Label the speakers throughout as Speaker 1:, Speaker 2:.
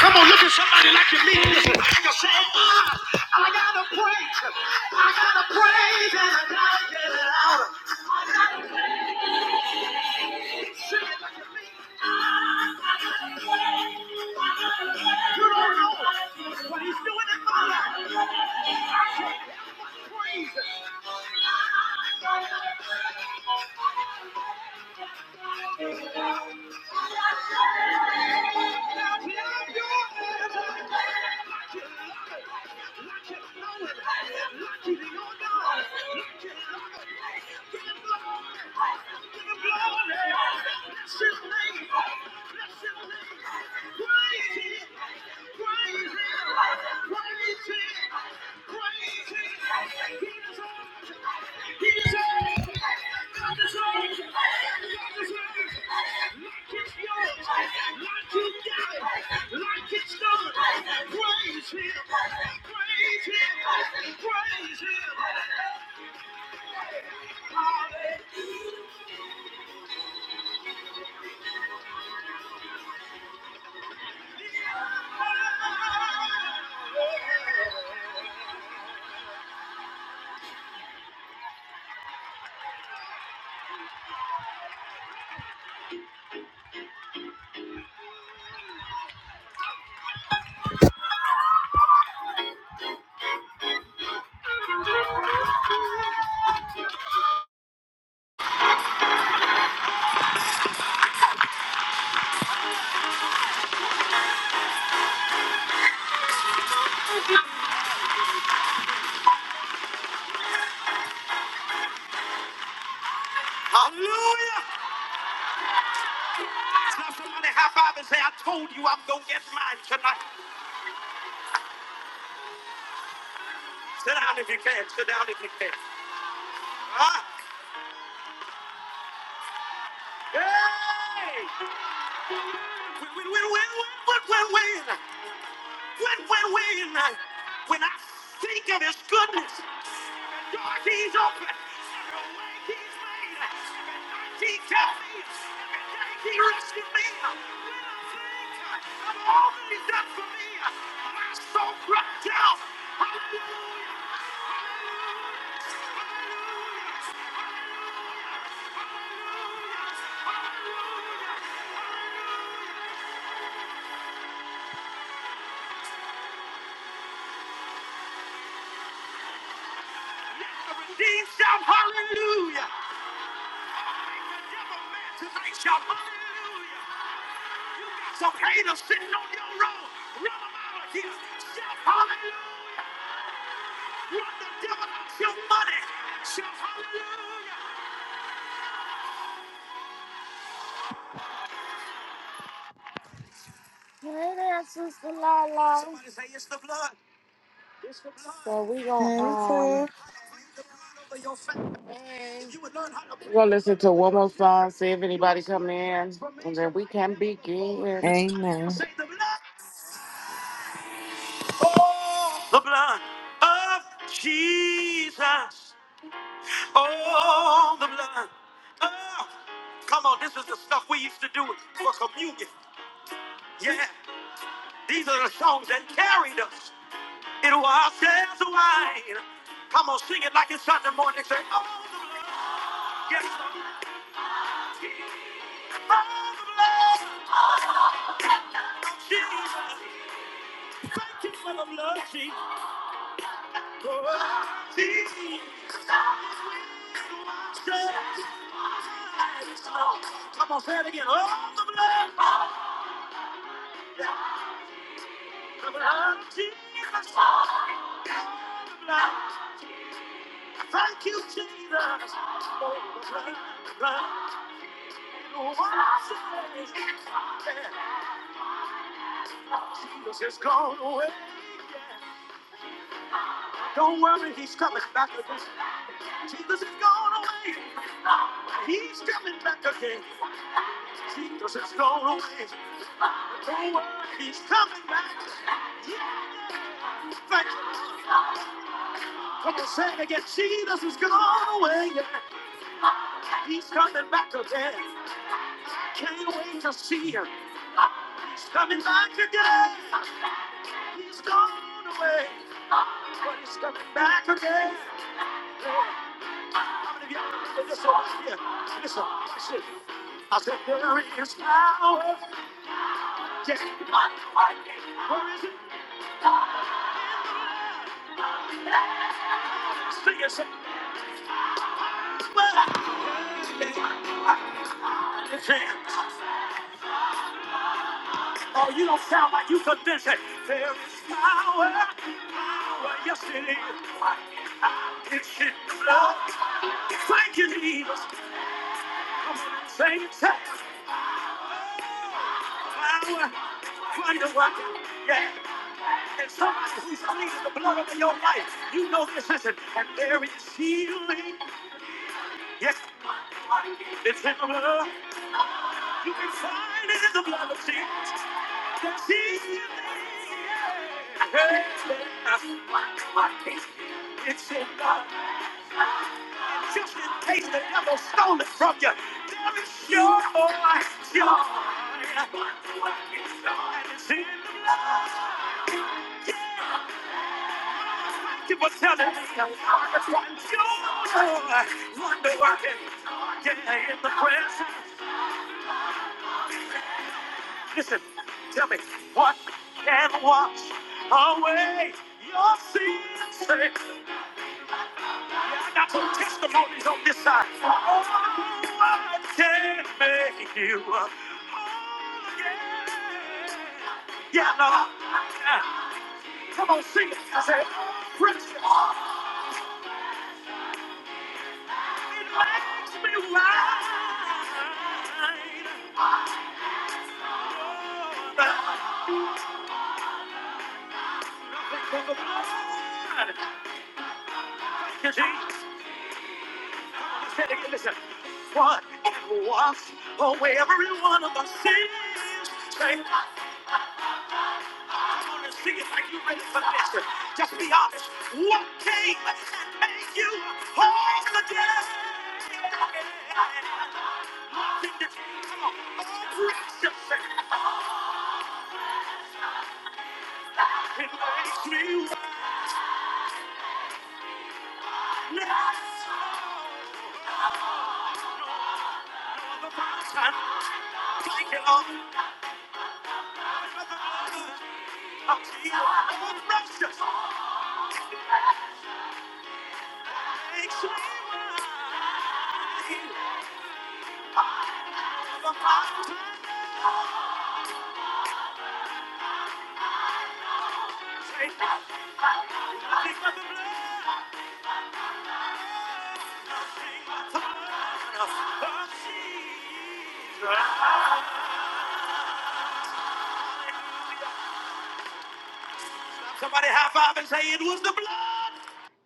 Speaker 1: Come on, look at somebody like you mean this. And you say, ah, I gotta praise him. I gotta praise him. I gotta get it out. What he's doing in my life. Hey there, Sister Lala. So we gonna
Speaker 2: Hey,
Speaker 1: um
Speaker 2: sir.
Speaker 1: we gonna listen to one more song, see if anybody coming in, and then we can begin.
Speaker 2: Amen.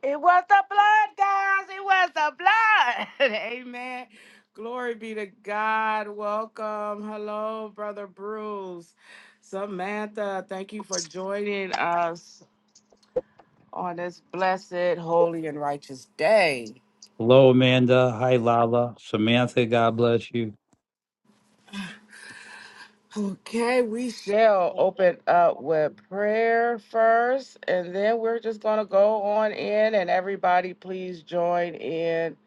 Speaker 1: It was the blood, guys. It was the blood. Amen. Glory be to God. Welcome. Hello, Brother Bruce. Samantha, thank you for joining us on this blessed, holy, and righteous day.
Speaker 3: Hello, Amanda. Hi, Lala. Samantha, God bless you.
Speaker 1: Okay, we shall open up with prayer first, and then we're just going to go on in, and everybody, please join in.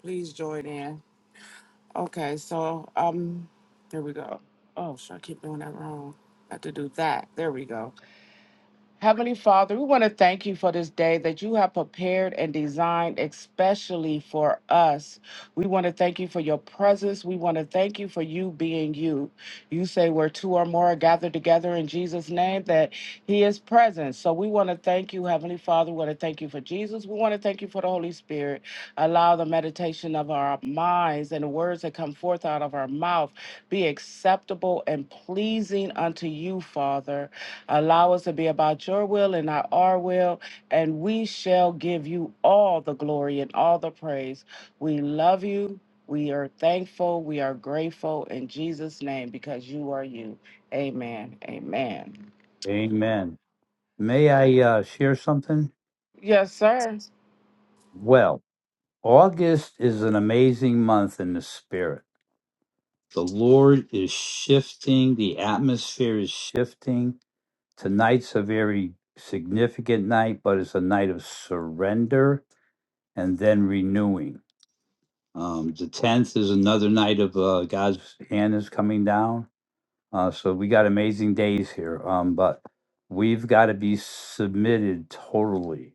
Speaker 1: Please join in. Okay, so um, here we go. Oh, should I keep doing that wrong? I have to do that. There we go. Heavenly Father, we want to thank you for this day that you have prepared and designed especially for us. We want to thank you for your presence. We want to thank you for you being you. You say where two or more are gathered together in Jesus' name that he is present. So we want to thank you, Heavenly Father. We want to thank you for Jesus. We want to thank you for the Holy Spirit. Allow the meditation of our minds and the words that come forth out of our mouth be acceptable and pleasing unto you, Father. Allow us to be about your will and not our will, and we shall give you all the glory and all the praise. We love you. We are thankful. We are grateful in Jesus' name because you are you. Amen. Amen.
Speaker 3: Amen. May I uh, share something?
Speaker 1: Yes, sir.
Speaker 3: Well, August is an amazing month in the spirit. The Lord is shifting, the atmosphere is shifting. Tonight's a very significant night, but it's a night of surrender and then renewing. Um, the 10th is another night of uh, God's hand is coming down Uh, so we got amazing days here, um, but we've got to be submitted totally.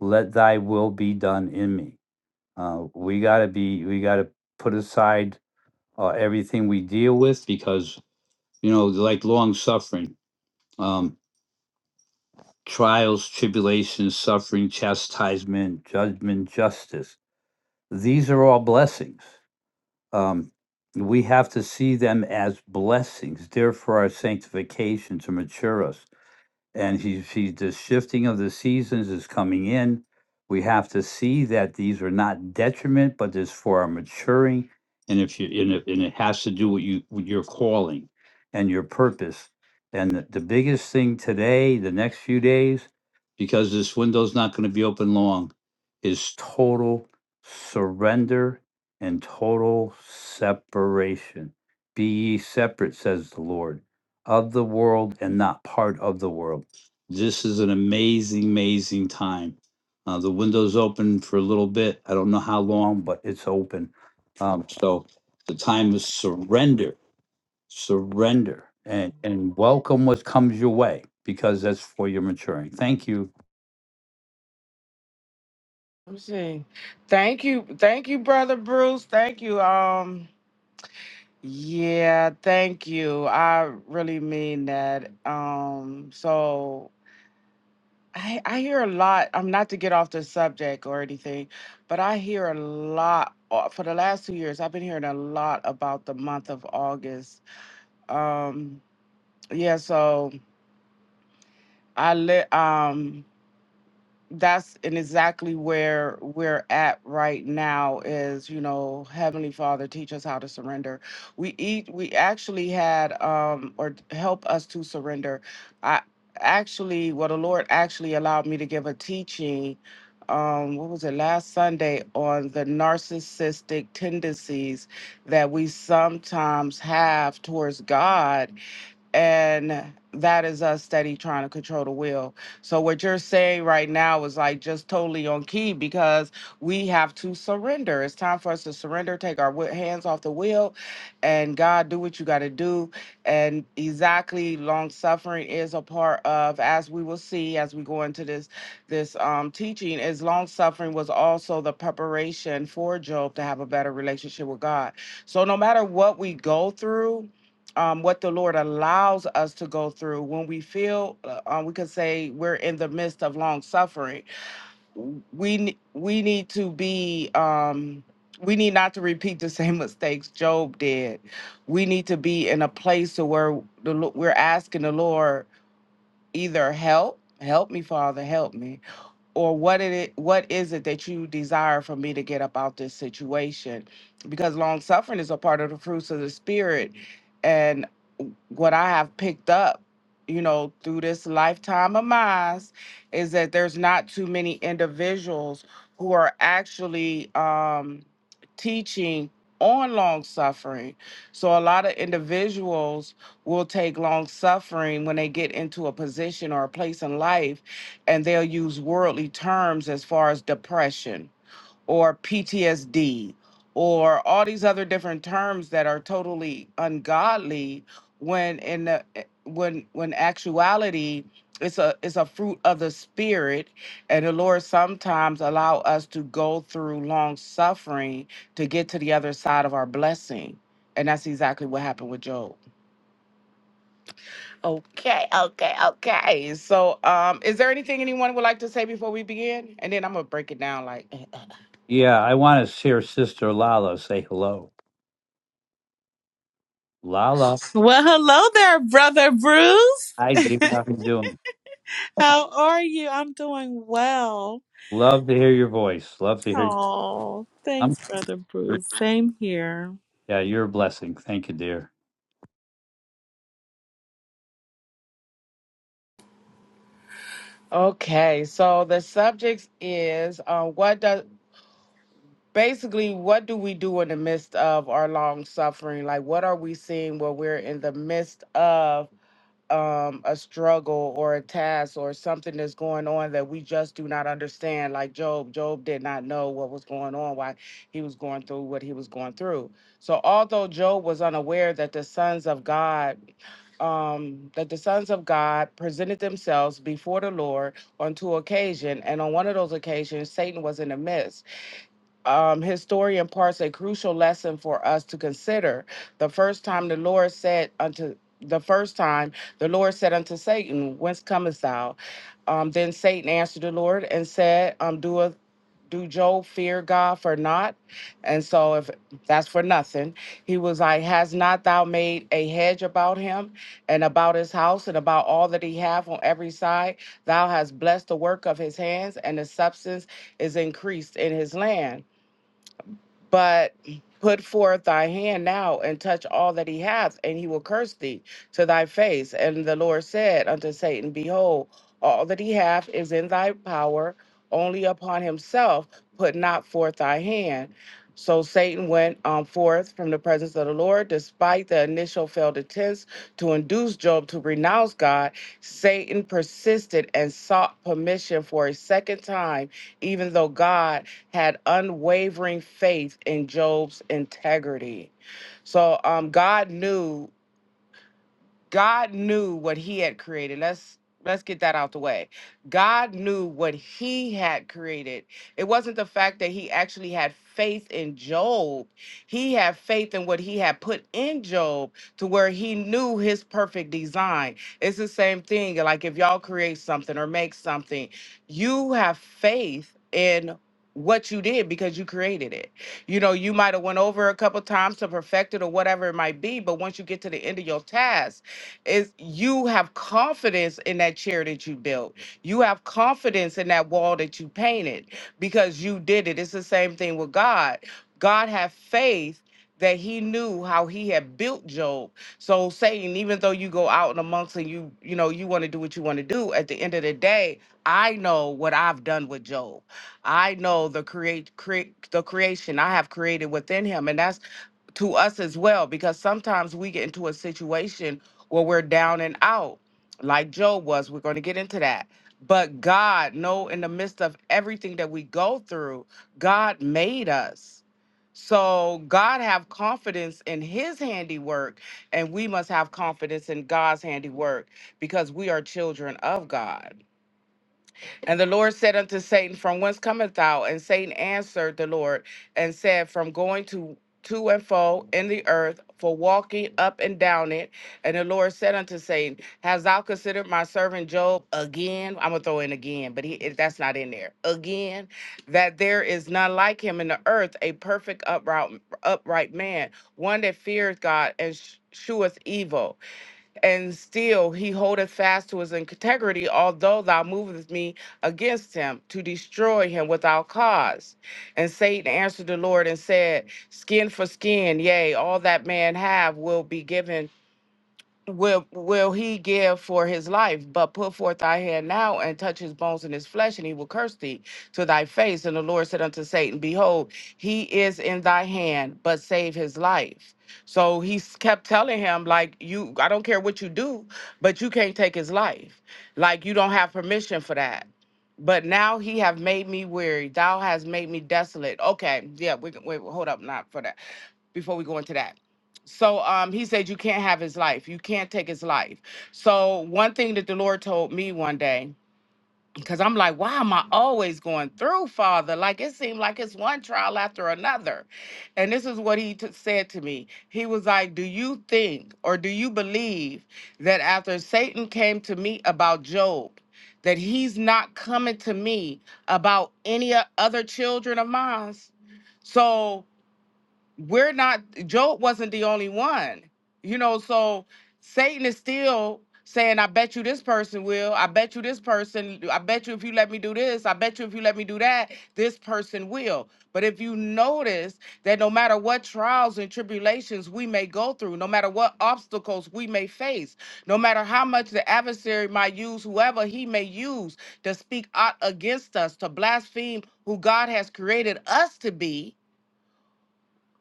Speaker 3: Let thy will be done in me. Uh, we got to be, we got to put aside uh, everything we deal with because, you know, like long suffering, um, trials, tribulations, suffering, chastisement, judgment, justice. These are all blessings. Um, we have to see them as blessings. They're for our sanctification to mature us and he sees the shifting of the seasons is coming in. We have to see that these are not detriment, but is for our maturing. And if you and it, and it has to do with you with your calling and your purpose. And the, the biggest thing today, the next few days, because this window's not going to be open long, is total surrender and total separation. Be ye separate, says the Lord, of the world and not part of the world this is an amazing, amazing time. Uh, the window's open for a little bit. I don't know how long, but it's open. Um, so the time is surrender, surrender, and and welcome what comes your way because that's for your maturing. Thank you.
Speaker 1: Let me see. Thank you. Thank you, Brother Bruce. Thank you. Um, Yeah, thank you. I really mean that. Um, so I I hear a lot. I'm not to get off the subject or anything, but I hear a lot uh, for the last two years. I've been hearing a lot about the month of August. Um, yeah, so I live. Um, that's and exactly where we're at right now is you know heavenly father teach us how to surrender we eat we actually had um or help us to surrender i actually what the lord actually allowed me to give a teaching um what was it last sunday on the narcissistic tendencies that we sometimes have towards god and that is us steady trying to control the will. So what you're saying right now is like just totally on key because we have to surrender. It's time for us to surrender, take our wi- hands off the wheel, and God do what you got to do. And exactly, long suffering is a part of, as we will see as we go into this this um, teaching, is long suffering was also the preparation for Job to have a better relationship with God. So no matter what we go through um, what the Lord allows us to go through when we feel, uh, um, we could say we're in the midst of long suffering. We ne- we need to be, um, we need not to repeat the same mistakes Job did. We need to be in a place to where the, Lo- we're asking the Lord either help help me father help me or what it i- what is it that you desire for me to get up out this situation because long suffering is a part of the fruits of the spirit and what i have picked up you know through this lifetime of mine is that there's not too many individuals who are actually um teaching on long suffering so a lot of individuals will take long suffering when they get into a position or a place in life and they'll use worldly terms as far as depression or PTSD or all these other different terms that are totally ungodly when in the eh, when when actuality it's a it's a fruit of the spirit and the lord sometimes allow us to go through long suffering to get to the other side of our blessing and that's exactly what happened with job Okay, okay, okay. So, um, is there anything anyone would like to say before we begin? And then I'm gonna break it down like
Speaker 3: Yeah, I want to hear Sister Lala say hello. Lala,
Speaker 2: Well, hello there, brother Bruce.
Speaker 3: hi, David. How are you doing?
Speaker 2: How are you? I'm doing well.
Speaker 3: Love to hear your voice. Love to hear.
Speaker 2: Oh,
Speaker 3: I'm.
Speaker 2: thanks, brother Bruce. Same here.
Speaker 3: Yeah, you're a blessing. Thank you, dear.
Speaker 1: Okay, so the subject is uh, what does basically what do we do in the midst of our long suffering? Like what are we seeing where we're in the midst of um a struggle or a task or something that's going on that we just do not understand like job job did not know what was going on why he was going through what he was going through so although job was unaware that the sons of god um that the sons of god presented themselves before the lord on two occasions and on one of those occasions satan was in the midst um, his story imparts a crucial lesson for us to consider. The first time the Lord said unto the first time the Lord said unto Satan, Whence comest thou? Um, then Satan answered the Lord and said, um, Doeth do Job fear God for naught? And so if that's for nothing, he was like, Has not thou made a hedge about him and about his house and about all that he hath on every side? Thou hast blessed the work of his hands, and the substance is increased in his land. But put forth thy hand now and touch all that he hath, and he will curse thee to thy face. And the Lord said unto Satan, Behold, all that he hath is in thy power, only upon himself put not forth thy hand. So Satan went um, forth from the presence of the Lord, despite the initial failed attempts to induce Job to renounce God. Satan persisted and sought permission for a second time even though God had unwavering faith in Job's integrity. So um, God knew God knew what he had created. Let's let's get that out the way. God knew what he had created. It wasn't the fact that he actually had faith in Job. He had faith in what he had put in Job to where he knew his perfect design. It's the same thing. Like if y'all create something or make something, you have faith in what you did because you created it. You know, you might have went over a couple times to perfect it or whatever it might be, but once you get to the end of your task, is you have confidence in that chair that you built. You have confidence in that wall that you painted because you did it. It's the same thing with God. God had faith that he knew how he had built Job. So Satan, even though you go out and amongst and you, you know, you want to do what you want to do, at the end of the day, I know what I've done with Job. I know the create, create the creation I have created within him. And that's to us as well because sometimes we get into a situation where we're down and out like job was we're going to get into that but god no! in the midst of everything that we go through god made us so god have confidence in his handiwork and we must have confidence in god's handiwork because we are children of god and the Lord said unto Satan, From whence comest thou? And Satan answered the Lord and said, From going to to and fro in the earth, for walking up and down it. And the Lord said unto Satan, Hast thou considered my servant Job again? I'm gonna throw in again, but he it- that's not in there. Again, that there is none like him in the earth, a perfect upright upright man, one that fears God and sh- sheweth evil and still he holdeth fast to his integrity, although thou movest me against him to destroy him without cause. And Satan answered the Lord and said, Skin for skin, yea, all that man have will be given will will he give for his life but put forth thy hand now and touch his bones and his flesh and he will curse thee to thy face and the lord said unto satan behold he is in thy hand but save his life so he s- kept telling him like you i don't care what you do but you can't take his life like you don't have permission for that but now he have made me weary thou hast made me desolate okay yeah we can wait hold up not for that before we go into that so um, he said, You can't have his life. You can't take his life. So, one thing that the Lord told me one day, because I'm like, Why am I always going through, Father? Like, it seemed like it's one trial after another. And this is what he t- said to me He was like, Do you think or do you believe that after Satan came to me about Job, that he's not coming to me about any o- other children of mine? So, we're not job wasn't the only one you know so satan is still saying i bet you this person will i bet you this person i bet you if you let me do this i bet you if you let me do that this person will but if you notice that no matter what trials and tribulations we may go through no matter what obstacles we may face no matter how much the adversary might use whoever he may use to speak out against us to blaspheme who god has created us to be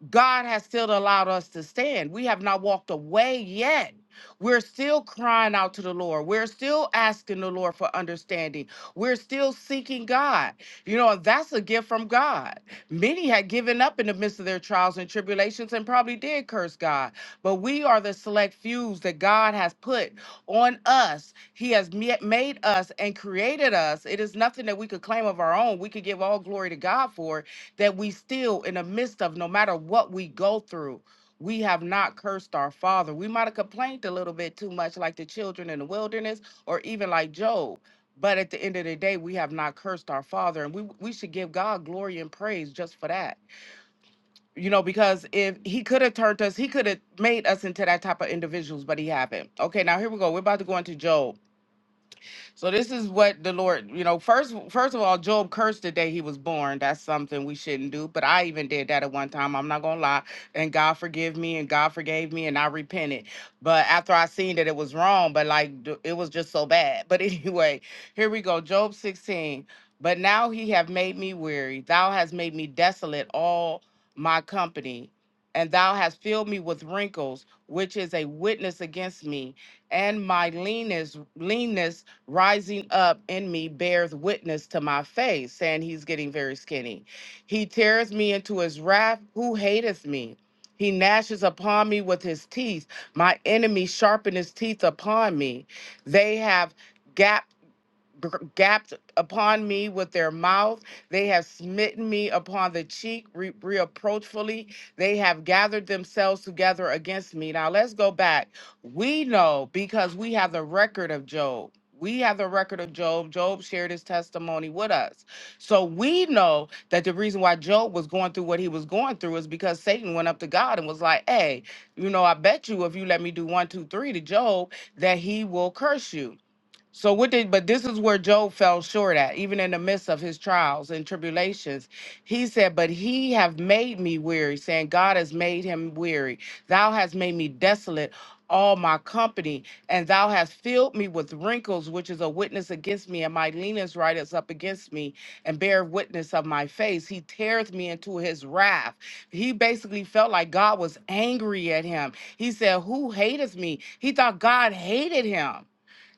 Speaker 1: God has still allowed us to stand. We have not walked away yet we're still crying out to the Lord. We're still asking the Lord for understanding. We're still seeking God. You know, and that's a gift from God. Many had given up in the midst of their trials and tribulations and probably did curse God. But we are the select few that God has put on us. He has me- made us and created us. It is nothing that we could claim of our own. We could give all glory to God for it, that we still in the midst of no matter what we go through we have not cursed our father. We might have complained a little bit too much, like the children in the wilderness, or even like Job. But at the end of the day, we have not cursed our father, and we we should give God glory and praise just for that. You know, because if he could have turned us, he could have made us into that type of individuals, but he haven't. Okay, now here we go. We're about to go into Job. So this is what the Lord, you know, first first of all, Job cursed the day he was born. That's something we shouldn't do. But I even did that at one time. I'm not gonna lie. And God forgive me and God forgave me and I repented. But after I seen that it was wrong, but like d- it was just so bad. But anyway, here we go. Job 16. But now he have made me weary. Thou hast made me desolate all my company. And thou hast filled me with wrinkles, which is a witness against me, and my leanness, leanness rising up in me bears witness to my face, saying he's getting very skinny. He tears me into his wrath. Who hateth me? He gnashes upon me with his teeth. My enemy sharpen his teeth upon me. They have gap gr- gapped upon me with their mouth. They have smitten me upon the cheek re- reproachfully. They have gathered themselves together against me. Now let's go back. We know because we have the record of Job. We have the record of Job. Job shared his testimony with us. So we know that the reason why Job was going through what he was going through is because Satan went up to God and was like, hey, you know, I bet you if you let me do one, two, three to Job, that he will curse you. So what did but this is where Job fell short at, even in the midst of his trials and tribulations. He said, But he have made me weary, saying, God has made him weary. Thou hast made me desolate, all my company, and thou hast filled me with wrinkles, which is a witness against me, and my leanest writeth up against me, and bear witness of my face. He teareth me into his wrath. He basically felt like God was angry at him. He said, Who hateth me? He thought God hated him.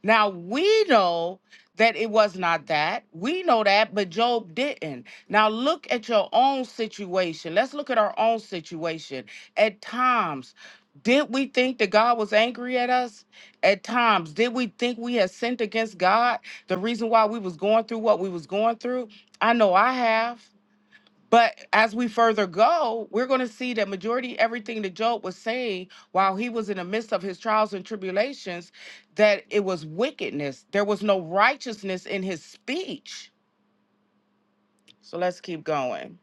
Speaker 1: Now we know that it was not that. We know that, but Job didn't. Now look at your own situation. Let's look at our own situation. At times, did we think that God was angry at us? At times, did we think we had sinned against God? The reason why we was going through what we was going through? I know I have. But as we further go, we're going to see that majority everything that Job was saying while he was in the midst of his trials and tribulations, that it was wickedness. There was no righteousness in his speech. So let's keep going.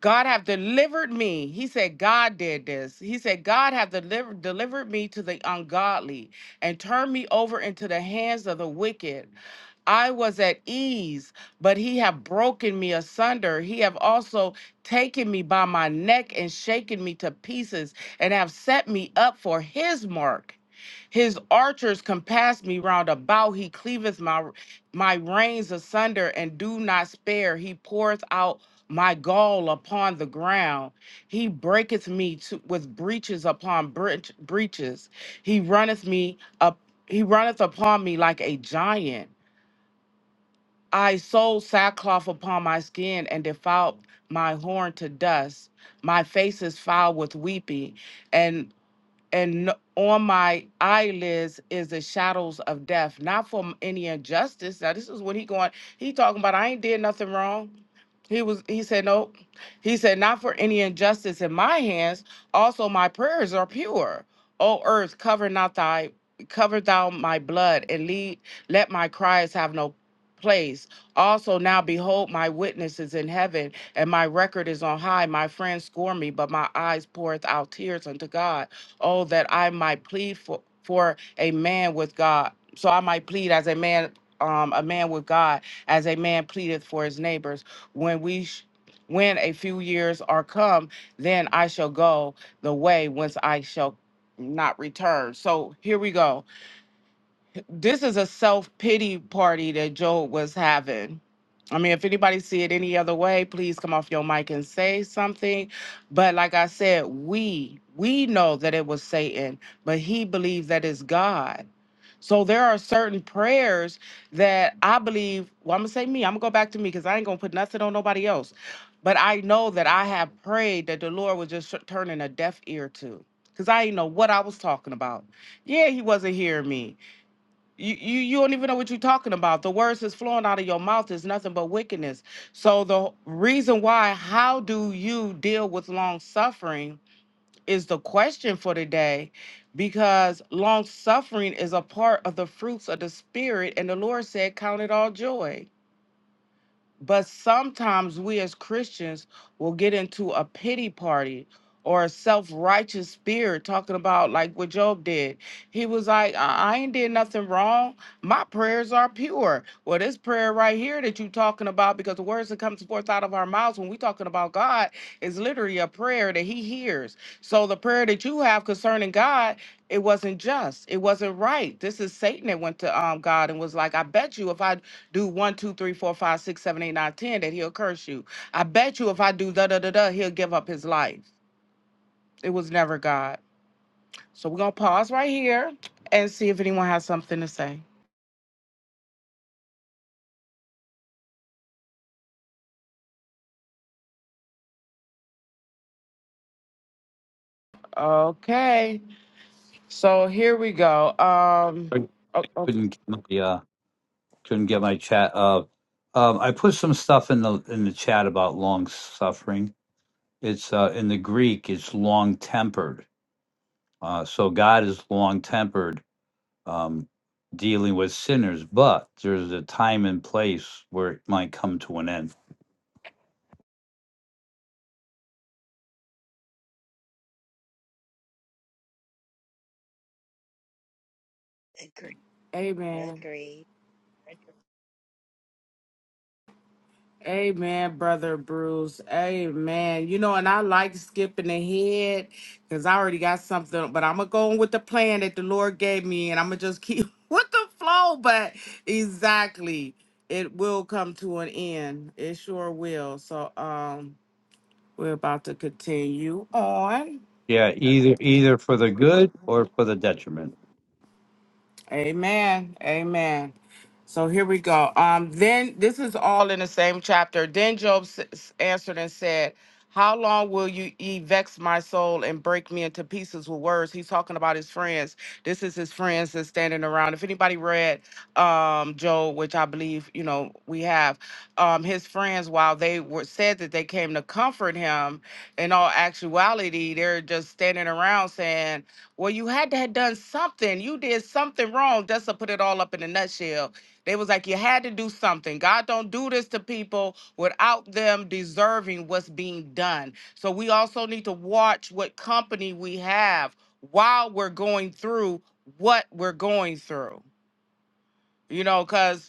Speaker 1: God have delivered me. He said, God did this. He said, God have delivered delivered me to the ungodly and turned me over into the hands of the wicked. I was at ease, but he have broken me asunder. He have also taken me by my neck and shaken me to pieces and have set me up for his mark. His archers compass me round about. He cleaveth my my reins asunder and do not spare. He poureth out my gall upon the ground. He breaketh me to, with breaches upon breach, breaches. He runneth me up. He runneth upon me like a giant. I sold sackcloth upon my skin and defiled my horn to dust. My face is foul with weeping, and and on my eyelids is the shadows of death, not from any injustice. Now this is what he going. He talking about I ain't did nothing wrong. He was. He said no. He said not for any injustice in my hands. Also my prayers are pure. O earth, cover not thy cover thou my blood and lead. Let my cries have no place. Also, now behold, my witness is in heaven, and my record is on high. My friends scorn me, but my eyes poureth out tears unto God. Oh, that I might plead for, for a man with God. So I might plead as a man, um, a man with God, as a man pleadeth for his neighbors. When we, sh- when a few years are come, then I shall go the way whence I shall not return. So here we go this is a self pity party that Joel was having. I mean, if anybody see it any other way, please come off your mic and say something. But like I said, we we know that it was Satan, but he believes that it's God. So there are certain prayers that I believe. Well, I'm gonna say me. I'm gonna go back to me because I ain't gonna put nothing on nobody else. But I know that I have prayed that the Lord was just turning a deaf ear to, because I didn't know what I was talking about. Yeah, he wasn't hearing me you, you you don't even know what you're talking about. The words that's flowing out of your mouth is nothing but wickedness. So the reason why, how do you deal with long suffering is the question for today, because long suffering is a part of the fruits of the spirit, and the Lord said, Count it all joy. But sometimes we as Christians will get into a pity party or a self righteous spirit, talking about like what Job did. He was like, I I ain't did nothing wrong. My prayers are pure. Well, this prayer right here that you talking about, because the words that comes forth out of our mouths when we talking about God is literally a prayer that He hears. So the prayer that you have concerning God, it wasn't just, it wasn't right. This is Satan that went to um, God and was like, I bet you if I do one, two, three, four, five, six, seven, eight, nine, ten, that he'll curse you. I bet you if I do da da da da, he'll give up his life. It was never God. So we're gonna pause right here and see if anyone has something to say. Okay. So here we go. Um
Speaker 3: I
Speaker 1: o-
Speaker 3: Couldn't. get my uh, couldn't get my chat up. Um, I put some stuff in the in the chat about long suffering. It's uh, in the Greek. It's long tempered. Uh, so God is long tempered, um, dealing with sinners. But there's a time and place where it might come to an end.
Speaker 4: Agree. Agree.
Speaker 1: Amen, brother Bruce. Amen. You know, and I like skipping ahead because I already got something, but I'm gonna go on with the plan that the Lord gave me, and I'm gonna just keep with the flow. But exactly, it will come to an end. It sure will. So, um, we're about to continue on.
Speaker 3: Yeah, either either for the good or for the detriment.
Speaker 1: Amen. Amen. So here we go. Um, then this is all in the same chapter. Then Job s- s- answered and said, How long will you ye vex my soul and break me into pieces with words? He's talking about his friends. This is his friends that's standing around. If anybody read um Job, which I believe, you know, we have, um, his friends, while they were said that they came to comfort him, in all actuality, they're just standing around saying, Well, you had to have done something, you did something wrong. Just to put it all up in a nutshell they was like, you had to do something. God don't do this to people without them deserving what's being done. So we also need to watch what company we have while we're going through what we're going through. You know, because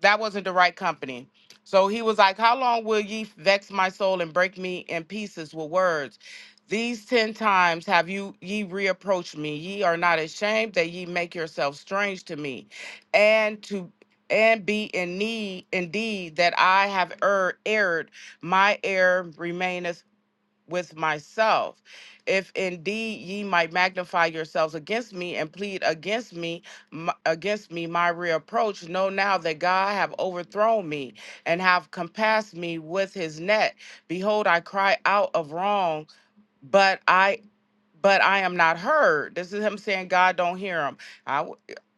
Speaker 1: that wasn't the right company. So he was like, How long will ye vex my soul and break me in pieces with words? These ten times have you ye reapproached me. Ye are not ashamed that ye make yourselves strange to me, and to and be in need indeed that I have erred erred. My error remaineth with myself. If indeed ye might magnify yourselves against me and plead against me, m- against me my reapproach, know now that God have overthrown me and have compassed me with his net. Behold, I cry out of wrong, but I but I am not heard. This is him saying God don't hear him. I w-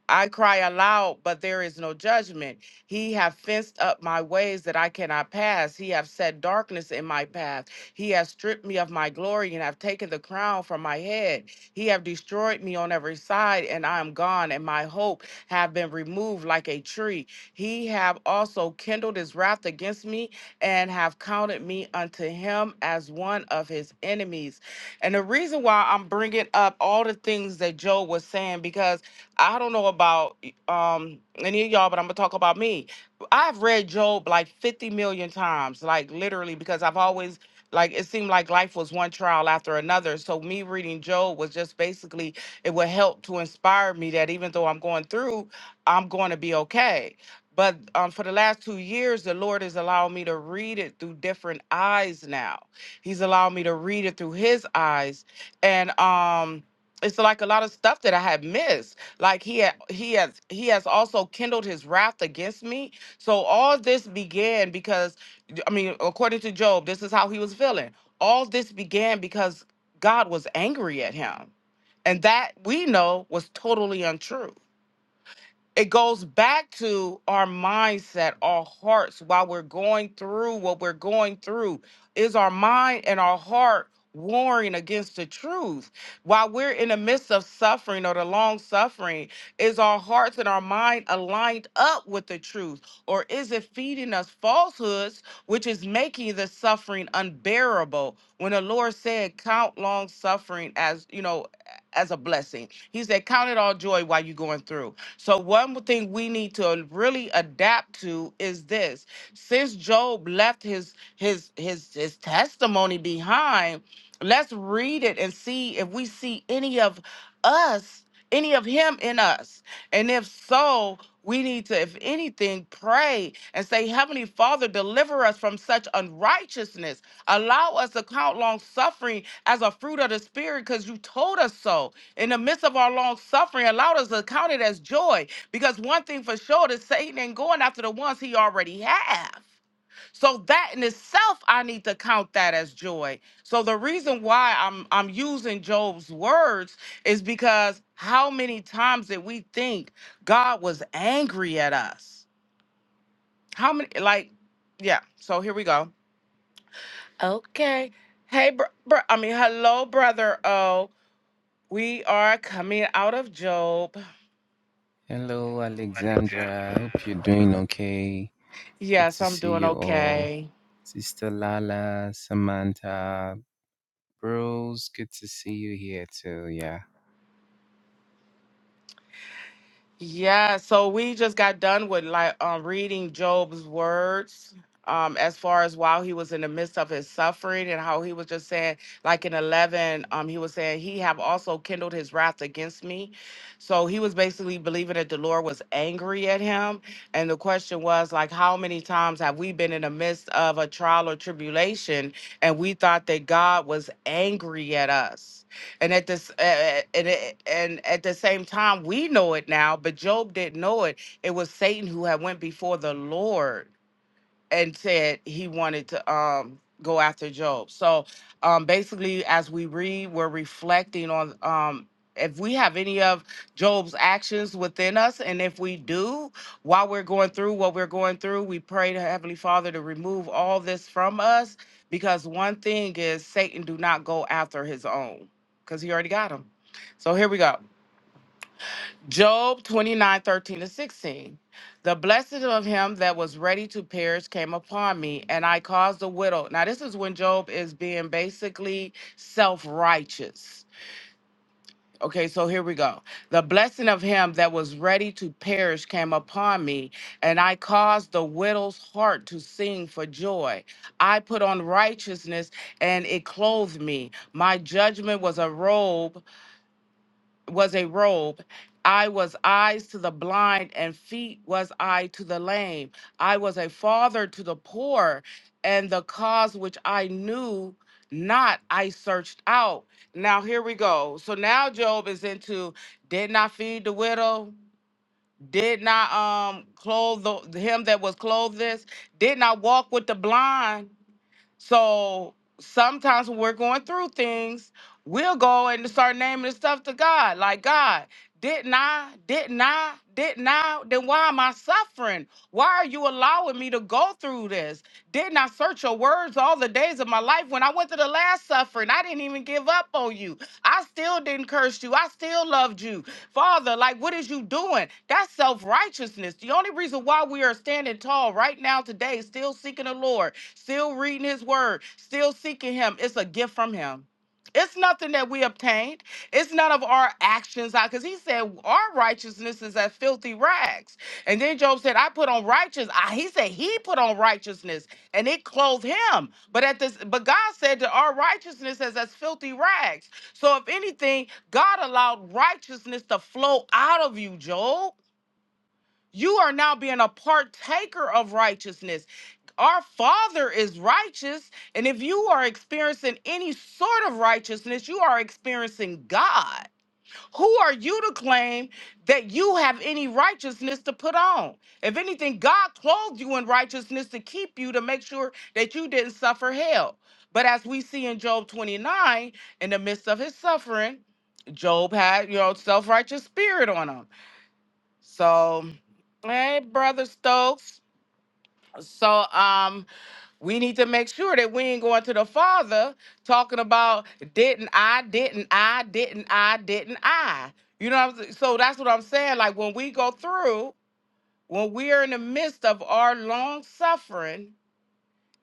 Speaker 1: I cry aloud, but there is no judgment. He have fenced up my ways that I cannot pass. He have set darkness in my path. He has stripped me of my glory and have taken the crown from my head. He have destroyed me on every side, and I am gone, and my hope have been removed like a tree. He have also kindled his wrath against me and have counted me unto him as one of his enemies and the reason why I'm bringing up all the things that Joe was saying, because I don't know about um, any of y'all, but I'm going to talk about me. I've read Job like 50 million times, like literally, because I've always, like, it seemed like life was one trial after another. So me reading Job was just basically, it would help to inspire me that even though I'm going through, I'm going to be okay. But um, for the last two years, the Lord has allowed me to read it through different eyes now. He's allowed me to read it through his eyes. And um it's like a lot of stuff that I had missed. Like he had, he has he has also kindled his wrath against me. So all this began because I mean, according to Job, this is how he was feeling. All this began because God was angry at him. And that we know was totally untrue it goes back to our mindset, our hearts while we're going through what we're going through. Is our mind and our heart warring against the truth? While we're in the midst of suffering or the long suffering, is our hearts and our mind aligned up with the truth? Or is it feeding us falsehoods, which is making the suffering unbearable? When the Lord said, Count long suffering as, you know, as a blessing. He said, Count it all joy while you're going through. So, one thing we need to really adapt to is this since Job left his his his his testimony behind, let's read it and see if we see any of us, any of him in us. And if so, we need to, if anything, pray and say, Heavenly Father, deliver us from such unrighteousness. Allow us to count long suffering as a fruit of the Spirit because you told us so. In the midst of our long suffering, allow us to count it as joy because one thing for sure is Satan ain't going after the ones he already have. So that in itself, I need to count that as joy. So the reason why I'm I'm using Job's words is because how many times did we think God was angry at us? How many like yeah, so here we go. Okay. Hey bro, bro I mean hello brother Oh, We are coming out of Job.
Speaker 5: Hello, Alexandra. I hope you're doing okay. Good
Speaker 1: Yes,
Speaker 5: to
Speaker 1: I'm
Speaker 5: see
Speaker 1: doing
Speaker 5: you all.
Speaker 1: okay.
Speaker 5: Sister Lala, Samantha, Bros, good to see you here too. Yeah.
Speaker 1: Yeah, so we just got done with like um, reading Job's words um, as far as while he was in the midst of his suffering and how he was just saying, like in 11, um, he was saying, He have also kindled his wrath against me. So he was basically believing that the Lord was angry at him. And the question was, like, how many times have we been in the midst of a trial or tribulation and we thought that God was angry at us? and at this uh, and it, and at the same time we know it now but job didn't know it it was satan who had went before the lord and said he wanted to um go after Job. So um basically as we read, we're reflecting on um if we have any of Job's actions within us, and if we do, while we're going through what we're going through, we pray to Heavenly Father to remove all this from us. Because one thing is, Satan do not go after his own, because he already got him. So here we go. Job 29 13 to 16. The blessing of him that was ready to perish came upon me, and I caused the widow. Now, this is when Job is being basically self righteous. Okay, so here we go. The blessing of him that was ready to perish came upon me, and I caused the widow's heart to sing for joy. I put on righteousness, and it clothed me. My judgment was a robe was a robe. I was eyes to the blind, and feet was I to the lame. I was a father to the poor, and the cause which I knew not, I searched out. Now, here we go. So now Job is into did not feed the widow, did not um clothe the, him that was clothed this, did not walk with the blind. So sometimes when we're going through things, we'll go and start naming the stuff to God, like God. Didn't I? Didn't I? Didn't I? Then why am I suffering? Why are you allowing me to go through this? Didn't I search your words all the days of my life? When I went to the last suffering, I didn't even give up on you. I still didn't curse you. I still loved you. Father, like, what is you doing? That's self righteousness. The only reason why we are standing tall right now today, still seeking the Lord, still reading his word, still seeking him, it's a gift from him. It's nothing that we obtained. It's none of our actions, because he said our righteousness is as filthy rags. And then Job said, I put on righteous. I, he said he put on righteousness and it clothed him. But at this, but God said that our righteousness is as filthy rags. So if anything, God allowed righteousness to flow out of you, Job. You are now being a partaker of righteousness. Our Father is righteous. And if you are experiencing any sort of righteousness, you are experiencing God. Who are you to claim that you have any righteousness to put on? If anything, God clothed you in righteousness to keep you to make sure that you didn't suffer hell. But as we see in Job 29, in the midst of his suffering, Job had, you know, self righteous spirit on him. So, hey, Brother Stokes. So, um, we need to make sure that we ain't going to the Father talking about didn't I, didn't I, didn't I, didn't I. You know what I'm saying? So that's what I'm saying. Like when we go through, when we are in the midst of our long suffering,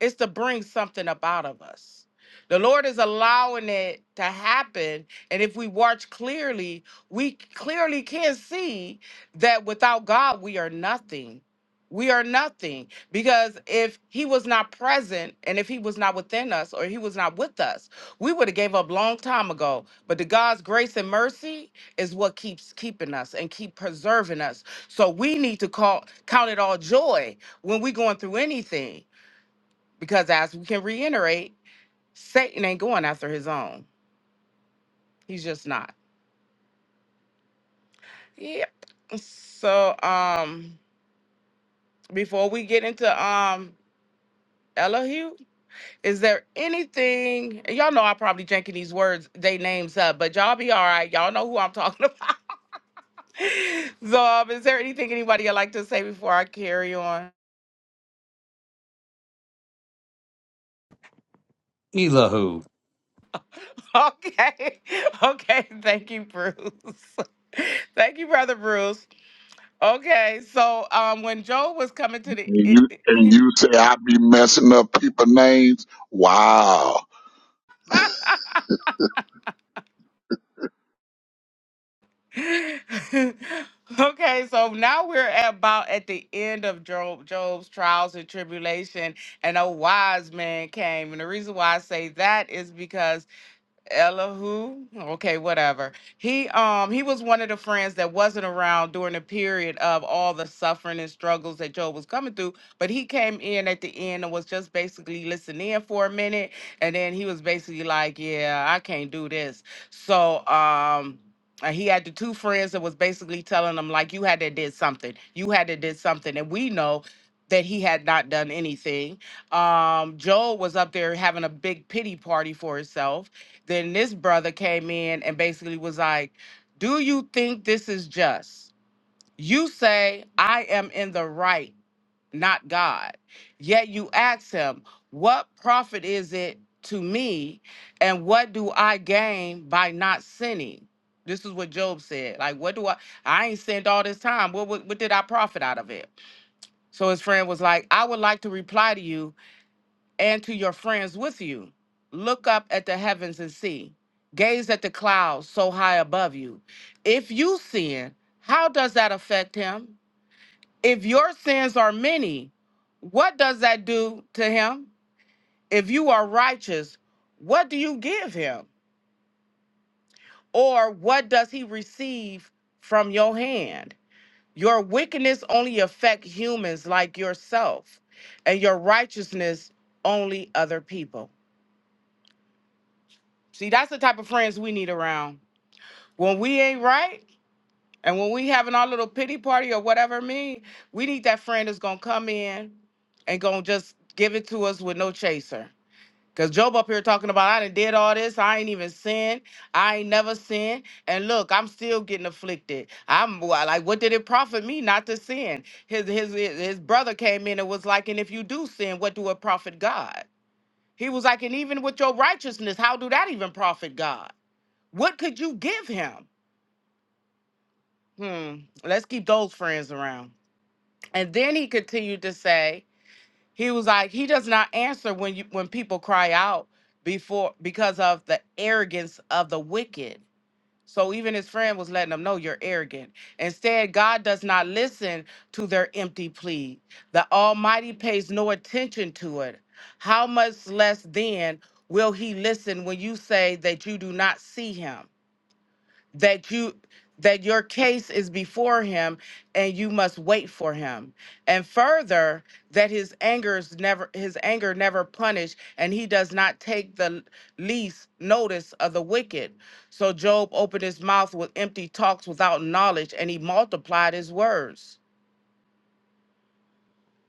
Speaker 1: it's to bring something up out of us. The Lord is allowing it to happen. And if we watch clearly, we clearly can see that without God, we are nothing. We are nothing because if he was not present and if he was not within us or he was not with us, we would have gave up long time ago. But the God's grace and mercy is what keeps keeping us and keep preserving us. So we need to call count it all joy when we going through anything because as we can reiterate, Satan ain't going after his own. He's just not. Yep. So um before we get into um Elihu, is there anything and y'all know I probably drinking these words, they names up, but y'all be all right. Y'all know who I'm talking about. so um, is there anything anybody would like to say before I carry on?
Speaker 3: Elahu.
Speaker 1: Okay. Okay. Thank you, Bruce. Thank you, Brother Bruce. Okay, so um, when Joe was coming to the,
Speaker 6: And you
Speaker 1: it-
Speaker 6: and
Speaker 1: it-
Speaker 6: you say I be messing up people names? Wow.
Speaker 1: okay, so now we're at about at the end of Job, Job's trials and tribulation, and a wise man came, and the reason why I say that is because Elihu, okay, whatever. He um he was one of the friends that wasn't around during the period of all the suffering and struggles that Job was coming through, but he came in at the end and was just basically listening in for a minute, and then he was basically like, "Yeah, I can't do this." So um. And he had the two friends that was basically telling him like you had to did something you had to did something and we know that he had not done anything um joel was up there having a big pity party for himself then this brother came in and basically was like, Do you think this is just? You say, I am in the right, not God. Yet you ask him, What profit is it to me? And what do I gain by not sinning? This is what Job said. Like, what do I? I ain't sinned all this time. What, what, what did I profit out of it? So his friend was like, I would like to reply to you and to your friends with you. Look up at the heavens and see. Gaze at the clouds so high above you. If you sin, how does that affect him? If your sins are many, what does that do to him? If you are righteous, what do you give him? Or what does he receive from your hand? Your wickedness only affect humans like yourself, and your righteousness only other people. See, that's the type of friends we need around. When we ain't right and when we having our little pity party or whatever it mean, we need that friend that's gonna come in and gonna just give it to us with no chaser. Cause Job up here talking about I done did all this, I ain't even sinned, I ain't never sinned, and look, I'm still getting afflicted. I'm wha- like, what did it profit me not to sin? His his his his brother came in and was like, and if you do sin, what do it profit God? He was like, and even with your righteousness, how do that even profit God? What could you give him? Hmm, let's keep those friends around. And then he continued to say, he was like, he does not answer when you when people cry out before because of the arrogance of the wicked. So even his friend was letting him know you're arrogant. Instead, God does not listen to their empty plea. The Almighty pays no attention to it. How much less then will he listen when you say that you do not see him? that you that your case is before him and you must wait for him and further that his anger is never his anger never punished and he does not take the least notice of the wicked so job opened his mouth with empty talks without knowledge and he multiplied his words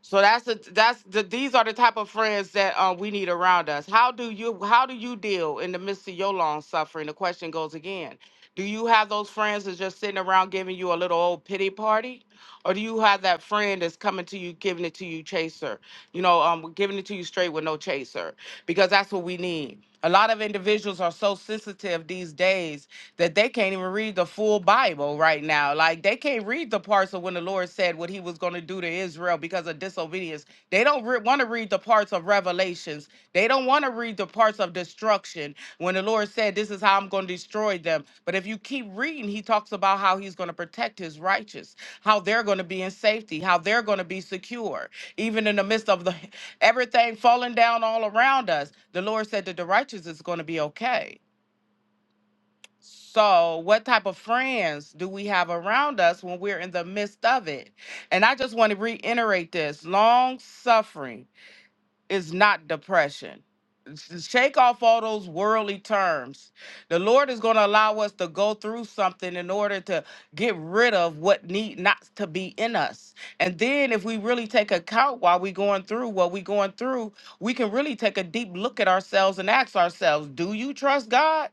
Speaker 1: so that's the that's the these are the type of friends that um we need around us. How do you how do you deal in the midst of your long suffering? The question goes again. Do you have those friends that's just sitting around giving you a little old pity party? Or do you have that friend that's coming to you, giving it to you chaser? You know, um giving it to you straight with no chaser. Because that's what we need. A lot of individuals are so sensitive these days that they can't even read the full Bible right now. Like they can't read the parts of when the Lord said what he was going to do to Israel because of disobedience. They don't re- want to read the parts of revelations. They don't want to read the parts of destruction when the Lord said, This is how I'm going to destroy them. But if you keep reading, he talks about how he's going to protect his righteous, how they're going to be in safety, how they're going to be secure, even in the midst of the everything falling down all around us. The Lord said that the righteous is going to be okay. So, what type of friends do we have around us when we're in the midst of it? And I just want to reiterate this long suffering is not depression. S- Shake off all those worldly terms. The Lord is going to allow us to go through something in order to get rid of what need not to be in us. And then, if we really take account while we're going through what we're going through, we can really take a deep look at ourselves and ask ourselves, Do you trust God?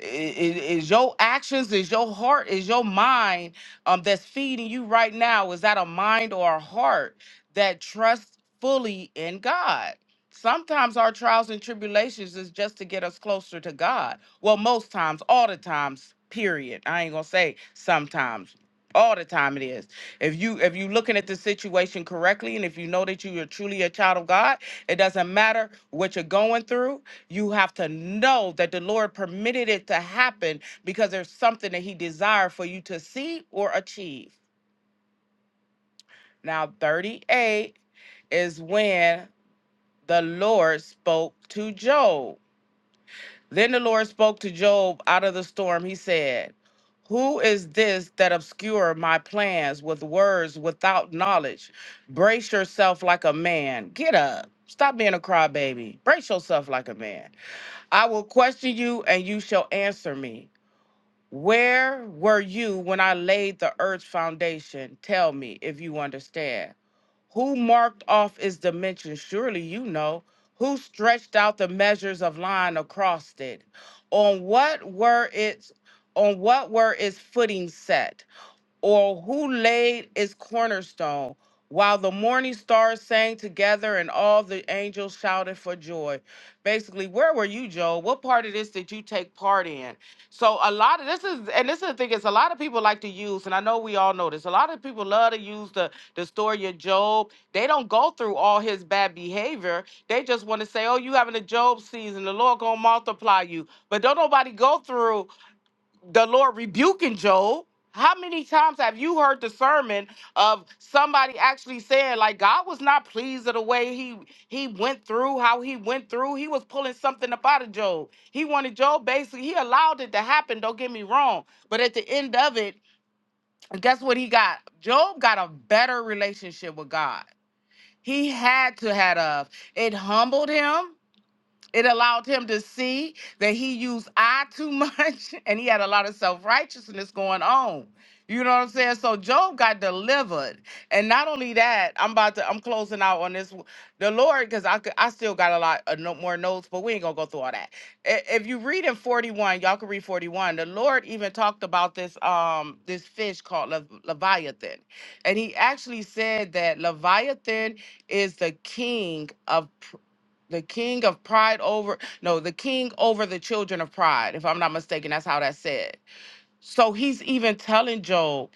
Speaker 1: I- i- is your actions is your heart is your mind um that's feeding you right now is that a mind or a heart that trusts fully in god sometimes our trials and tribulations is just to get us closer to god well most times all the times period i ain't gonna say sometimes all the time it is if you if you looking at the situation correctly and if you know that you are truly a child of god it doesn't matter what you're going through you have to know that the Lord permitted it to happen because there's something that He desired for you to see or achieve. Now, 38 is when the Lord spoke to Job. Then the Lord spoke to Job out of the storm. He said, Who is this that obscure my plans with words without knowledge? Brace yourself like a man. Get up. Stop being a crybaby. Brace yourself like a man. I will question you and you shall answer me. Where were you when I laid the earth's foundation? Tell me if you understand. Who marked off its dimensions? Surely you know. Who stretched out the measures of line across it? On what were its on what were its footing set? or who laid its cornerstone, while the morning stars sang together and all the angels shouted for joy. Basically, where were you, Joel? What part of this did you take part in? So a lot of this is, and this is the thing is, a lot of people like to use, and I know we all know this. A lot of people love to use the the story of Job. They don't go through all his bad behavior. They just want to say, "Oh, you having a Job season? The Lord gonna multiply you." But don't nobody go through the Lord rebuking Job. How many times have you heard the sermon of somebody actually saying, like, God was not pleased of the way he he went through, how he went through. He was pulling something up out of Job. He wanted Job basically, he allowed it to happen, don't get me wrong. But at the end of it, guess what he got? Job got a better relationship with God. He had to had of. It humbled him it allowed him to see that he used I too much and he had a lot of self righteousness going on. You know what I'm saying? So Job got delivered. And not only that, I'm about to, I'm closing out on this. w- The Lord, because I could, I still got a lot of no, more notes, but we ain't going to go through all that. I- If you read in 41, y'all can read 41. The Lord even talked about this, um, this fish called Lev- Leviathan. And he actually said that Leviathan is the king of the king of pride over no the king over the children of pride if i'm not mistaken that's how that's said so he's even telling job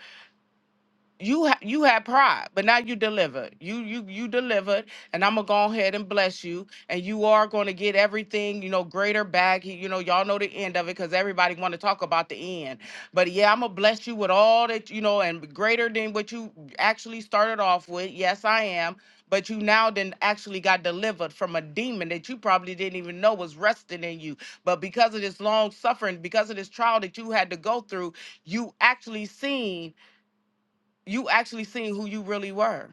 Speaker 1: you ha- you had pride, but now you delivered. You you you delivered, and I'm gonna go ahead and bless you, and you are gonna get everything, you know, greater back. You know, y'all know the end of it because everybody want to talk about the end. But yeah, I'm gonna bless you with all that you know, and greater than what you actually started off with. Yes, I am. But you now then actually got delivered from a demon that you probably didn't even know was resting in you. But because of this long suffering, because of this trial that you had to go through, you actually seen you actually seen who you really were.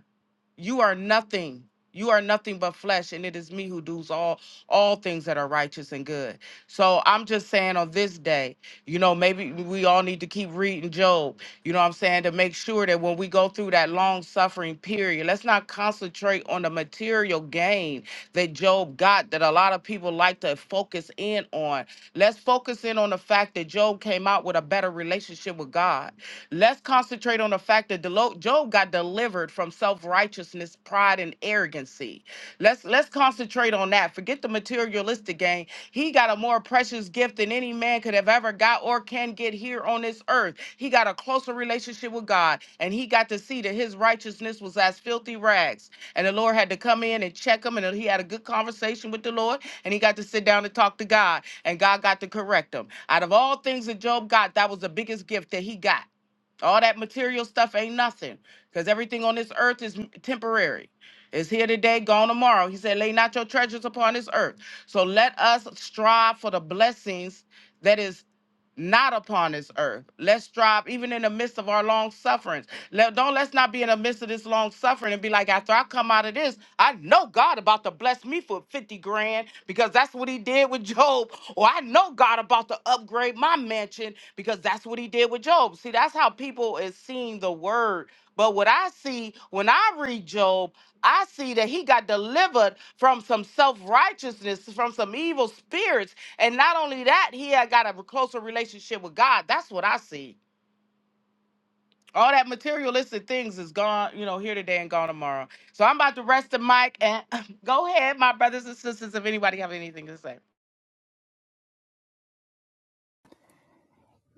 Speaker 1: You are nothing. You are nothing but flesh, and it is me who does all all things that are righteous and good. So I'm just saying on this day, you know, maybe we all need to keep reading Job. You know what I'm saying? To make sure that when we go through that long suffering period, let's not concentrate on the material gain that Job got that a lot of people like to focus in on. Let's focus in on the fact that Job came out with a better relationship with God. Let's concentrate on the fact that Delo- Job got delivered from self-righteousness, pride, and arrogancy. Let's let's concentrate on that. Forget the materialistic game. He got a more precious gift than any man could have ever got or can can get here on this earth. He got a closer relationship with God, and he got to see that his righteousness was as filthy rags. And the Lord had to come in and check him, and he had a good conversation with the Lord, and he got to sit down and talk to God, and God got to correct him. Out of all things that Job got, that was the biggest gift that he got. All that material stuff ain't nothing, because everything on this earth is m- temporary. It's here today, gone tomorrow. He said, Lay not your treasures upon this earth. So let us strive for the blessings that is not upon this earth. Let's strive even in the midst of our long sufferings. Let, don't let's not be in the midst of this long suffering and be like, after I come out of this, I know God about to bless me for 50 grand because that's what he did with Job. Or I know God about to upgrade my mansion because that's what he did with Job. See, that's how people is seeing the word. But what I see when I read Job, I see that he got delivered from some self righteousness, from some evil spirits. And not only that, he had got a closer relationship with God. That's what I see. All that materialistic things is gone, you know, here today and gone tomorrow. So I'm about to rest the mic and go ahead, my brothers and sisters, if anybody have anything to say.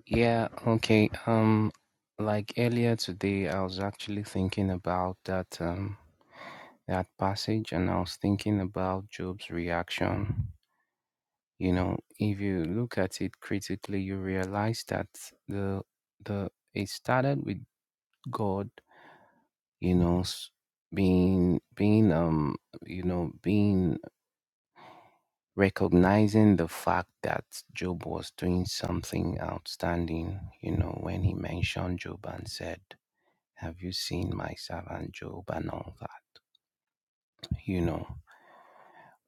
Speaker 5: Yeah, okay. Um like earlier today I was actually thinking about that um that passage and I was thinking about Job's reaction. You know, if you look at it critically, you realize that the the it started with God you know s- being being um you know being recognizing the fact that job was doing something outstanding you know when he mentioned job and said have you seen my servant job and all that you know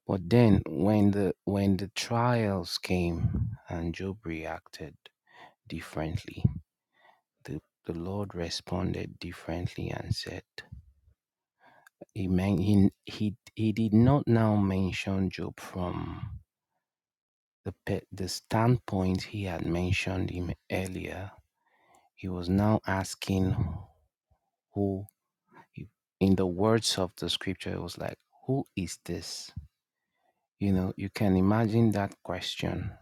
Speaker 5: but then when the when the trials came and job reacted differently the the lord responded differently and said Amen. He, he, he did not now mention Job from the, pe- the standpoint he had mentioned him earlier. He was now asking who, he- in the words of the scripture, it was like, Who is this? You know, you can imagine that question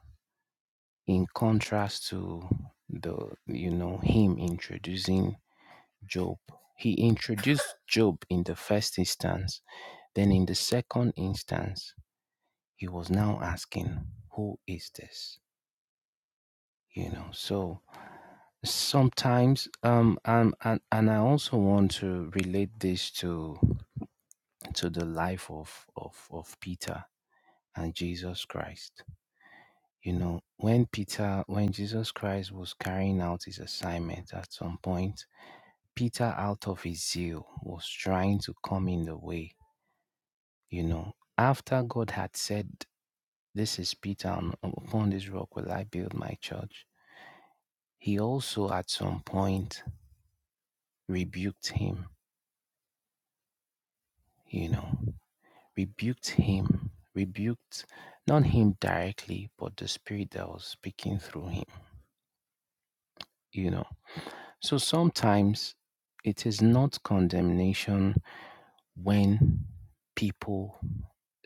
Speaker 5: in contrast to the, you know, him introducing Job. He introduced Job in the first instance, then in the second instance He was now asking, Who is this? You know, so sometimes um and, and and i also want to relate this to to the life of of of peter and jesus christ you know when peter when jesus christ was carrying out his assignment at some point peter out of his zeal was trying to come in the way you know after god had said this is peter upon this rock will i build my church He also, at some point, rebuked him, you know, rebuked him, rebuked not him directly, but the spirit that was speaking through him, you know. So sometimes it is not condemnation when people,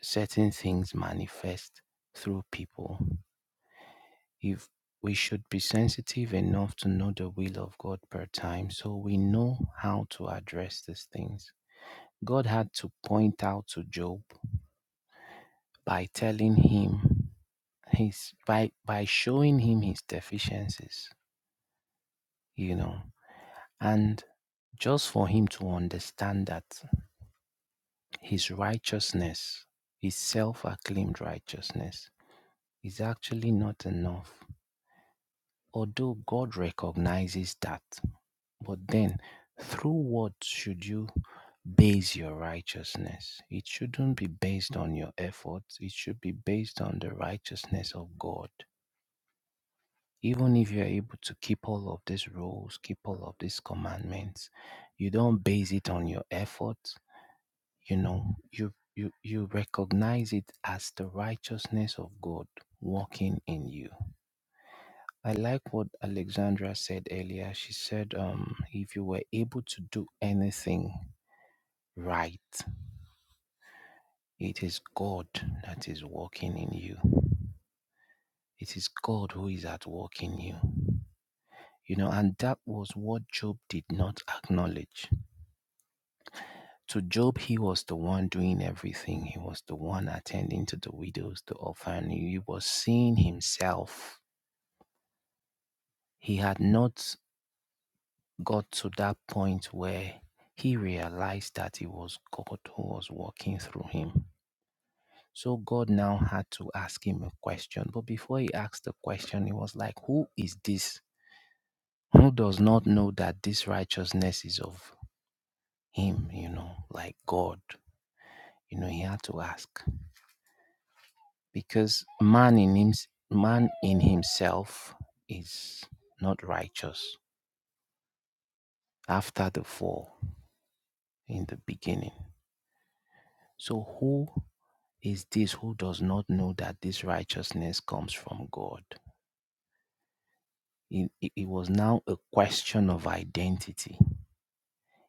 Speaker 5: certain things manifest through people. If we should be sensitive enough to know the will of God per time so we know how to address these things God had to point out to Job by telling him his by by showing him his deficiencies, you know, and just for him to understand that his righteousness, his self-acclaimed righteousness, is actually not enough. Although God recognizes that But then, through what should you base your righteousness? It shouldn't be based on your efforts, it should be based on the righteousness of God. Even if you are able to keep all of these rules, keep all of these commandments, you don't base it on your efforts, you know, you you, you recognize it as the righteousness of God working in you. I like what Alexandra said earlier. She said, um, if you were able to do anything right. It is God that is working in you. It is God who is at work in you. You know, and that was what Job did not acknowledge. To Job, he was the one doing everything. He was the one attending to the widows, the orphan. He was seeing himself. He had not got to that point where he realized that it was God who was working through him. So God now had to ask him a question. But before he asked the question, he was like, Who is this who does not know that this righteousness is of him, you know, like God? You know, he had to ask. Because man in him, man in himself is not righteous after the fall in the beginning. So who is this who does not know that this righteousness comes from God? It, it it was now a question of identity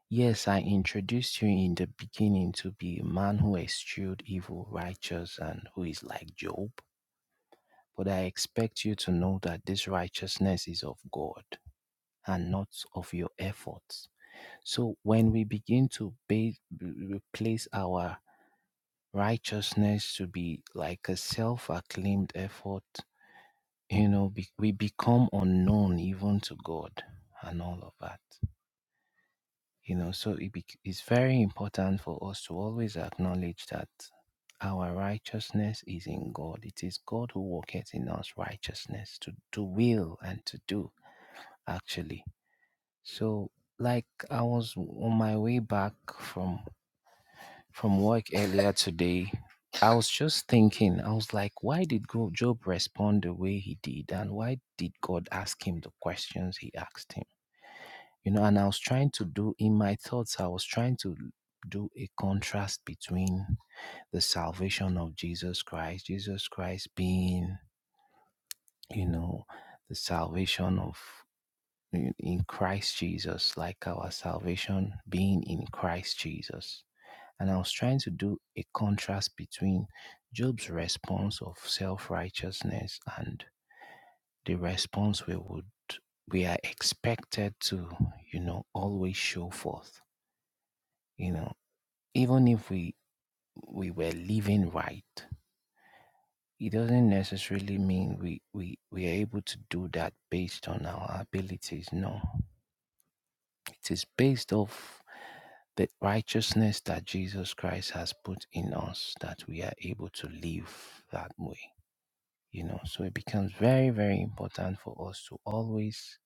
Speaker 5: Yes, I introduced you in the beginning to be a man who eschewed evil, righteous, and who is like Job. But I expect you to know that this righteousness is of God and not of your efforts. So when we begin to base, replace our righteousness to be like a self acclaimed effort, you know, be, we become unknown even to God and all of that. you know so it bec it's very important for us to always acknowledge that our righteousness is in god it is god who worketh in us righteousness to to will and to do actually so like i was on my way back from from work earlier today i was just thinking i was like why did Go- job respond the way he did and why did god ask him the questions he asked him you know and i was trying to do in my thoughts i was trying to do a contrast between the salvation of jesus christ jesus christ being you know the salvation of in in christ jesus like our salvation being in christ jesus and i was trying to do a contrast between job's response of self-righteousness and the response we would we are expected to you know always show forth You know, even if we we were living right, it doesn't necessarily mean we we we are able to do that based on our abilities. No, it is based off the righteousness that Jesus Christ has put in us that we are able to live that way. You know, so it becomes very very important for us to always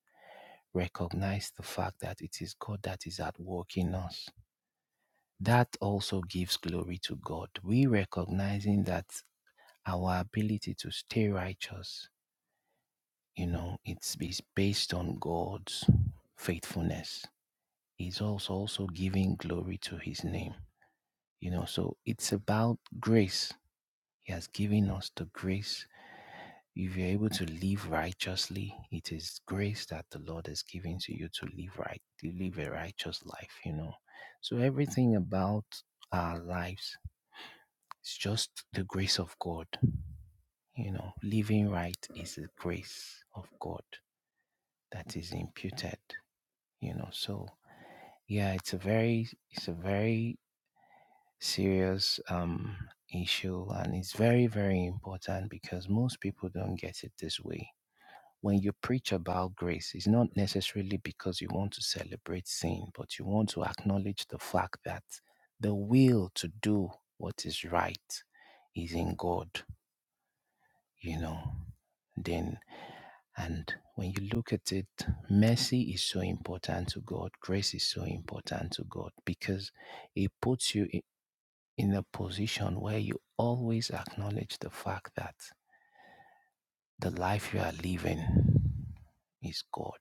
Speaker 5: recognize the fact that it is God that is at work in us that also gives glory to God. We recognizing that our ability to stay righteous, you know, it's is based on God's faithfulness. He's also also giving glory to his name. You know, so it's about grace. He has given us the grace. If you're able to live righteously, it is grace that the Lord has given to you to live right, to live a righteous life, you know. So everything about our lives is just the grace of God. You know, living right is the grace of God. that is imputed you know so yeah it's a very it's a very serious um issue and it's very very important because most people don't get it this way when you preach about grace it's not necessarily because you want to celebrate sin but you want to acknowledge the fact that the will to do what is right is in god you know Then. And when you look at it, mercy is so important to God, grace is so important to God because it puts you i- in a position where you always acknowledge the fact that the life you are living is God,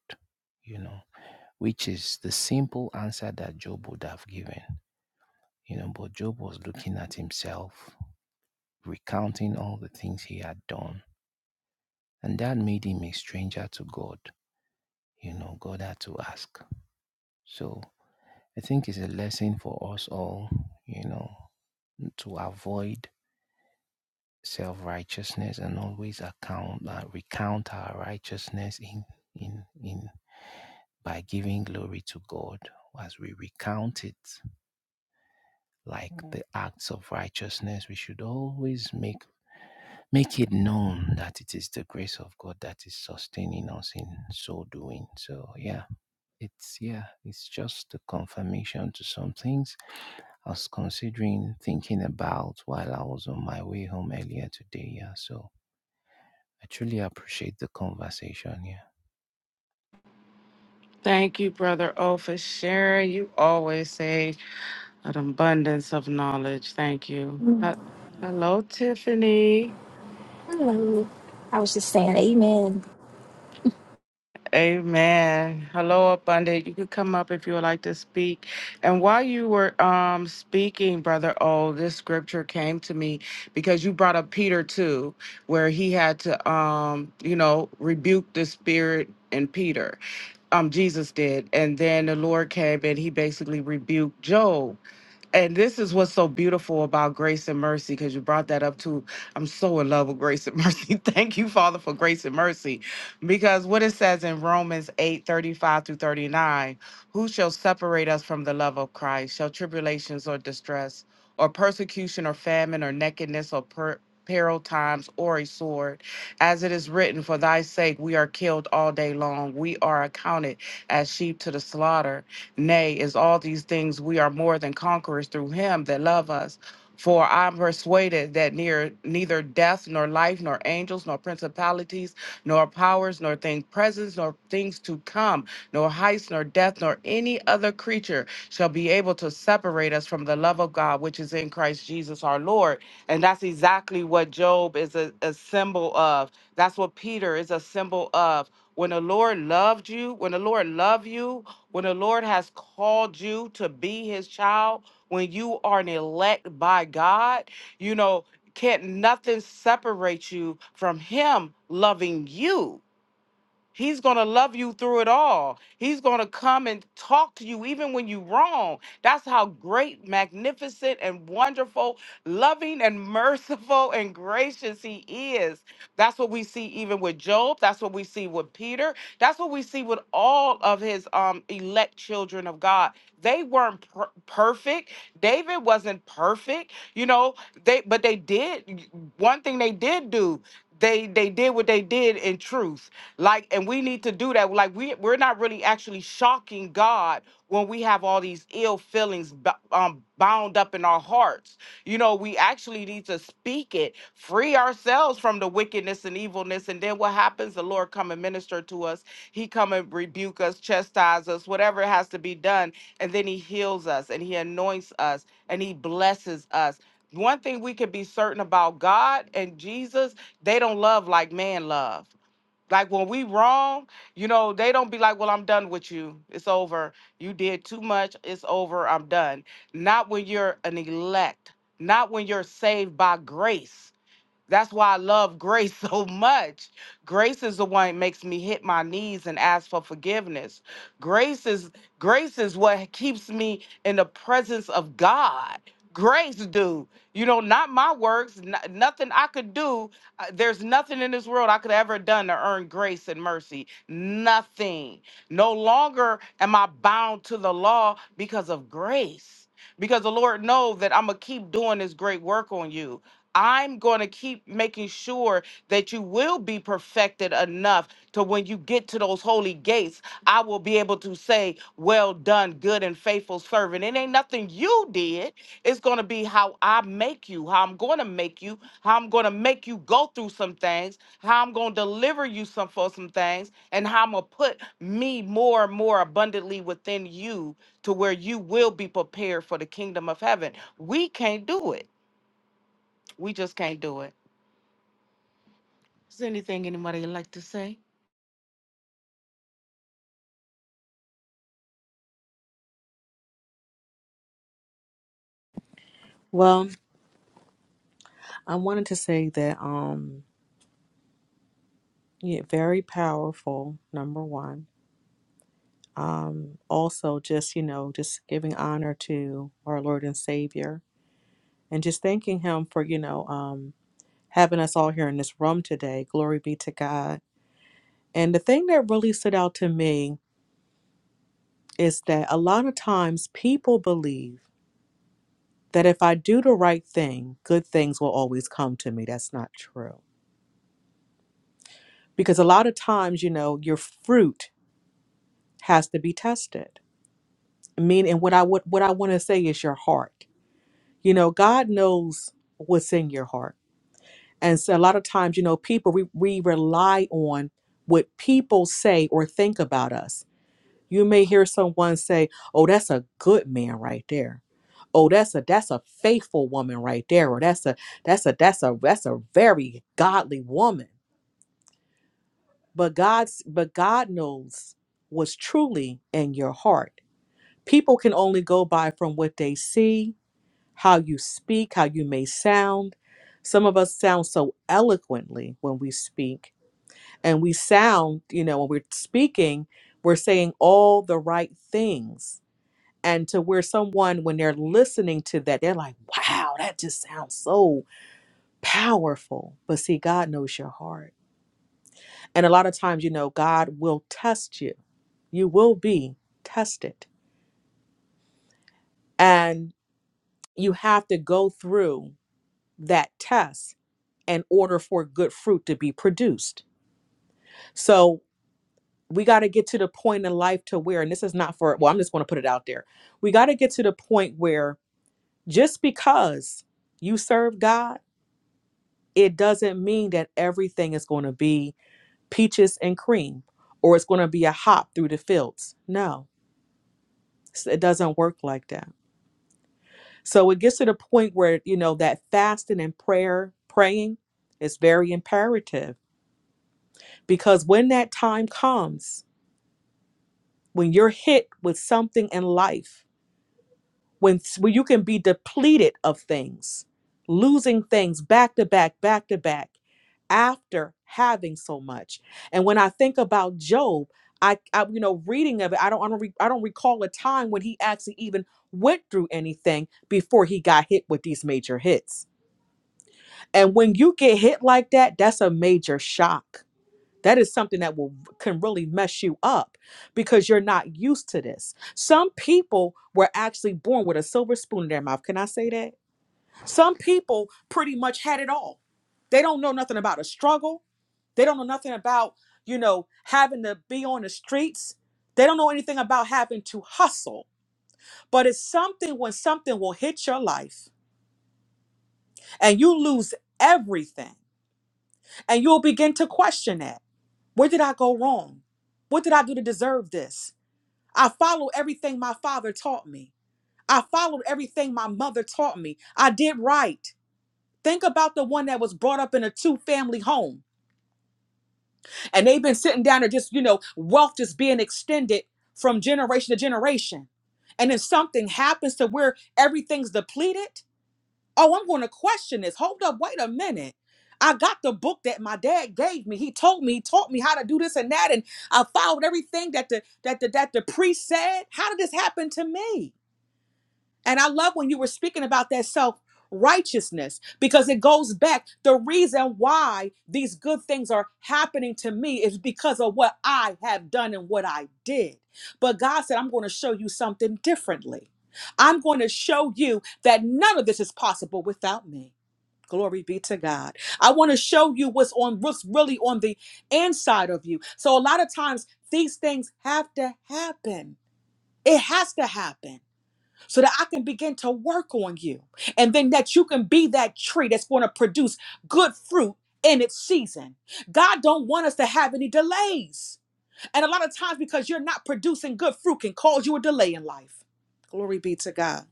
Speaker 5: you know, which is the simple answer that Job would have given, you know. But Job was looking at himself, recounting all the things he had done, and that made him a stranger to God, you know. God had to ask. So I think it's a lesson for us all, you know, to avoid self righteousness and always account uh, recount our righteousness in in in by giving glory to God as we recount it like the acts of righteousness we should always make make it known that it is the grace of God that is sustaining us in so doing so yeah it's yeah it's just a confirmation to some things. I was considering thinking about while I was on my way home earlier today. Yeah, so I truly appreciate the conversation. Yeah.
Speaker 1: Thank you, Brother O, for sharing. You always say an abundance of knowledge. You.
Speaker 7: Mm, I was just saying amen.
Speaker 1: Amen. Hello, Abundant. You could come up if you would like to speak. And while you were um speaking, Brother O, this scripture came to me because you brought up Peter too, where he had to um, you know, rebuke the spirit in Peter. Um, Jesus did. And then the Lord came and he basically rebuked Job and this is what's so beautiful about grace and mercy, because you brought that up too. I'm so in love with grace and mercy. Thank you, Father, for grace and mercy. Because what it says in Romans 8:35 through 39 Who shall separate us from the love of Christ? Shall tribulations or distress, or persecution, or famine, or nakedness, or per- peril times, or a sword? As it is written, For thy sake we are killed all day long, we are accounted as sheep to the slaughter. Nay, is all these things we are more than conquerors through him that love us. For I'm persuaded that near neither death nor life nor angels nor principalities nor powers nor things present nor things to come nor heights nor death nor any other creature shall be able to separate us from the love of God which is in Christ Jesus our Lord. And that's exactly what Job is a, a symbol of. That's what Peter is a symbol of. When the Lord loved you, when the Lord loved you, when the Lord has called you to be his child, when you are an elect by God, you know, can't nothing separate you from him loving you He's going to love you through it all. He's going to come and talk to you even when you're wrong. That's how great, magnificent, and wonderful, loving, and merciful and gracious He is. That's what we see even with Job. That's what we see with Peter. That's what we see with all of His um, elect children of God. They weren't per- perfect. David wasn't perfect, you know. They but they did one thing. They did do. They they did what they did in truth like, and we need to do that. Like, we we're not really actually shocking God when we have all these ill feelings bo- um, bound up in our hearts. You know, we actually need to speak it, free ourselves from the wickedness and evilness, and then what happens? The Lord come and minister to us. He come and rebuke us, chastise us, whatever has to be done, and then He heals us, and He anoints us, and He blesses us one thing we can be certain about God and Jesus, they don't love like man love. Like when we wrong, you know, they don't be like, "Well, I'm done with you. It's over. You did too much. It's over. I'm done." Not when you're an elect. Not when you're saved by grace that's why I love grace so much. Grace is the one that makes me hit my knees and ask for forgiveness. Grace is grace is what keeps me in the presence of God. Grace, do you know? Not my works, n- nothing I could do. Uh, There's nothing in this world I could ever done to earn grace and mercy. Nothing. No longer am I bound to the law because of grace because the Lord knows that I'm gonna keep doing this great work on you. I'm going to keep making sure that you will be perfected enough to when you get to those holy gates, I will be able to say, Well done, good and faithful servant. It ain't nothing you did, It's going to be how I make you, how I'm going to make you, how I'm going to make you go through some things, how I'm going to deliver you some for some things, and how I'm going to put me more and more abundantly within you to where you will be prepared for the kingdom of heaven. We can't do it. We just can't do it. Is there anything anybody would like to say?
Speaker 2: Well, I wanted to say that um yeah, very powerful, number one. Um also just, you know, just giving honor to our Lord and Savior and just thanking him for, you know, um having us all here in this room today. Glory be to God And the thing that really stood out to me is that a lot of times people believe that if I do the right thing, good things will always come to me. That's not true. Because a lot of times, you know, your fruit has to be tested. I mean, and what I would what I want to say is your heart. You know, God knows what's in your heart. And so a lot of times, you know, people we, we rely on what people say or think about us You may hear someone say, "Oh, that's a good man right there." Oh, that's a that's a faithful woman right there. Or that's a that's a that's a that's a very godly woman. But God's but God knows what's truly in your heart. People can only go by from what they see, how you speak, how you may sound. Some of us sound so eloquently when we speak, and we sound, you know, when we're speaking, we're saying all the right things and to where someone when they're listening to that they're like wow that just sounds so powerful but see god knows your heart and a lot of times you know god will test you you will be tested and you have to go through that test in order for good fruit to be produced so we got to get to the point in life to where and this is not for well i'm just going to put it out there we got to get to the point where just because you serve god it doesn't mean that everything is going to be peaches and cream or it's going to be a hop through the fields. No, s- it doesn't work like that. So it gets to the point where, you know, that fasting and prayer, praying is very imperative because when that time comes, when you're hit with something in life, when when you can be depleted of things, losing things back to back, back to back, after having so much. And when I think about Job, I, I you know reading of it, I don't I don't, re- I don't recall a time when he actually even went through anything before he got hit with these major hits. And when you get hit like that, that's a major shock that is something that will can really mess you up because you're not used to this. Some people were actually born with a silver spoon in their mouth. Can I say that? Some people pretty much had it all. They don't know nothing about a struggle. They don't know nothing about, you know, having to be on the streets. They don't know anything about having to hustle. But it's something when something will hit your life and you lose everything and you'll begin to question that. Where did I go wrong? What did I do to deserve this? I followed everything my father taught me. I followed everything my mother taught me. I did right. Think about the one that was brought up in a two family home and they've been sitting down there just, you know, wealth just being extended from generation to generation. And then something happens to where everything's depleted. Oh, I'm going to question this. Hold up, wait a minute. I got the book that my dad gave me. He told me, he taught me how to do this and that, and I followed everything that the that the that the priest said. How did this happen to me? And I love when you were speaking about that self righteousness because it goes back. The reason why these good things are happening to me is because of what I have done and what I did. But God said, I'm going to show you something differently. I'm going to show you that none of this is possible without me. Glory be to God. I want to show you what's on what's really on the inside of you. So a lot of times these things have to happen. It has to happen so that I can begin to work on you. And then that you can be that tree that's going to produce good fruit in its season. God don't want us to have any delays. And a lot of times because you're not producing good fruit can cause you a delay in life. Glory be to God.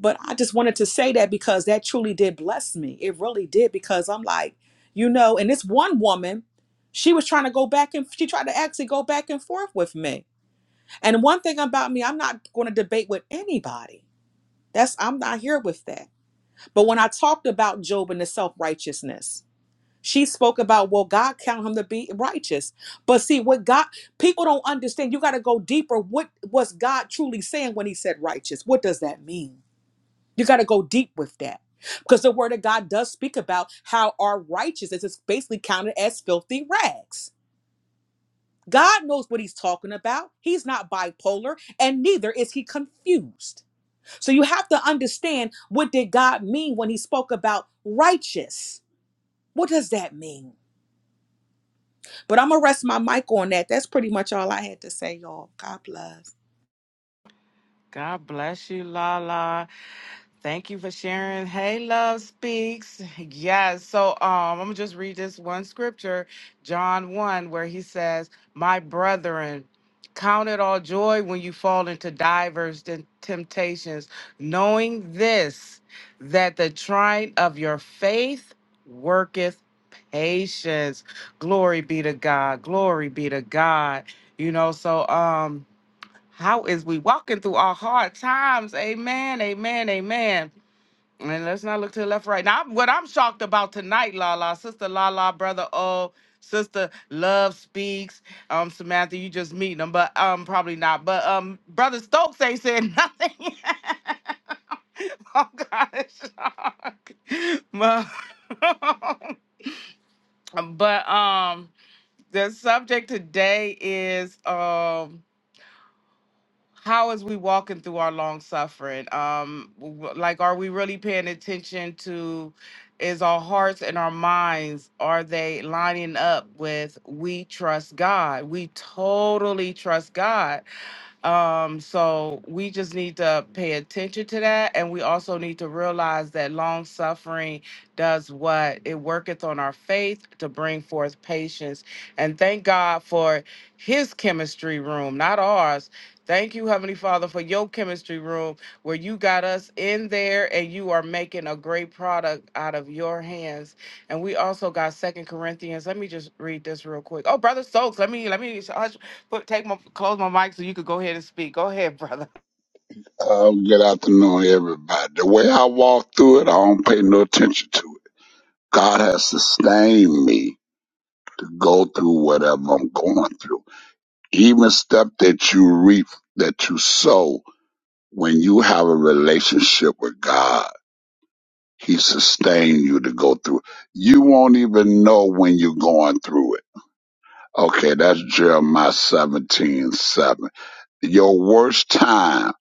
Speaker 2: But I just wanted to say that because that truly did bless me. It really did because I'm like, you know, and this one woman, she was trying to go back and she tried to actually go back and forth with me. And one thing about me, I'm not going to debate with anybody that's I'm not here with that. But when I talked about Job and the self-righteousness, she spoke about, well, God count him to be righteous. But see, what God people don't understand, you got to go deeper. What was God truly saying when he said righteous? What does that mean? You got to go deep with that. Because the word of God does speak about how our righteousness is basically counted as filthy rags. God knows what he's talking about. He's not bipolar, and neither is he confused. So you have to understand what did God mean when he spoke about righteous? What does that mean? But I'm gonna rest my mic on that. That's pretty much all I had to say, y'all. God bless.
Speaker 1: God bless you, Lala. Thank you for sharing. Hey, Love Speaks. Yes. So um, I'm going to just read this one scripture, John 1, where he says, My brethren, count it all joy when you fall into divers tem- temptations, knowing this, that the trying of your faith worketh patience. Glory be to God. Glory be to God. You know, so um, how is we walking through our hard times? Amen, amen, amen. And let's not look to the left, right. Now, I'm- what I'm shocked about tonight, La La, Sister La La, Brother O, Sister Love Speaks. Um, Samantha, you just meeting them, but um, probably not. But um, Brother Stokes ain't said nothing. yet. oh God, it's shocked. But, but um, the subject today is um how is we walking through our long suffering um w- like are we really paying attention to is our hearts and our minds are they lining up with we trust god we totally trust god um so we just need to pay attention to that and we also need to realize that long suffering does what it worketh on our faith to bring forth patience and thank god for his chemistry room not ours Thank you, Heavenly Father, for your chemistry room where you got us in there and you are making a great product out of your hands. And we also got Second Corinthians. Let me just read this real quick. Oh, Brother Stokes, let me let me hush, put, take my close my mic so you could go ahead and speak. Go ahead, brother.
Speaker 6: Uh, good afternoon, everybody. The way I walk through it, I don't pay no attention to it. God has sustained me to go through whatever I'm going through. Even stuff that you reap, that you sow, when you have a relationship with God, He sustained you to go through. You won't even know when you're going through it. Okay, that's Jeremiah seventeen seven. your worst time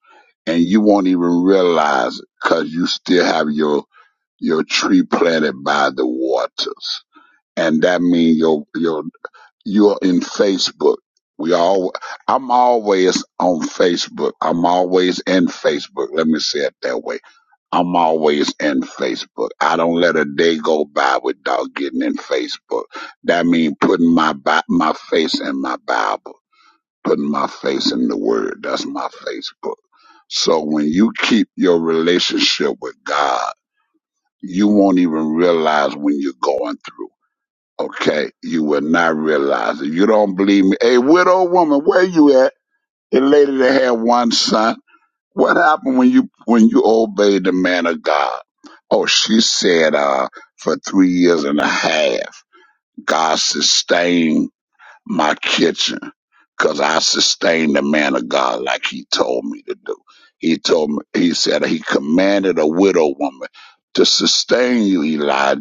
Speaker 6: and you won't even realize it because you still have your your tree planted by the waters and that means your your you're in facebook we all i'm always on facebook i'm always in facebook let me say it that way i'm always in facebook i don't let a day go by without getting in facebook that means putting my Bi- my face in my bible putting my face in the word. That's my Facebook. So when you keep your relationship with God, you won't even realize when you're going through. Okay? You will not realize it. You don't believe me. Hey, widow woman, where you at? The lady that had one son. What happened when you when you obeyed the man of God? Oh, she said uh for three years and a half, God sustained my kitchen because I sustained the man of God like he told me to do. He told me, he said, he commanded a widow woman to sustain you, Elijah.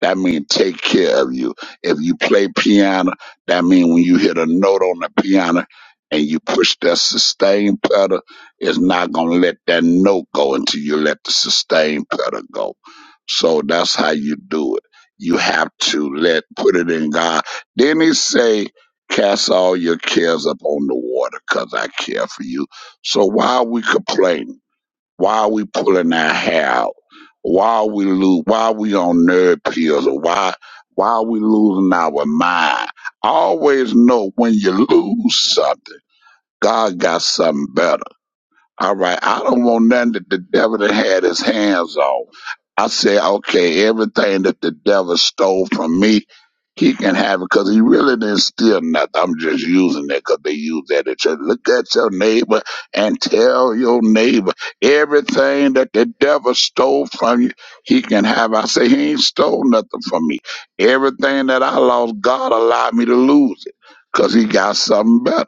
Speaker 6: That mean take care of you. If you play piano, that mean when you hit a note on the piano and you push that sustain pedal, it's not gonna let that note go until you let the sustain pedal go. So that's how you do it. You have to let put it in God. Then he say, cast all your cares upon the water, cause I care for you. So why are we complaining? Why are we pulling our hair out? Why are we lo- Why are we on nerd pills? Or why why are we losing our mind? Always know when you lose something, God got something better. All right. I don't want nothing that the devil done had his hands on. I say, okay, everything that the devil stole from me, he can have it because he really didn't steal nothing. I'm just using it because they use that at church. Look at your neighbor and tell your neighbor everything that the devil stole from you, he can have. I say, he ain't stole nothing from me. Everything that I lost, God allowed me to lose it because he got something better.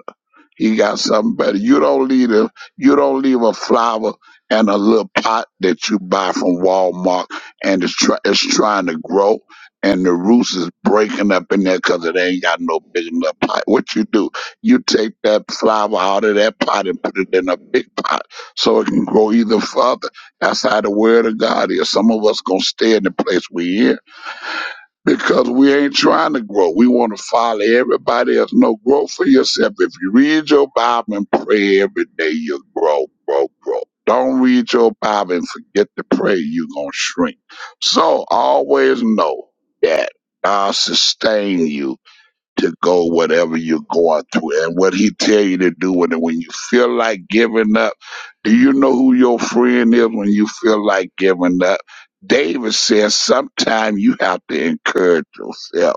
Speaker 6: He got something better. You don't leave a you don't leave a flower and a little pot that you buy from Walmart and it's try, it's trying to grow and the roots is breaking up in there because it ain't got no big enough pot. What you do? You take that flower out of that pot and put it in a big pot so it can grow even further. That's how the word of God is. Some of us gonna stay in the place we in because we ain't trying to grow. We want to follow everybody else. No, grow for yourself. If you read your Bible and pray every day, you'll grow, grow, grow. Don't read your Bible and forget to pray, you're going to shrink. So always know that God sustain you to go whatever you're going through and what he tell you to do when when you feel like giving up do you know who your friend is when you feel like giving up david says sometimes you have to encourage yourself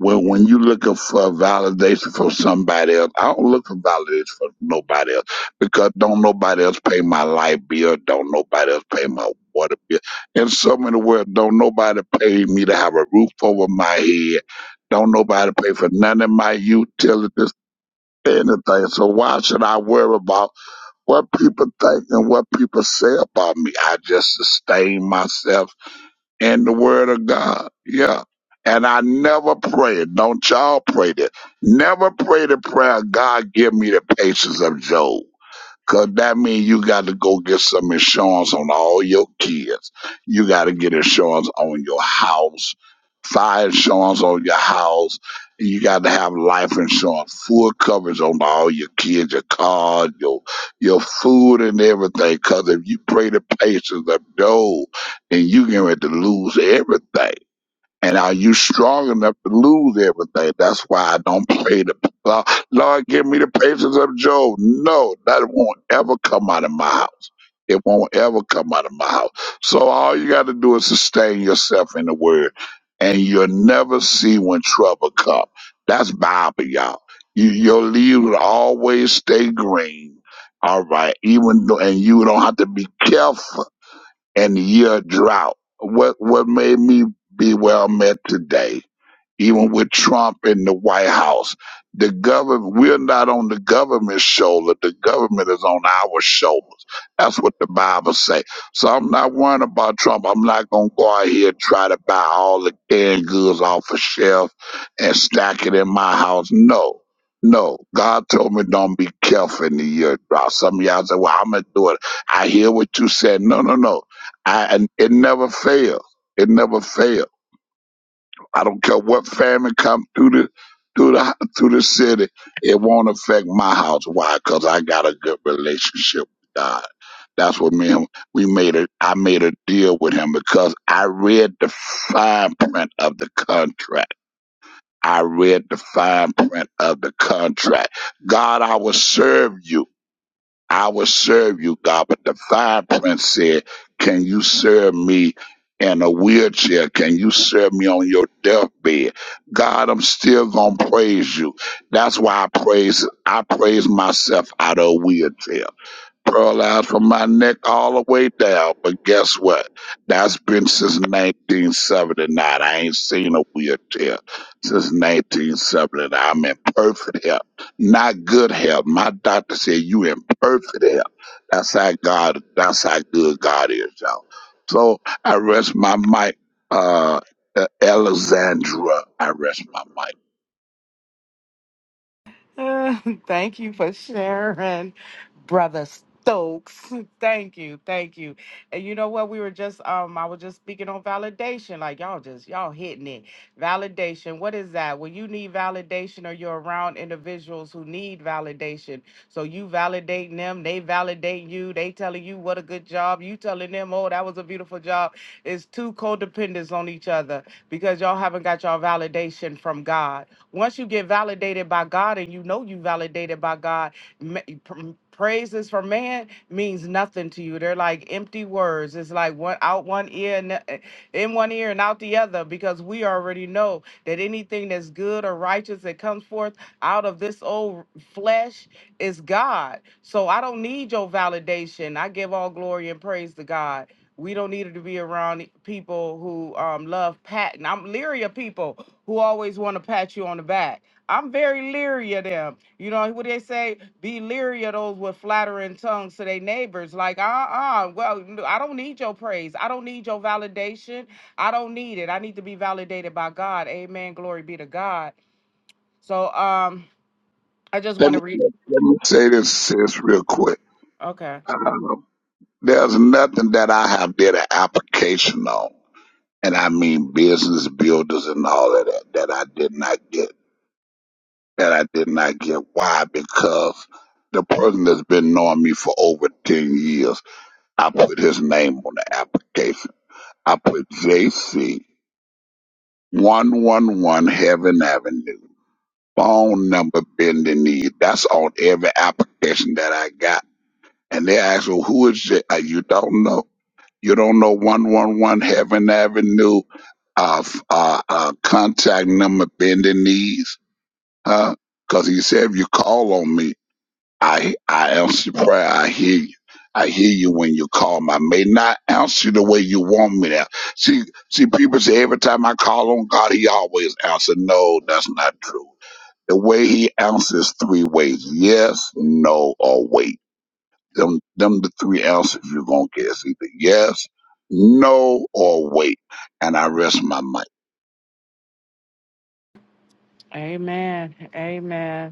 Speaker 6: well, when you looking for validation from somebody else, I don't look for validation from nobody else because don't nobody else pay my light bill, don't nobody else pay my water bill. In so many words, don't nobody pay me to have a roof over my head, don't nobody pay for none of my utilities, anything. So why should I worry about what people think and what people say about me? I just sustain myself in the Word of God. Yeah. And I never prayed. Don't y'all pray that. Never pray the prayer, God, give me the patience of Job. Cause that means you got to go get some insurance on all your kids. You got to get insurance on your house, fire insurance on your house. You got to have life insurance, full coverage on all your kids, your car, your your food, and everything. Cause if you pray the patience of Job, then you get ready to lose everything. And are you strong enough to lose everything? That's why I don't pray the Lord, Lord, give me the patience of Job. No, that won't ever come out of my house. It won't ever come out of my house. So all you got to do is sustain yourself in the word, and you'll never see when trouble come. That's Bible, y'all. You, your leaves will always stay green. All right, even though, and you don't have to be careful and year drought. What what made me be where I'm at today, even with Trump in the White House, the government we're not on the government's shoulder. The government is on our shoulders. That's what the Bible say. So I'm not worrying about Trump. I'm not gonna go out here and try to buy all the canned goods off a shelf and stack it in my house. No. No, God told me don't be careful in the year drought. Some of y'all say, "Well, I'm gonna do it." I hear what you said. No, no, no. I and it never fails. It never fails. I don't care what famine come through the through the through the city. It won't affect my house. Why? Because I got a good relationship with God. That's what me and we made it. I made a deal with him because I read the fine print of the contract. I read the fine print of the contract. God, I will serve you. I will serve you, God. But the fire prince said, Can you serve me in a wheelchair? Can you serve me on your deathbed? God, I'm still gonna praise you. That's why I praise I praise myself out of a wheelchair. Pearl out from my neck all the way down. But guess what? That's been since 1979. I ain't seen a wheelchair since 1979. I'm in perfect health, not good health. My doctor said you in perfect health. That's how God. That's how good God is, y'all. So I rest my mic, uh, uh, Alexandra. I rest my mic.
Speaker 1: Uh, thank you for sharing, Brother Stokes. Thank you, thank you. And you know what? We were just um, I was just speaking on validation. Like y'all just y'all hitting it. Validation. What is that? When you need validation, or you're around individuals who need validation, so you validating them, they validate you, they telling you what a good job, you telling them, oh, that was a beautiful job. It's two codependents on each other because y'all haven't got y'all validation from God. Once you get validated by God and you know you validated by God, ma- pr- praises from man means nothing to you. They're like empty words. It's like one out one ear and uh, in one ear and out the other because we already know that anything that's good or righteous that comes forth out of this old flesh is God. So I don't need your validation. I give all glory and praise to God we don't need to be around people who um, love patting. I'm leery of people who always want to pat you on the back. I'm very leery of them. You know what they say? Be leery of those with flattering tongues to their neighbors. Like, uh uh well, I I don't need your praise. I don't need your validation. I don't need it. I need to be validated by God. Amen. Glory be to God. So um, I just
Speaker 6: Let
Speaker 1: want
Speaker 6: me
Speaker 1: to read.
Speaker 6: let me say this, sis, real quick.
Speaker 1: Okay.
Speaker 6: Uh, There's nothing that I have did an application on, and I mean business builders and all of that that I did not get. That I did not get. Why? Because the person that's been knowing me for over ten years, I put his name on the application. I put JC one one one Heaven Avenue phone number bending knee. That's on every application that I got. And they ask, well, who is it? Uh, You don't know. You don't know 111 Heaven Avenue, uh, f- uh, uh, contact number, bend the knees, huh? Because he said, if you call on me, I, I answer prayer. I hear you. I hear you when you call me. I may not answer the way you want me to. See, see, people say every time I call on God, he always answers. No, that's not true. The way he answers three ways. Yes, no, or wait them, them the three answers you're gonna get. It's either yes, no, or wait. And I rest my mic.
Speaker 1: Amen. Amen.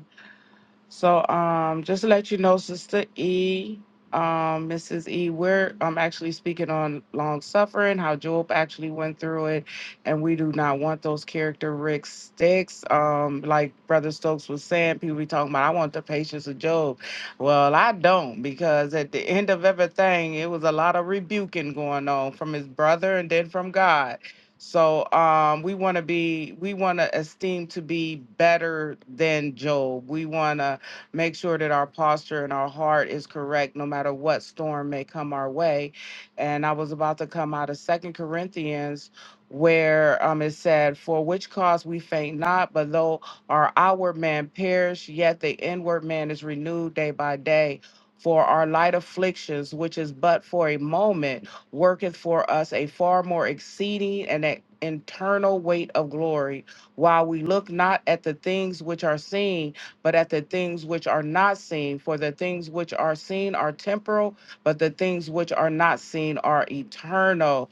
Speaker 1: So, um, just to let you know, Sister E, um, Mrs. E, we're um, actually speaking on long suffering, how Job actually went through it, and we do not want those characteristics. Um, like Brother Stokes was saying, people be talking about, I want the patience of Job. Well, I don't, because at the end of everything, it was a lot of rebuking going on from his brother and then from God. So um, we want to be, we want to esteem to be better than Job. We want to make sure that our posture and our heart is correct no matter what storm may come our way. And I was about to come out of Second Corinthians where um, it said, For which cause we faint not, but though our outward man perish, yet the inward man is renewed day by day. For our light afflictions, which is but for a moment, worketh for us a far more exceeding and an internal weight of glory, while we look not at the things which are seen but at the things which are not seen. For the things which are seen are temporal, but the things which are not seen are eternal.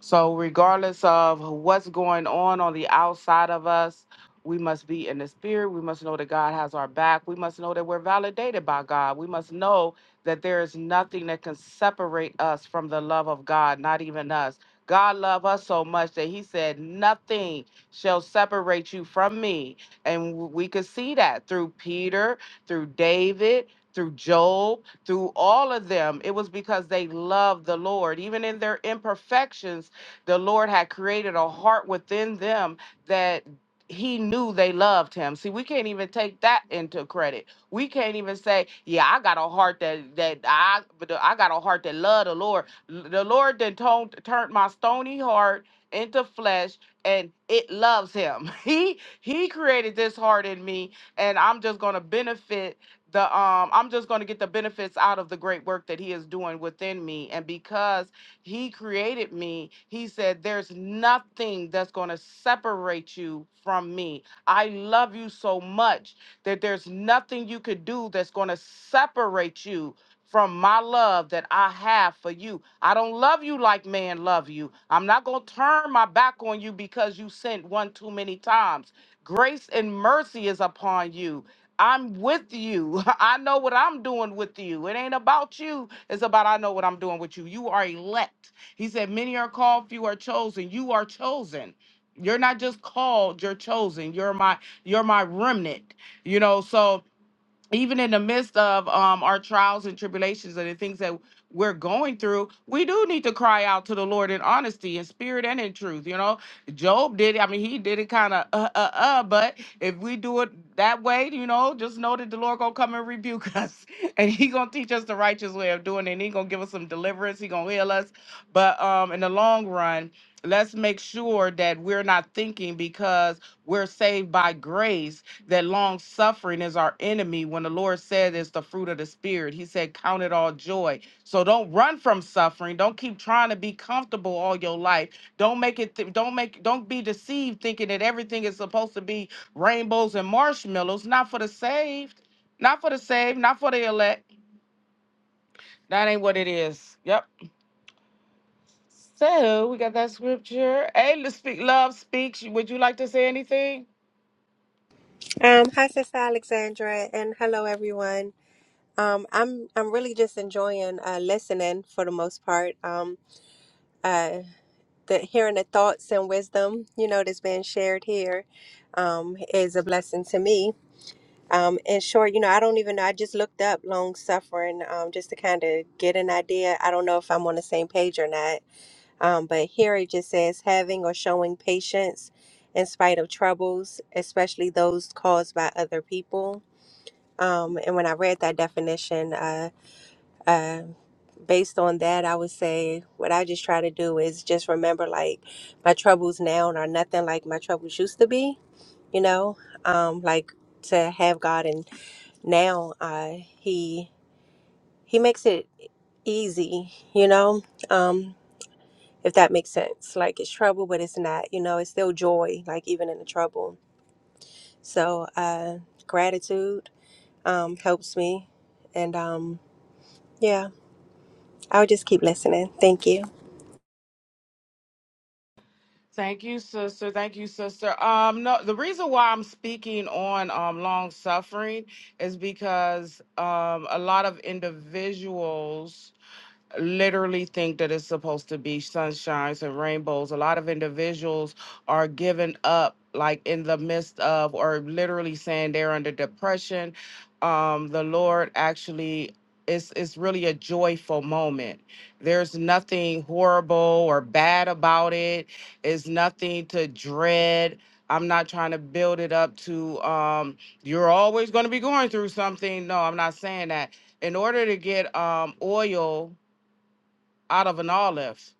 Speaker 1: So, regardless of what's going on on the outside of us, we must be in the spirit. We must know that God has our back. We must know that we're validated by God. We must know that there is nothing that can separate us from the love of God, not even us. God loved us so much that he said, Nothing shall separate you from me. And w- we could see that through Peter, through David, through Job, through all of them. It was because they loved the Lord. Even in their imperfections, the Lord had created a heart within them that he knew they loved him. See, we can't even take that into credit. We can't even say, "Yeah, I got a heart that that I but I got a heart that loved the Lord." The Lord then toned, turned my stony heart into flesh, and it loves Him. He He created this heart in me, and I'm just gonna benefit the um. I'm just gonna get the benefits out of the great work that He is doing within me, and because he created me. He said, There's nothing that's going to separate you from me. I love you so much that there's nothing you could do that's going to separate you from my love that I have for you. I don't love you like man love you. I'm not going to turn my back on you because you sinned one too many times. Grace and mercy is upon you. I'm with you. I know what I'm doing with you. It ain't about you. It's about I know what I'm doing with you. You are elect. He said, Many are called, few are chosen. You are chosen. You're not just called, you're chosen. You're my you're my remnant. You know, so even in the midst of um, our trials and tribulations and the things that we're going through, we do need to cry out to the Lord in honesty, in spirit, and in truth. You know, Job did. it. I mean, he did it kind of uh, uh, uh. But if we do it that way, you know, just know that the Lord gonna come and rebuke us, and He gonna teach us the righteous way of doing it. And he gonna give us some deliverance. He gonna heal us. But um, in the long run let's make sure that we're not thinking because we're saved by grace that long suffering is our enemy when the lord said it's the fruit of the spirit he said count it all joy so don't run from suffering don't keep trying to be comfortable all your life don't make it th- don't make don't be deceived thinking that everything is supposed to be rainbows and marshmallows not for the saved not for the saved not for the elect that ain't what it is yep So we got that scripture. Hey, to speak love speaks. Would you like to say anything?
Speaker 8: Um, hi, Sister Alexandra, and hello, everyone. Um, I'm I'm really just enjoying uh, listening for the most part. Um, uh, the hearing the thoughts and wisdom, you know, that's being shared here, um, is a blessing to me. Um, in short, you know, I don't even know. I just looked up long suffering, um, just to kind of get an idea. I don't know if I'm on the same page or not. Um, but here it just says having or showing patience in spite of troubles, especially those caused by other people um, and when I read that definition, uh, uh, based on that, I would say what I just try to do is just remember like my troubles now are nothing like my troubles used to be, you know, um, like to have God and now uh, he he makes it e, easy, you know, um, if that makes sense. Like it's trouble, but it's not, you know, it's still joy, like even in the trouble. So uh, gratitude um, helps me. And um, yeah. I'll just keep listening. Thank you.
Speaker 1: Thank you, sister. Thank you, sister. Um, no, the reason why I'm speaking on um long suffering is because um a lot of individuals literally think that it's supposed to be sunshines and rainbows. A lot of individuals are giving up, like in the midst of, or literally saying they're under depression. Um, the Lord actually. is it's really a joyful moment. There's nothing horrible or bad about it. It's nothing to dread. I'm not trying to build it up to um, you're always going to be going through something. No, I'm not saying that. In order to get um, oil out of an olive,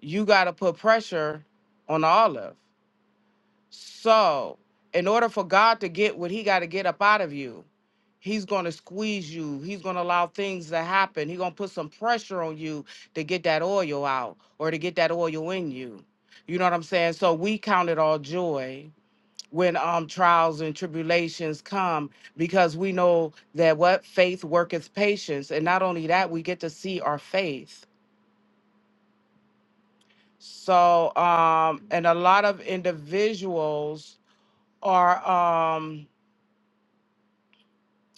Speaker 1: you got to put pressure on the olive. So, in order for God to get what he got to get up out of you, he's going to squeeze you. He's going to allow things to happen. He's going to put some pressure on you to get that oil out or to get that oil in you. You know what I'm saying? So, we count it all joy when um trials and tribulations come because we know that what faith worketh patience and not only that we get to see our faith So, um, and a lot of individuals are. Um,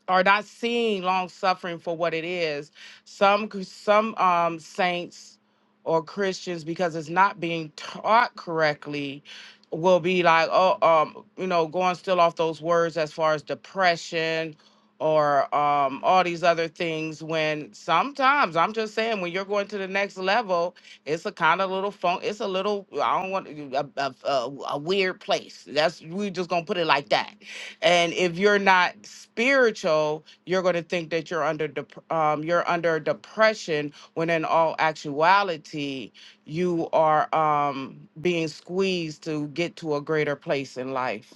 Speaker 1: are not seeing long suffering for what it is. Some cr- some um, saints or Christians, because it's not being taught correctly, will be like, oh, um, you know, going still off those words as far as depression or um, all these other things. When sometimes I'm just saying, when you're going to the next level, it's a kind of little fun. It's a little I don't want a, a, a, a weird place. That's we just gonna put it like that and if you're not spiritual, you're going to think that you're under dep- um, you're under depression when in all actuality you are um, being squeezed to get to a greater place in life.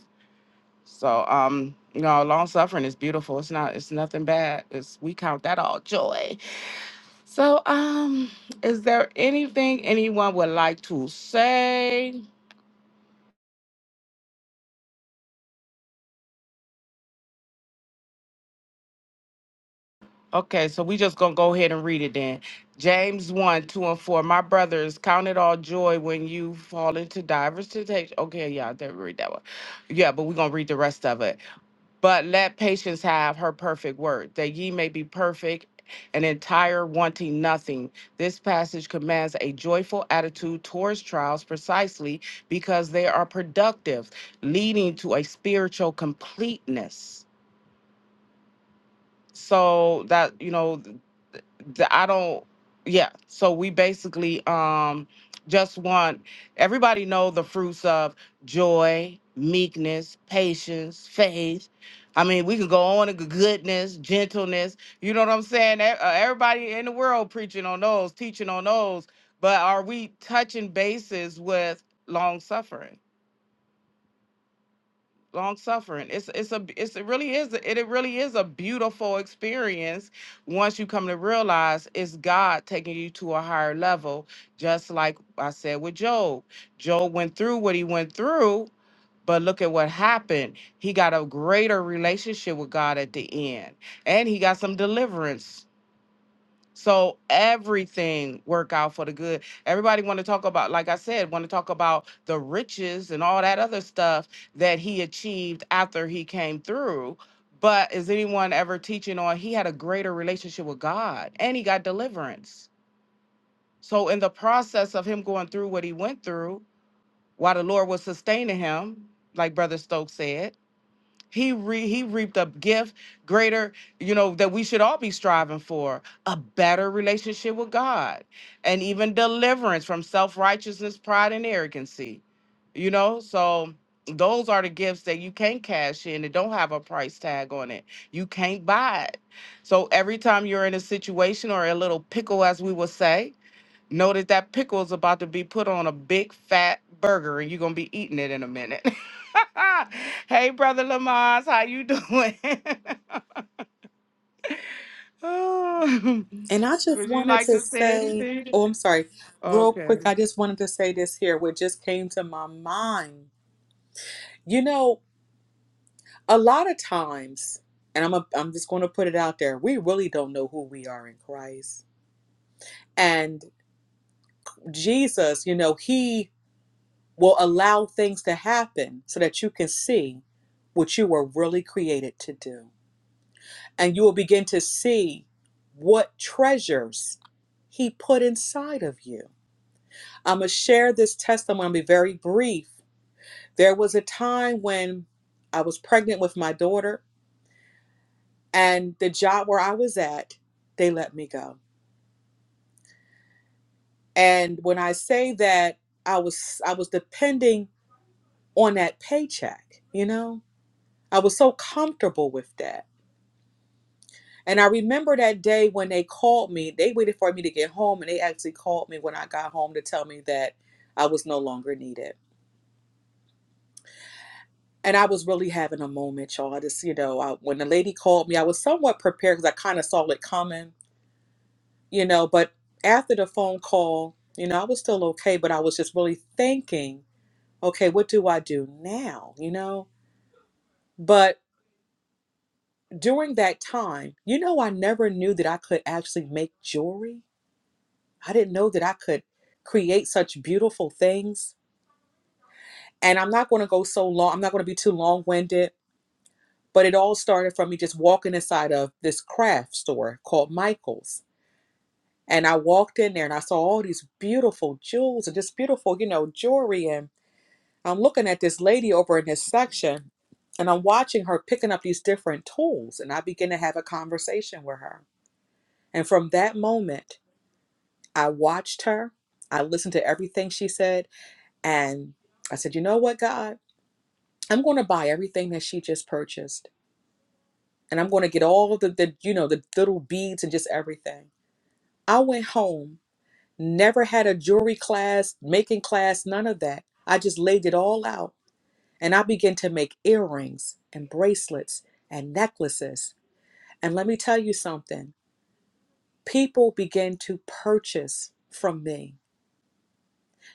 Speaker 1: So um, you know, long suffering is beautiful. It's not it's nothing bad. It's we count that all joy. So um is there anything anyone would like to say? Okay, so we just gonna go ahead and read it then. James one, two, and four. My brothers, count it all joy when you fall into divers temptation. Okay, yeah, I didn't read that one. Yeah, but we're gonna read the rest of it. But let patience have her perfect word, that ye may be perfect and entire, wanting nothing. This passage commands a joyful attitude towards trials precisely because they are productive, leading to a spiritual completeness so that you know the, I don't yeah so we basically um just want everybody know the fruits of joy meekness patience faith I mean we can go on and g- goodness gentleness you know what I'm saying E- uh, everybody in the world preaching on those teaching on those but are we touching bases with long suffering long suffering it's it's a it's, it really is it, it really is a beautiful experience once you come to realize it's god taking you to a higher level just like i said with job job went through what he went through but look at what happened he got a greater relationship with god at the end and he got some deliverance so everything work out for the good. Everybody want to talk about, like I said, want to talk about the riches and all that other stuff that he achieved after he came through. But is anyone ever teaching on he had a greater relationship with God and he got deliverance? So in the process of him going through what he went through, while the Lord was sustaining him, like Brother Stokes said, he re- he reaped a gift greater, you know, that we should all be striving for a better relationship with God, and even deliverance from self righteousness, pride, and arrogancy. You know, so those are the gifts that you can't cash in. It don't have a price tag on it. You can't buy it. So every time you're in a situation or a little pickle, as we will say, Notice that that pickle is about to be put on a big fat burger and you're going to be eating it in a minute. hey, Brother Lamaz, how you doing? Oh,
Speaker 2: And I just
Speaker 1: Would you
Speaker 2: wanted
Speaker 1: like
Speaker 2: to
Speaker 1: to say
Speaker 2: say,
Speaker 1: anything?
Speaker 2: oh, I'm sorry, real
Speaker 1: Okay.
Speaker 2: quick. I just wanted to say this here, what just came to my mind. You know, a lot of times, and I'm a, I'm just gonna put it out there, we really don't know who we are in Christ. And Jesus, you know, he will allow things to happen so that you can see what you were really created to do. And you will begin to see what treasures He put inside of you. I'm going to share this testimony, I'll be very brief. There was a time when I was pregnant with my daughter, and the job where I was at, they let me go. And when I say that, I was I was depending on that paycheck, you know? I was so comfortable with that And I remember that day when they called me, they waited for me to get home and they actually called me when I got home to tell me that I was no longer needed. And I was really having a moment, y'all. I just, you know, I, when the lady called me, I was somewhat prepared because I kind of saw it coming, you know. But after the phone call, you know, I was still okay, but I was just really thinking, okay, what do I do now, you know? But during that time, you know, I never knew that I could actually make jewelry. I didn't know that I could create such beautiful things. And I'm not going to go so long, I'm not going to be too long winded, but it all started from me just walking inside of this craft store called Michael's. And I walked in there and I saw all these beautiful jewels and just beautiful, you know, jewelry. And I'm looking at this lady over in this section and I'm watching her picking up these different tools. And I begin to have a conversation with her. And from that moment, I watched her. I listened to everything she said And I said, you know what, God, I'm going to buy everything that she just purchased. And I'm going to get all the, the, you know, the little beads and just everything. I went home, never had a jewelry class, making class, none of that. I just laid it all out and I began to make earrings and bracelets and necklaces. And let me tell you something people began to purchase from me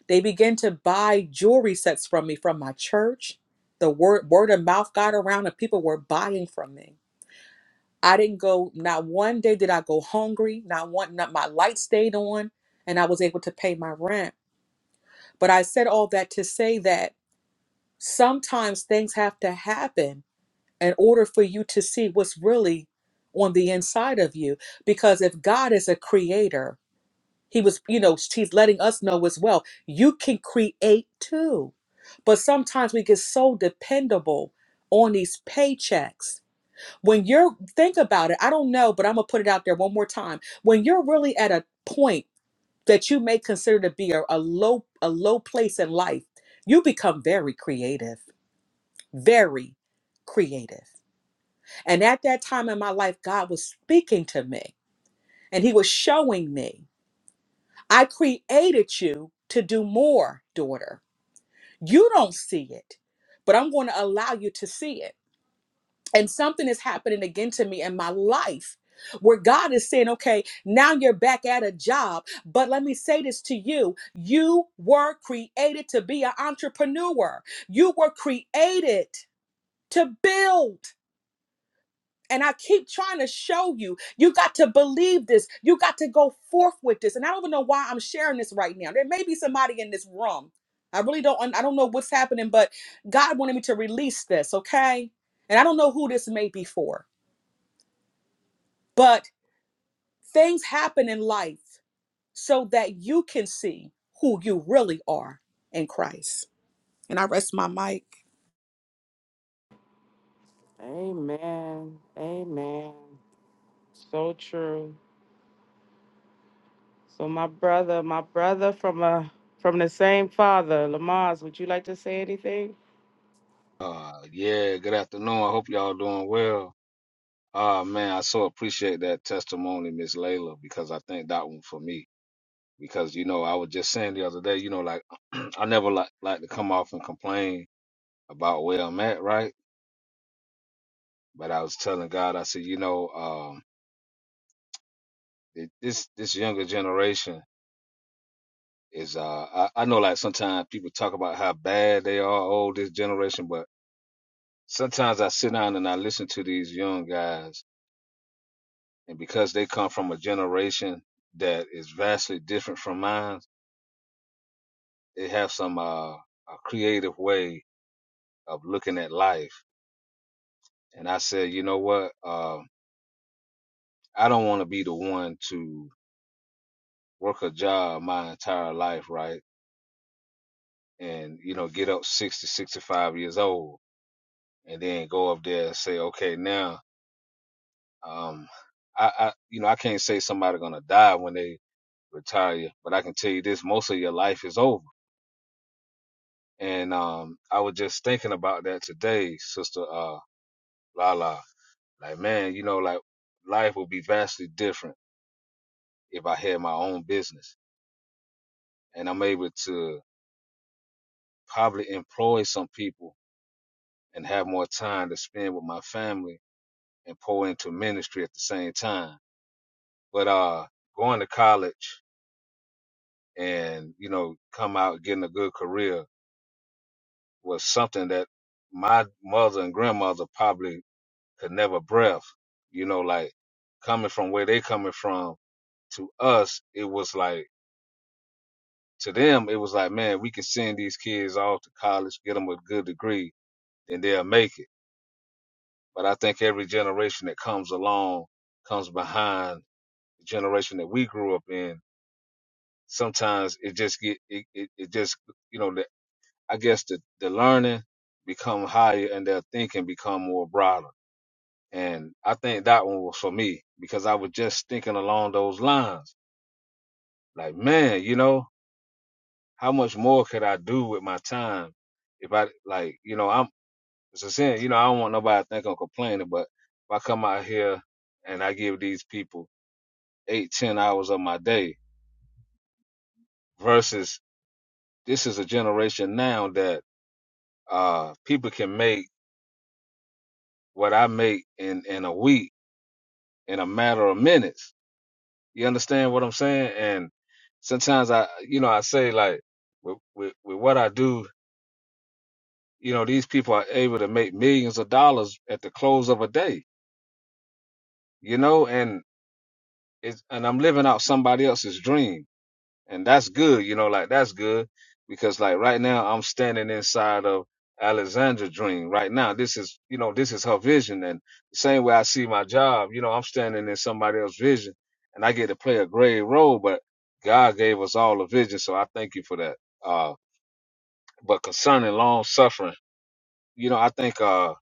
Speaker 2: They began to buy jewelry sets from me from my church. The word word of mouth got around and people were buying from me. I didn't go not one day did I go hungry, not one not my light stayed on and I was able to pay my rent. But I said all that to say that sometimes things have to happen in order for you to see what's really on the inside of you because if God is a creator He was, you know, he's letting us know as well. You can create too. But sometimes we get so dependable on these paychecks. When you're, think about it, I don't know, but I'm going to put it out there one more time. When you're really at a point that you may consider to be a, a low a low place in life, you become very creative, very creative. And at that time in my life, God was speaking to me and he was showing me. I created you to do more, daughter. You don't see it, but I'm going to allow you to see it. And something is happening again to me in my life where God is saying, okay, now you're back at a job. But let me say this to you you were created to be an entrepreneur, you were created to build. And I keep trying to show you, you got to believe this. You got to go forth with this. And I don't even know why I'm sharing this right now. There may be somebody in this room. I really don't, I don't know what's happening, but God wanted me to release this, okay? And I don't know who this may be for, but things happen in life so that you can see who you really are in Christ. And I rest my mic.
Speaker 1: Amen. Amen. So true. So my brother, my brother from a from the same father, Lamaz, would you like to say anything?
Speaker 9: Uh, yeah, good afternoon. I hope y'all doing well. Uh, man, I so appreciate that testimony, Miss Layla, because I think that one for me. Because, you know, I was just saying the other day, you know, like I never like, like to come off and complain about where I'm at, right? But I was telling God, I said, you know, um, it, this, this younger generation is, uh, I, I know like sometimes people talk about how bad they are, oh, this generation, but sometimes I sit down and I listen to these young guys and because they come from a generation that is vastly different from mine, they have some uh, a creative way of looking at life. And I said, you know what? Um, I don't want to be the one to work a job my entire life, right? And you know, get up 60, 65 years old, and then go up there and say, okay, now, um, I, I, you know, I can't say somebody's gonna die when they retire, but I can tell you this: most of your life is over And um, I was just thinking about that today, Sister uh, Lala. Like, man, you know, like life would be vastly different if I had my own business and I'm able to probably employ some people and have more time to spend with my family and pour into ministry at the same time. But uh, going to college and, you know, come out getting a good career was something that my mother and grandmother probably could never breath. You know, like coming from where they coming from to us, it was like to them, it was like, man, we can send these kids off to college, get them a good degree, and they'll make it. But I think every generation that comes along comes behind the generation that we grew up in. Sometimes it just get it, it, it just you know the, I guess the the learning become higher and their thinking become more broader And I think that one was for me because I was just thinking along those lines. Like, man, you know, how much more could I do with my time if I like, you know, I'm it's a sin, you know, I don't want nobody to think I'm complaining, but if I come out here and I give these people eight, ten hours of my day versus this is a generation now that uh people can make what I make in in a week in a matter of minutes You understand what I'm saying? And sometimes I, you know, I say like with, with, with what I do, you know, these people are able to make millions of dollars at the close of a day, you know, and it's, and I'm living out somebody else's dream and that's good you know like that's good because like right now i'm standing inside of alexandra's dream right now this is you know this is her vision and the same way i see my job you know i'm standing in somebody else's vision and i get to play a grave role but god gave us all a vision so i thank you for that uh but concerning long suffering you know i think uh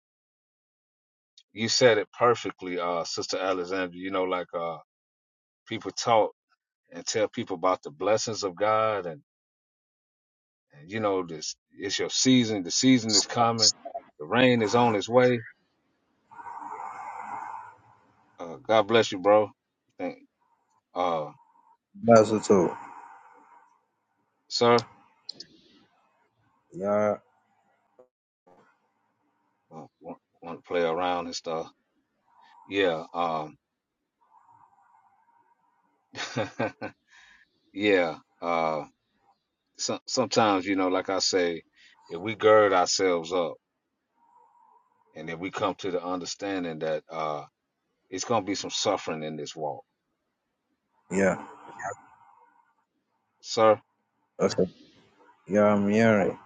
Speaker 9: you said it perfectly uh sister alexandra you know like uh people talk and tell people about the blessings of god and And you know, this it's your season. The season is coming. The rain is on its way. Uh, God bless you, bro. Thank, uh,
Speaker 10: That's it all.
Speaker 9: sir.
Speaker 10: Yeah,
Speaker 9: Uh, want, want to play around and stuff? Yeah. Um. yeah. Uh. So, sometimes, you know, like I say, if we gird ourselves up, and if we come to the understanding that uh, it's gonna be some suffering in this walk,
Speaker 10: yeah.
Speaker 9: sir.
Speaker 10: Okay. Yeah, I'm hearing.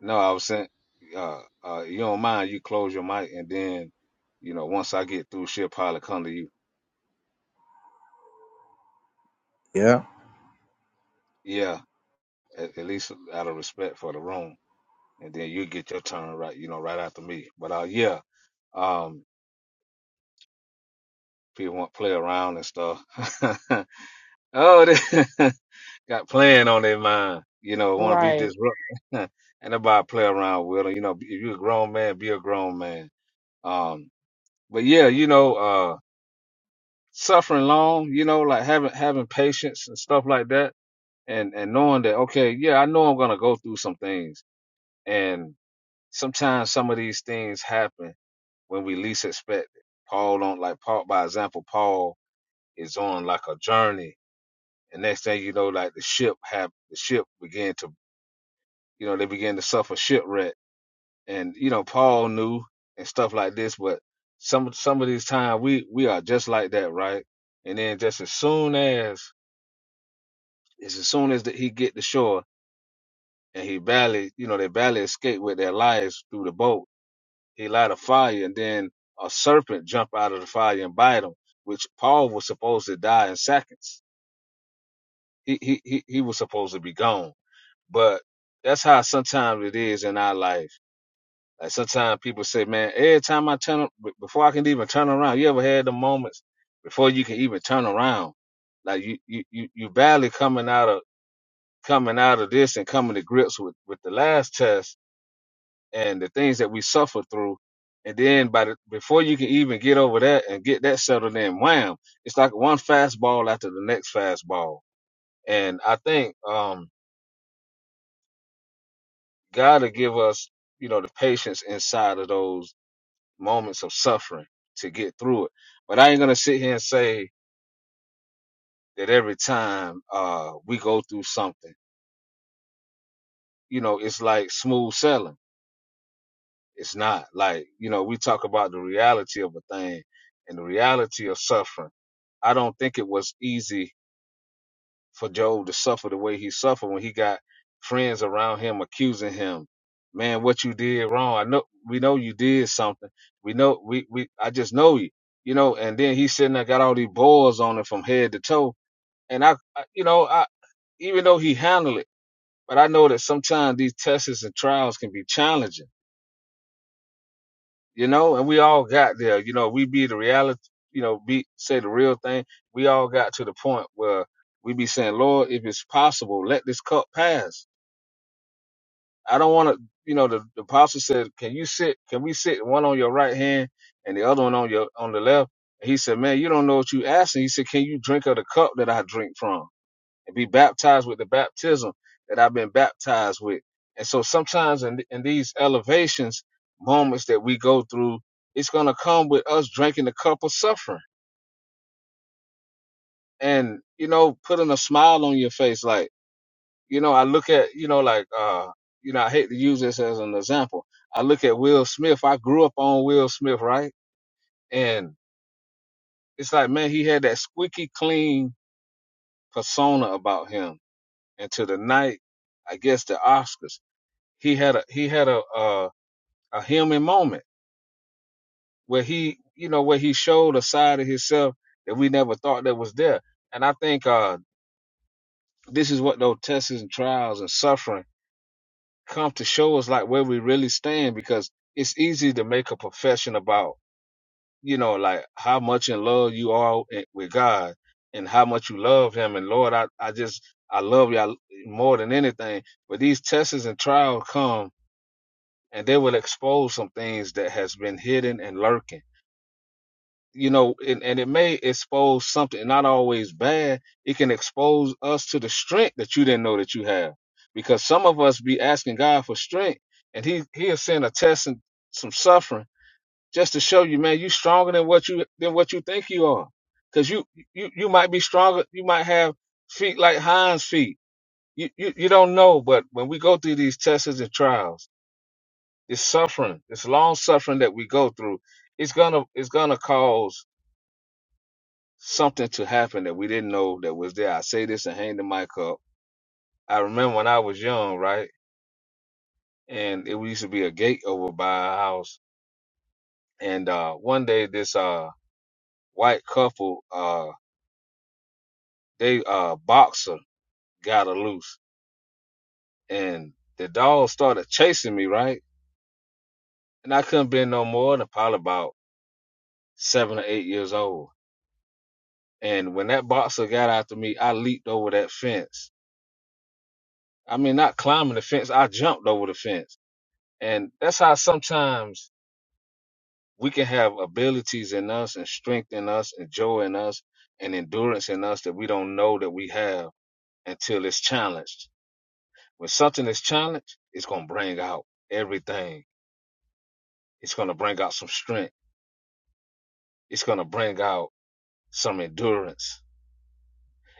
Speaker 9: No, I was saying, uh, uh, you don't mind, you close your mic, and then, you know, once I get through, she'll probably come to you.
Speaker 10: Yeah.
Speaker 9: Yeah, at, at least out of respect for the room, and then you get your turn right, you know, right after me. But uh, yeah, um, people want to play around and stuff. oh, they got playing on their mind. You know, want to be
Speaker 1: Right.
Speaker 9: disruptive, and nobody play around with them. You know, if you're a grown man, be a grown man. Um, but yeah, you know, uh, suffering long, you know, like having having patience and stuff like that, and and knowing that okay, yeah, I know I'm gonna go through some things, and sometimes some of these things happen when we least expect it. Paul on like Paul, by example, Paul is on like a journey, and next thing you know, like the ship have the ship began to, you know, they began to suffer shipwreck, and you know, Paul knew and stuff like this, but some some of these times we we are just like that, right? And then just as soon as is as soon as that he get to shore and he barely, you know, they barely escape with their lives through the boat. He light a fire and then a serpent jump out of the fire and bite him, which Paul was supposed to die in seconds. He he he, he was supposed to be gone. But that's how sometimes it is in our life. Like sometimes people say, man, every time I turn, be- before I can even turn around, you ever had the moments before you can even turn around? Like you, you, you, you barely coming out of coming out of this and coming to grips with, with the last test and the things that we suffered through. And then by the, before you can even get over that and get that settled in, wham, it's like one fastball after the next fastball. And I think, um, God will give us, you know, the patience inside of those moments of suffering to get through it. But I ain't going to sit here and say that every time, uh, we go through something, you know, it's like smooth sailing It's not like, you know, we talk about the reality of a thing and the reality of suffering. I don't think it was easy for Job to suffer the way he suffered when he got friends around him accusing him. Man, what you did wrong. I know we know you did something. We know we we I just know you. You know, and then he sitting there got all these boils on him from head to toe. And I, I you know, I even though he handled it, but I know that sometimes these tests and trials can be challenging you know, and we all got there. You know, we be the reality, you know, be say the real thing. We all got to the point where we be saying, Lord, if it's possible, let this cup pass. I don't want to, you know, the, the apostle said, can you sit, can we sit one on your right hand and the other one on your, on the left? And he said, man, you don't know what you asking. He said, can you drink of the cup that I drink from? and be baptized with the baptism that I've been baptized with. And so sometimes in, in these elevations, moments that we go through, it's going to come with us drinking the cup of suffering and, you know, putting a smile on your face. Like, you know, I look at, you know, like, uh, you know, I hate to use this as an example. I look at Will Smith. I grew up on Will Smith, right? And it's like, man, he had that squeaky clean persona about him. And to the night, I guess the Oscars. he had a he had a a, a human moment where he you know where he showed a side of himself that we never thought that was there and i think uh this is what those tests and trials and suffering come to show us like where we really stand because it's easy to make a profession about you know like how much in love you are with god and how much you love him and lord i, I just i love you more than anything but these tests and trials come and they will expose some things that has been hidden and lurking you know and, and it may expose something not always bad it can expose us to the strength that you didn't know that you have because some of us be asking god for strength and he he'll send a test and some suffering just to show you man you stronger than what you than what you think you are because you you you might be stronger you might have feet like hinds feet you, you you don't know but when we go through these tests and trials this suffering, this long suffering that we go through, it's gonna it's gonna cause something to happen that we didn't know that was there. I say this and hang the mic up. I remember when I was young, right? And it used to be a gate over by our house. And uh one day this uh white couple, uh they uh boxer got her loose and the dog started chasing me, right? And I couldn't been no more than probably about seven or eight years old. And when that boxer got after me, I leaped over that fence I mean, not climbing the fence. I jumped over the fence. And that's how sometimes we can have abilities in us and strength in us and joy in us and endurance in us that we don't know that we have until it's challenged. When something is challenged, it's going to bring out everything. It's going to bring out some strength. It's going to bring out some endurance.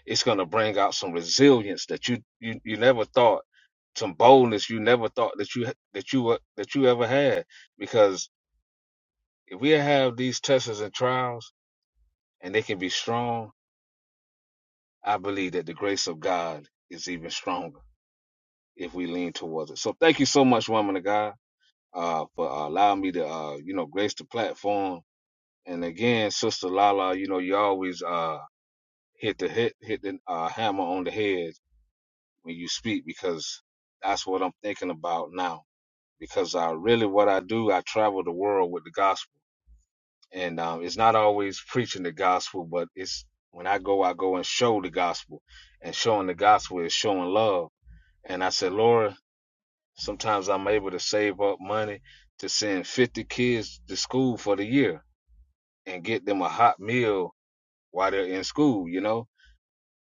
Speaker 9: It's going to bring out some resilience that you, you, you never thought, some boldness you never thought that you, that you, were- that you ever had because If we have these tests and trials and they can be strong, I believe that the grace of God is even stronger if we lean towards it. So thank you so much, woman of God, uh, for uh, allowing me to, uh, you know, grace the platform. And again, Sister Lala, you know, you always uh, hit the hit, hit the uh, hammer on the head when you speak because that's what I'm thinking about now. Because I really, what I do, I travel the world with the gospel and um, it's not always preaching the gospel, but it's when I go, I go and show the gospel, and showing the gospel is showing love. And I said, Laura, sometimes I'm able to save up money to send 50 kids to school for the year and get them a hot meal while they're in school, you know.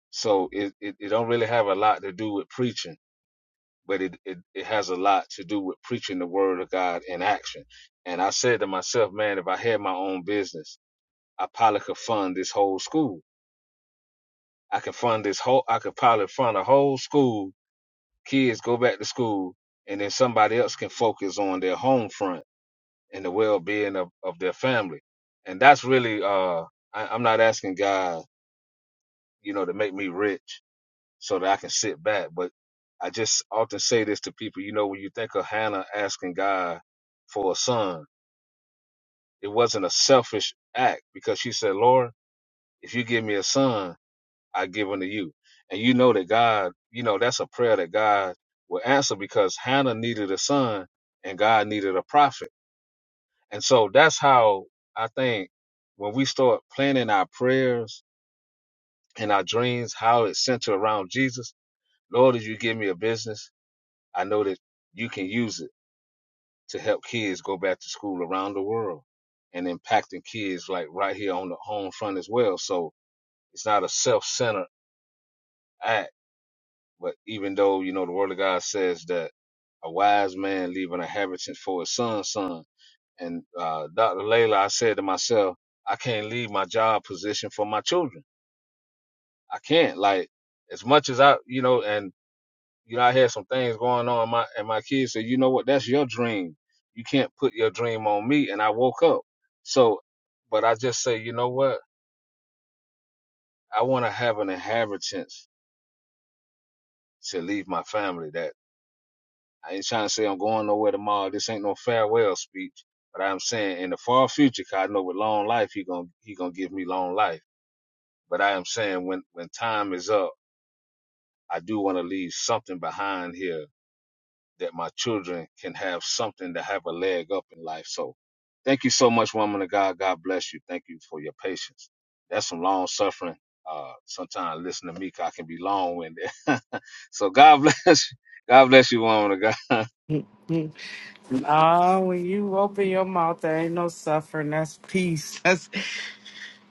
Speaker 9: So it it, it don't really have a lot to do with preaching. But it, it, it has a lot to do with preaching the word of God in action. And I said to myself, man, if I had my own business, I probably could fund this whole school I could fund this whole. I could probably fund a whole school. Kids go back to school, and then somebody else can focus on their home front and the well-being of, of their family. And that's really. Uh, I, I'm not asking God, you know, to make me rich so that I can sit back. But I just often say this to people. You know, when you think of Hannah asking God for a son, it wasn't a selfish act because she said, "Lord, if you give me a son." I give unto you. And you know that God, you know, that's a prayer that God will answer because Hannah needed a son and God needed a prophet. And so that's how I think when we start planning our prayers and our dreams, how it's centered around Jesus, Lord, as you give me a business, I know that you can use it to help kids go back to school around the world and impacting kids like right here on the home front as well. So it's not a self-centered act But even though, you know, the word of God says that a wise man leave an inheritance for his son's son. And uh, Dr. Layla, I said to myself, I can't leave my job position for my children. I can't. Like, as much as I, you know, and, you know, I had some things going on. My, and my kids said, you know what? That's your dream. You can't put your dream on me. And I woke up. So, but I just say, you know what? I want to have an inheritance to leave my family that I ain't trying to say I'm going nowhere tomorrow. This ain't no farewell speech. But I'm saying in the far future, 'cause I know with long life, he gonna he gonna give me long life. But I am saying when when time is up, I do want to leave something behind here that my children can have something to have a leg up in life. So, thank you so much, woman of God. God bless you. Thank you for your patience. That's some long suffering. Uh, sometimes listen to me, 'cause I can be long winded. so God bless. you. God bless you, woman of God.
Speaker 1: Ah, when you open your mouth, there ain't no suffering. That's peace. That's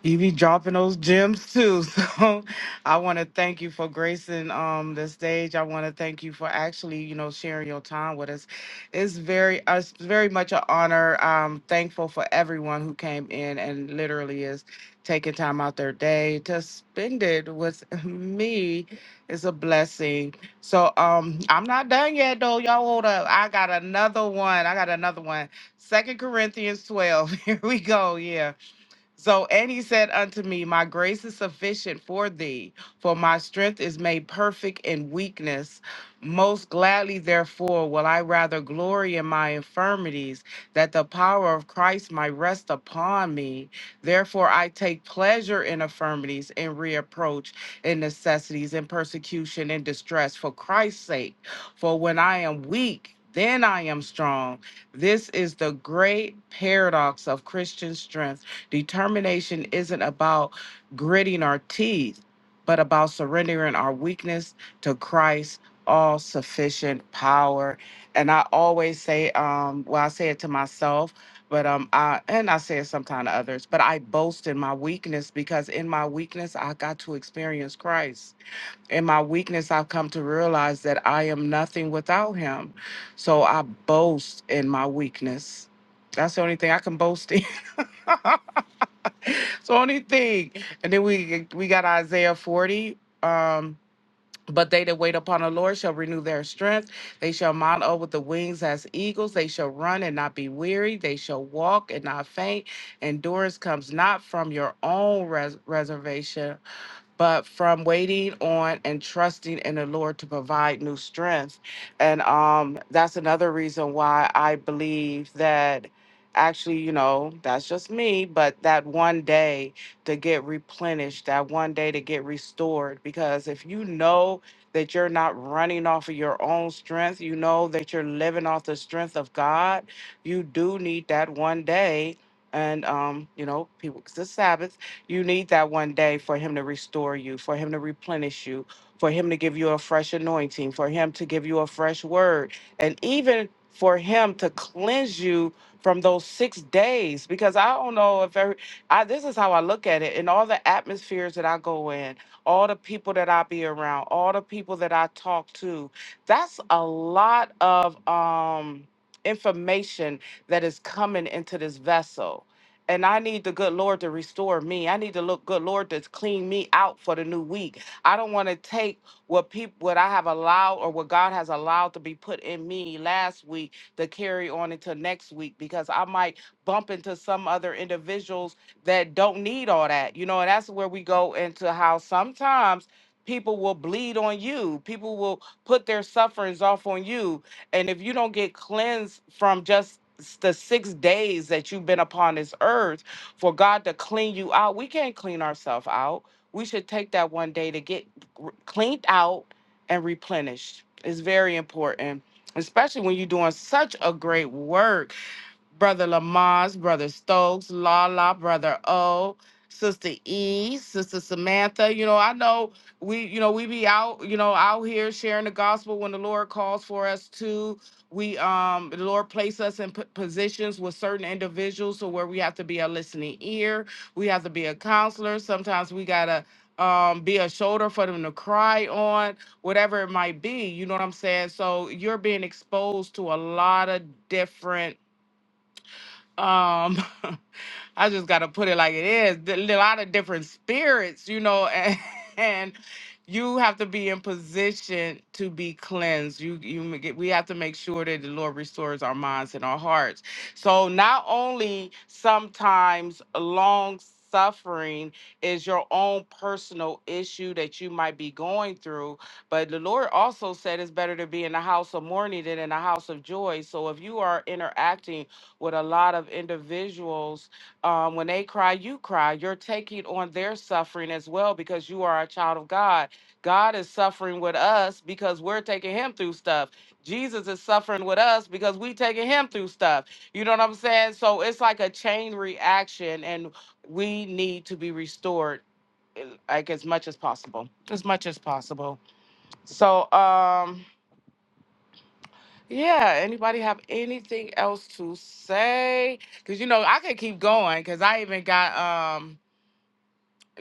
Speaker 1: You be dropping those gems too. So I want to thank you for gracing um the stage. I want to thank you for actually, you know, sharing your time with us. It's very uh, it's very much an honor. I'm thankful for everyone who came in and literally is taking time out their day to spend it with me. It's a blessing. So um I'm not done yet though. Y'all hold up. I got another one. I got another one. Second Corinthians 12. Here we go. Yeah. So, and he said unto me, My grace is sufficient for thee, for my strength is made perfect in weakness. Most gladly, therefore, will I rather glory in my infirmities, that the power of Christ might rest upon me. Therefore, I take pleasure in infirmities, in reapproach, in necessities, in persecution, in distress, for Christ's sake. For when I am weak, then I am strong. This is the great paradox of Christian strength Determination isn't about gritting our teeth, but about surrendering our weakness to Christ's all sufficient power. And I always say, um, well, I say it to myself, but um, I and I say it sometimes to others, but I boast in my weakness because in my weakness I got to experience Christ. In my weakness, I've come to realize that I am nothing without Him. So I boast in my weakness. That's the only thing I can boast in. It's the only thing. And then we we got Isaiah 40. Um, but they that wait upon the Lord shall renew their strength. They shall mount up with the wings as eagles. They shall run and not be weary. They shall walk and not faint. Endurance comes not from your own res- reservation but from waiting on and trusting in the Lord to provide new strength. And um, that's another reason why I believe that actually, you know, that's just me, but that one day to get replenished, that one day to get restored. Because if you know that you're not running off of your own strength, you know that you're living off the strength of God, you do need that one day. And, um, you know, people, it's the Sabbath you need that one day for Him to restore you, for Him to replenish you, for Him to give you a fresh anointing, for Him to give you a fresh word, and even for Him to cleanse you from those six days. Because I don't know if every, I, this is how I look at it. In all the atmospheres that I go in, all the people that I be around, all the people that I talk to, that's a lot of um, information that is coming into this vessel. And I need the good Lord to restore me. I need the look good Lord to clean me out for the new week. I don't want to take what people what I have allowed or what God has allowed to be put in me last week to carry on into next week because I might bump into some other individuals that don't need all that. You know, and that's where we go into how sometimes people will bleed on you. People will put their sufferings off on you and if you don't get cleansed from just s- the six days that you've been upon this earth for God to clean you out, we can't clean ourselves out. We should take that one day to get r- cleaned out and replenished. It's very important, especially when you're doing such a great work Brother Lamars, Brother Stokes, Lala, Brother O, Sister E, Sister Samantha. You know, I know we, you know, we be out, you know, out here sharing the gospel when the Lord calls for us to. We, um, the Lord place us in p- positions with certain individuals, so where we have to be a listening ear, we have to be a counselor. Sometimes we gotta. Um, be a shoulder for them to cry on, whatever it might be. You know what I'm saying? So you're being exposed to a lot of different um, I just got to put it like it is. There a lot of different spirits, you know, and, and you have to be in position to be cleansed. You, you ma- get, we have to make sure that the Lord restores our minds and our hearts. So not only sometimes long suffering is your own personal issue that you might be going through but the lord also said it's better to be in the house of mourning than in the house of joy so if you are interacting with a lot of individuals um, when they cry you cry you're taking on their suffering as well because you are a child of god god is suffering with us because we're taking him through stuff jesus is suffering with us because we taking him through stuff you know what i'm saying so it's like a chain reaction and we need to be restored eh, like as much as possible as much as possible so um yeah, anybody have anything else to say? Because you know, I could keep going because I even got um,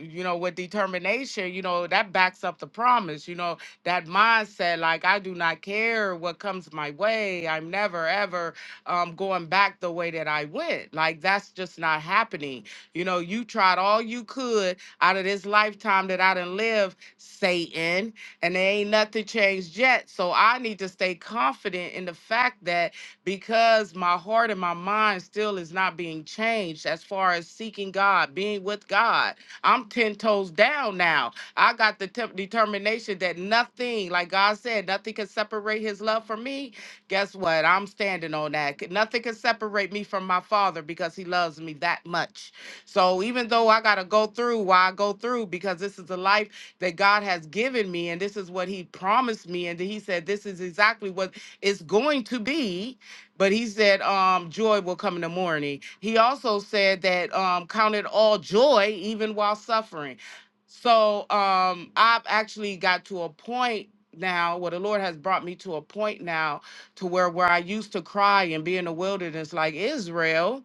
Speaker 1: you know, with determination, you know, that backs up the promise, you know, that mindset, like I do not care what comes my way. I'm never ever um going back the way that I went. Like that's just not happening. You know, you tried all you could out of this lifetime that I didn't live, Satan and there ain't nothing changed yet. So I need to stay confident in the fact that because my heart and my mind still is not being changed as far as seeking God, being with God, I'm 10 toes down now. I got the temp- determination that nothing, like God said, nothing can separate his love from me. Guess what? I'm standing on that. C- Nothing can separate me from my father because he loves me that much. So even though I got to go through why I go through, because this is the life that God has given me, and this is what He promised me, and He said this is exactly what it's going to be. But He said, um, joy will come in the morning. He also said that um, count it all joy, even while suffering. So um, I've actually got to a point now where the Lord has brought me to a point now to where where I used to cry and be in the wilderness like Israel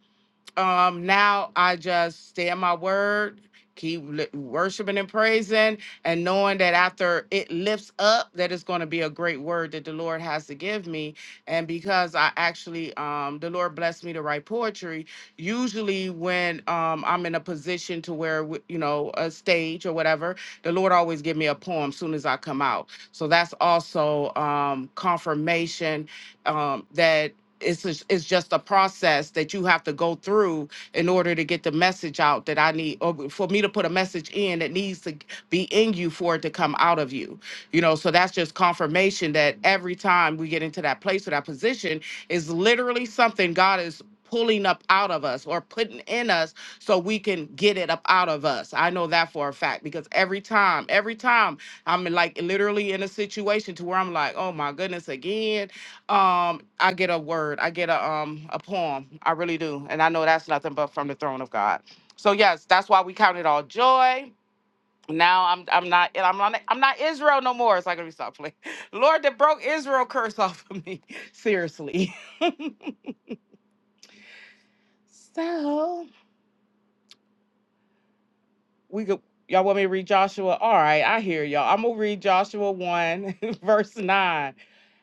Speaker 1: um now i just stay in my word keep li- worshiping and praising and knowing that after it lifts up that it's going to be a great word that the lord has to give me and because i actually um the lord blessed me to write poetry usually when um i'm in a position to where w- you know a stage or whatever the lord always give me a poem soon as i come out so that's also um confirmation um, that it's just, it's just a process that you have to go through in order to get the message out that I need, or for me to put a message in it needs to be in you for it to come out of you. You know, so that's just confirmation that every time we get into that place or that position is literally something God is pulling up out of us or putting in us so we can get it up out of us. I know that for a fact because every time, every time I'm in, like literally in a situation to where I'm like, oh my goodness, again, um, I get a word, I get a um a poem. I really do. And I know that's nothing but from the throne of God. So yes, that's why we count it all joy. Now I'm I'm not and I'm not I'm not Israel no more. It's like let me stop playing. Lord that broke Israel curse off of me. Seriously. So we could y'all want me to read Joshua? All right, I hear y'all. I'm gonna read Joshua 1, verse 9.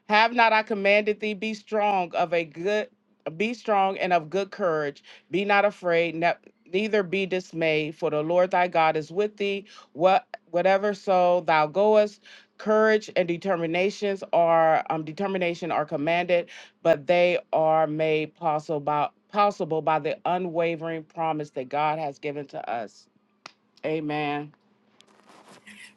Speaker 1: Have not I commanded thee, be strong of a good be strong and of good courage, be not afraid, ne- neither be dismayed, for the Lord thy God is with thee. What whatever so thou goest, courage and determinations are um determination are commanded, but they are made possible by, possible by the unwavering promise that God has given to us. Amen.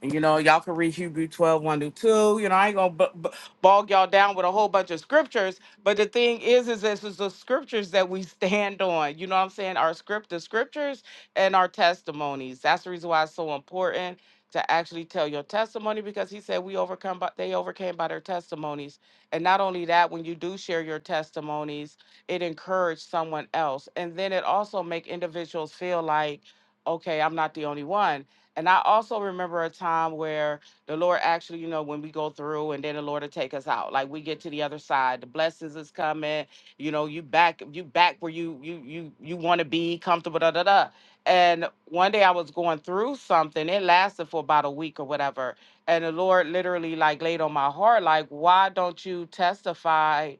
Speaker 1: And you know, y'all can read Hebrew twelve one 1 to 2. You know, I ain't gonna b- b- bog y'all down with a whole bunch of scriptures. But the thing is, is this is the scriptures that we stand on. You know what I'm saying? Our script, the scriptures and our testimonies. That's the reason why it's so important to actually tell your testimony because he said we overcome by they overcame by their testimonies. And not only that, when you do share your testimonies, it encouraged someone else. And then it also make individuals feel like, okay, I'm not the only one and I also remember a time where the Lord actually, you know, when we go through and then the Lord will take us out. Like we get to the other side, the blessings is coming, you know, you back, you back where you you you you want to be comfortable, da da da. And one day I was going through something, it lasted for about a week or whatever. And the Lord literally like laid on my heart, like, why don't you testify?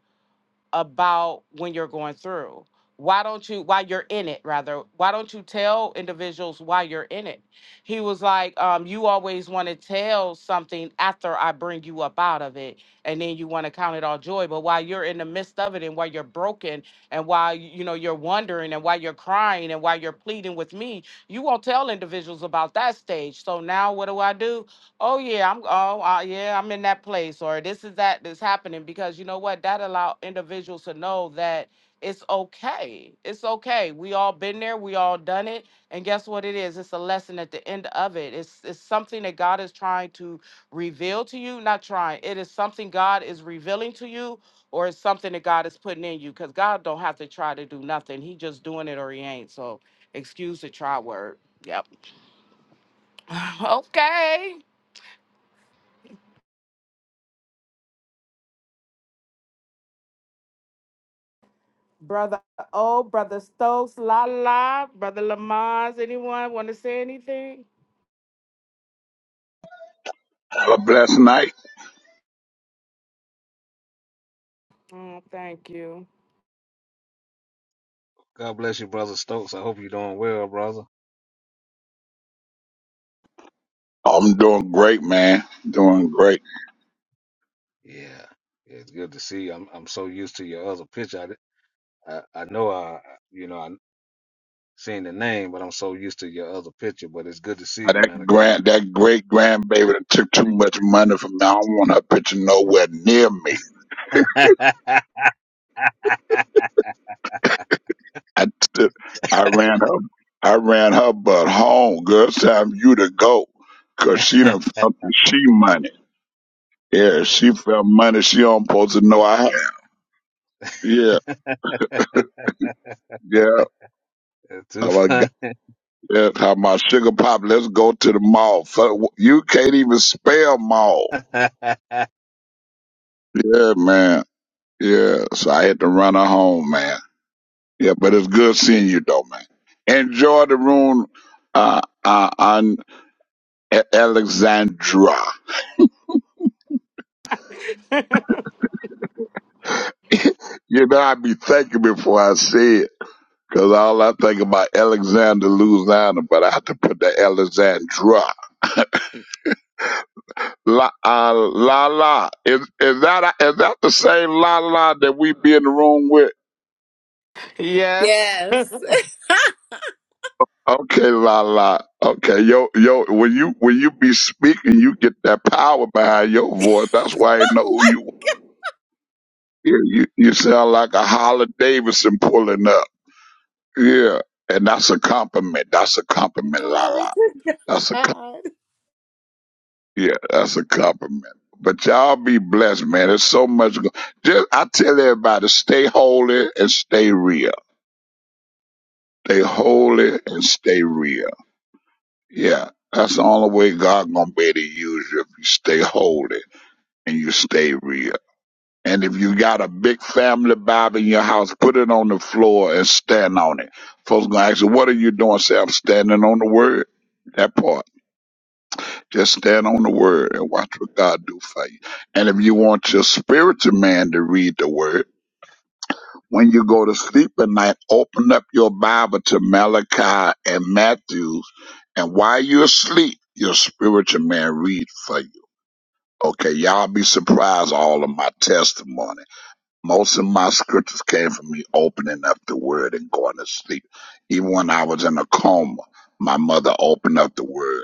Speaker 1: about when you're going through. Why don't you, while you're in it, rather, why don't you tell individuals why you're in it? He was like, um, You always want to tell something after I bring you up out of it, and then you want to count it all joy. But while you're in the midst of it and while you're broken and while you you know you're wondering and while you're crying and while you're pleading with me, you won't tell individuals about that stage. So now what do I do? Oh yeah, I'm. Oh uh, yeah, I'm in that place, or this is that that's happening because you know what? That allow individuals to know that it's okay. It's okay. We all been there. We all done it. And guess what? It is. It's a lesson at the end of it. It's it's something that God is trying to reveal to you. Not trying. It is something God is revealing to you, or it's something that God is putting in you. Because God don't have to try to do nothing. He just doing it or he ain't. So excuse the try word. Yep. okay. Brother O, Brother Stokes, lala, Brother Lamaz. Anyone want to say anything?
Speaker 6: Have a blessed night.
Speaker 1: Oh, thank you.
Speaker 9: God bless you, brother Stokes. I hope you're doing well, brother.
Speaker 6: I'm doing great, man. Doing great.
Speaker 9: Yeah, it's good to see you. I'm I'm so used to your other picture. I di- I, I know I you know I seen the name, but I'm so used to your other picture. But it's good to see
Speaker 6: Uh,
Speaker 9: you, man
Speaker 6: That
Speaker 9: of God.
Speaker 6: grand, that great grandbaby that took too much money from me. I don't want her picture nowhere near me. I took, I ran her, I ran her butt home. Girl, it's time you to go, 'cause she done felt the she money. Yeah,
Speaker 9: yeah,
Speaker 6: she felt money she don't supposed to know I had. Yeah,
Speaker 9: that's too
Speaker 6: yeah.
Speaker 9: fun.
Speaker 6: That's how my sugar pop. Let's go to the mall. Fu- You can't even spell mall. Yeah, man. Yeah. So I had to run her home, man. Yeah, but it's good seeing you, though, man. Enjoy the room, uh, uh, on A- Alexandra. you know, I be thinking before I say it, 'cause all I think about Alexander Louisiana, but I have to put the Alexandra. La uh, la la. Is is that is that the same la la that we be in the room with?
Speaker 1: Yes.
Speaker 2: Yes.
Speaker 6: Okay, la la. Okay, yo, yo. When you when you be speaking, you get that power behind your voice. That's why I know who you. Yeah, you you sound like a Holly Davidson pulling up. Yeah, and that's a compliment. That's a compliment, la
Speaker 2: Glory
Speaker 6: la.
Speaker 2: to
Speaker 6: That's a co-
Speaker 2: God.
Speaker 6: yeah. That's a compliment. But y'all be blessed, man. There's so much. Go- Just I tell everybody, stay holy and stay real. Stay holy and stay real. Yeah. That's the only way God gonna be able to use you if you stay holy and you stay real. And if you got a big family Bible in your house, put it on the floor and stand on it. Folks gonna ask you, what are you doing? Say, I'm standing on the word. That part. Just stand on the word and watch what God do for you. And if you want your spiritual man to read the word, when you go to sleep at night, open up your Bible to Malachi and Matthew, And while you're asleep, your spiritual man read for you. Okay, y'all be surprised all of my testimony Most of my scriptures came from me opening up the word and going to sleep. Even when I was in a coma, my mother opened up the word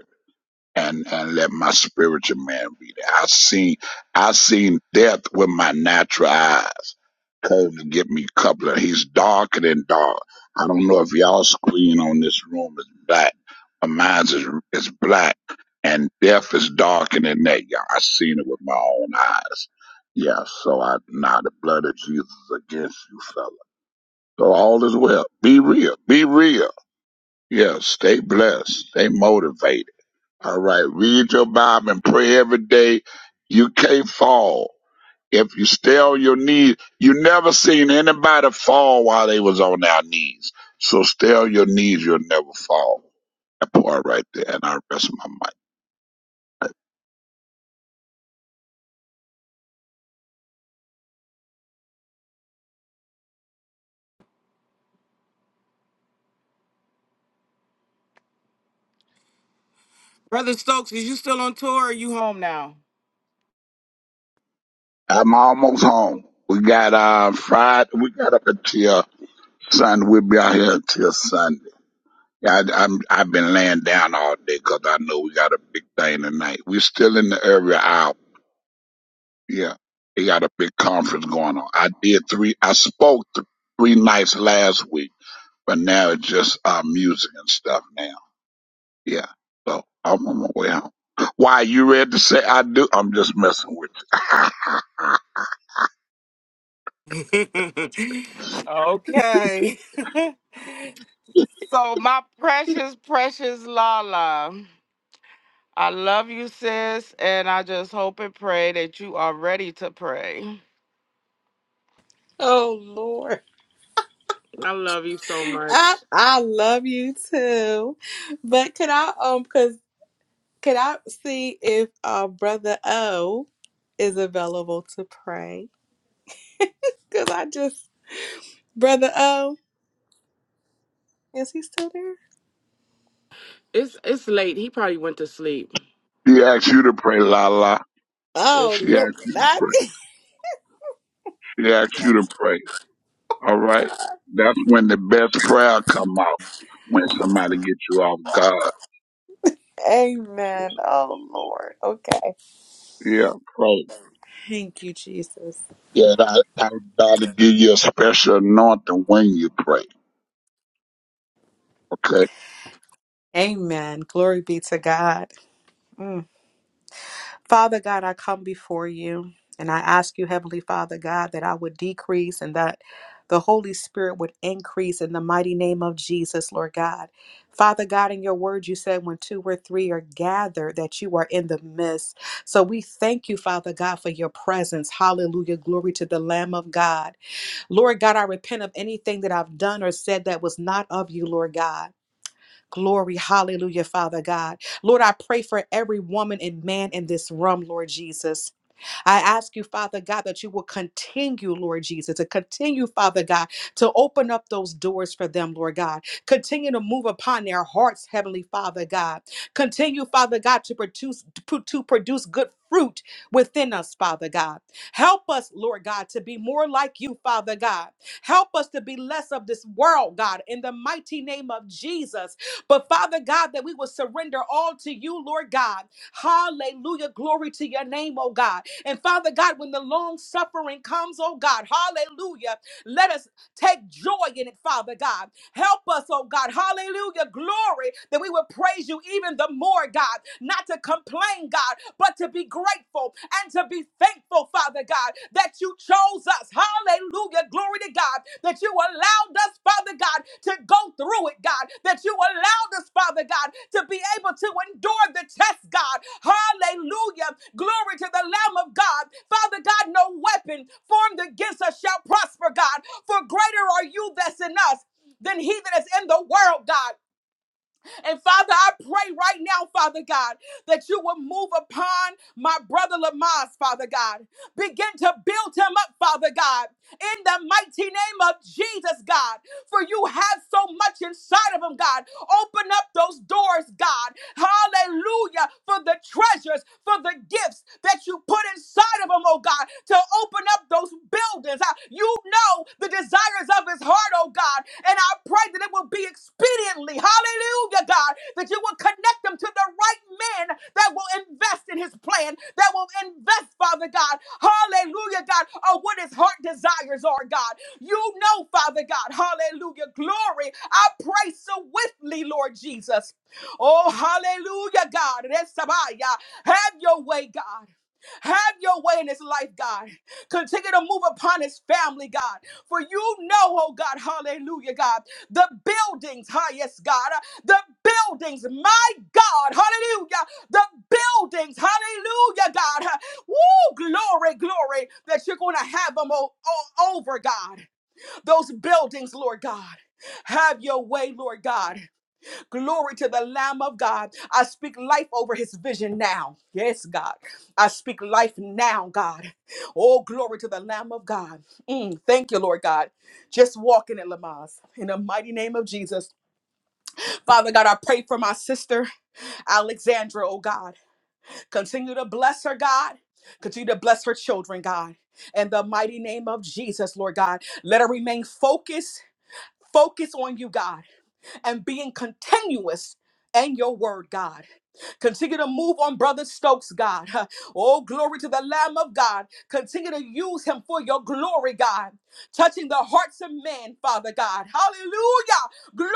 Speaker 6: and and let my spiritual man be there. I seen I seen death with my natural eyes. Cole to get me a couple of he's darker than dark. I don't know if y'all screen on this room is black, but mine's is is black and death is darker than that, y'all. I seen it with my own eyes. Yeah, so I now the blood of Jesus against you, fella. So all is well. Be real. Be real. Yeah, stay blessed. Stay motivated all right, read your Bible and pray every day. You can't fall. If you stay on your knees, you never seen anybody fall while they was on their knees. So stay on your knees, you'll never fall. That part right there, and I rest my mic.
Speaker 1: You home now.
Speaker 6: I'm almost home. We got uh Friday. We got up until Sunday. We'll be out here until Sunday. Yeah, I, I'm I've been laying down all day 'cause I know we got a big thing tonight. We're still in the area hour. Yeah, they got a big conference going on. I did three. I spoke th- three nights last week, but now it's just uh, music and stuff now. Yeah, so I'm on my way home. Why you ready to say I do? I'm just messing with you.
Speaker 1: So, my precious, precious Lala, I love you, sis, and I just hope and pray that you are ready to pray.
Speaker 2: Oh, Lord.
Speaker 1: I love you so.
Speaker 2: I, I love you too. But could I um cause could I see if uh brother O is available to pray? Cause I just brother O, is he still there?
Speaker 1: It's it's late. He probably went to sleep.
Speaker 6: she asked you to pray, la la.
Speaker 2: Oh
Speaker 6: She
Speaker 2: Lord.
Speaker 6: asked you to
Speaker 2: I-
Speaker 6: pray. She asked you to pray. All right, that's when the best prayer come out when somebody get you off guard.
Speaker 2: Amen. Oh Lord. Okay.
Speaker 6: Yeah, pray.
Speaker 2: Thank you, Jesus.
Speaker 6: Yeah, I I got to give you a special anointing when you pray. Okay.
Speaker 2: Amen. Glory be to God. Father God, I come before you and I ask you, Heavenly Father God, that I would decrease and that the Holy Spirit would increase in the mighty name of Jesus, Lord God. Father God, in your word, you said when two or three are gathered, that you are in the midst. So we thank you, Father God, for your presence. Hallelujah. Glory to the Lamb of God. Lord God, I repent of anything that I've done or said that was not of you, Lord God. Glory, hallelujah, Father God. Lord, I pray for every woman and man in this room, Lord Jesus. I ask you, Father God, that you will continue, Lord Jesus, to continue, Father God, to open up those doors for them, Lord God. Continue to move upon their hearts, Heavenly Father God. Continue, Father God, to produce to to produce good fruit within us, Father God. Help us, Lord God, to be more like you, Father God. Help us to be less of this world, God, in the mighty name of Jesus. But Father God, that we will surrender all to you, Lord God. Hallelujah. Glory to your name, oh God. And Father God, when the long suffering comes, oh God, hallelujah, let us take joy in it, Father God. Help us, oh God. Hallelujah. Glory that we will praise you even the more, God. Not to complain, God, but to be grateful and to be thankful, Father God, that you chose us. Hallelujah. Glory to God. That you allowed us, Father God, to go through it, God. That you allowed us, Father God, to be able to endure the test, God. Hallelujah. Glory to the Lamb of God. Father God, no weapon formed against us shall prosper, God. For greater are you that's in us than he that is in the world, God. And Father, I pray right now, Father God, that you will move upon my brother Lamaze, Father God. Begin to build him up, Father God, in the mighty name of Jesus, God. For you have so much inside of him, God. Open up those doors, God. Hallelujah. For the treasures, for the gifts that you put inside of him, oh God, to open up those buildings. Uh, you know the desires of his heart, oh God. And I pray that it will be expediently, hallelujah, God, that you will connect them to the right men that will invest in his plan, that will invest, Father God, hallelujah, God, on what his heart desires are, God. You know, Father God, hallelujah, glory. I pray so swiftly, Lord Jesus. Oh, hallelujah, God. Resabaya. Have your way, God. Have your way in his life, God. Continue to move upon his family, God. For you know, oh God, hallelujah, God, the buildings, hi, yes, God, uh, the buildings, my God, hallelujah, the buildings, hallelujah, God, uh, woo, glory, glory, that you're going to have them all, all over, God. Those buildings, Lord God. Have your way, Lord God. Glory to the Lamb of God. I speak life over his vision now. Yes, God. I speak life now, God. Oh, glory to the Lamb of God. Mm, thank you, Lord God. Just walk in it, Lamaz. In the mighty name of Jesus. Father God, I pray for my sister, Alexandra, oh God. Continue to bless her, God. Continue to bless her children, God. In the mighty name of Jesus, Lord God. Let her remain focused, Focus on you, God and being continuous in your word, God. Continue to move on Brother Stokes, God. Oh, glory to the Lamb of God. Continue to use him for your glory, God. Touching the hearts of men, Father God. Hallelujah. Glory.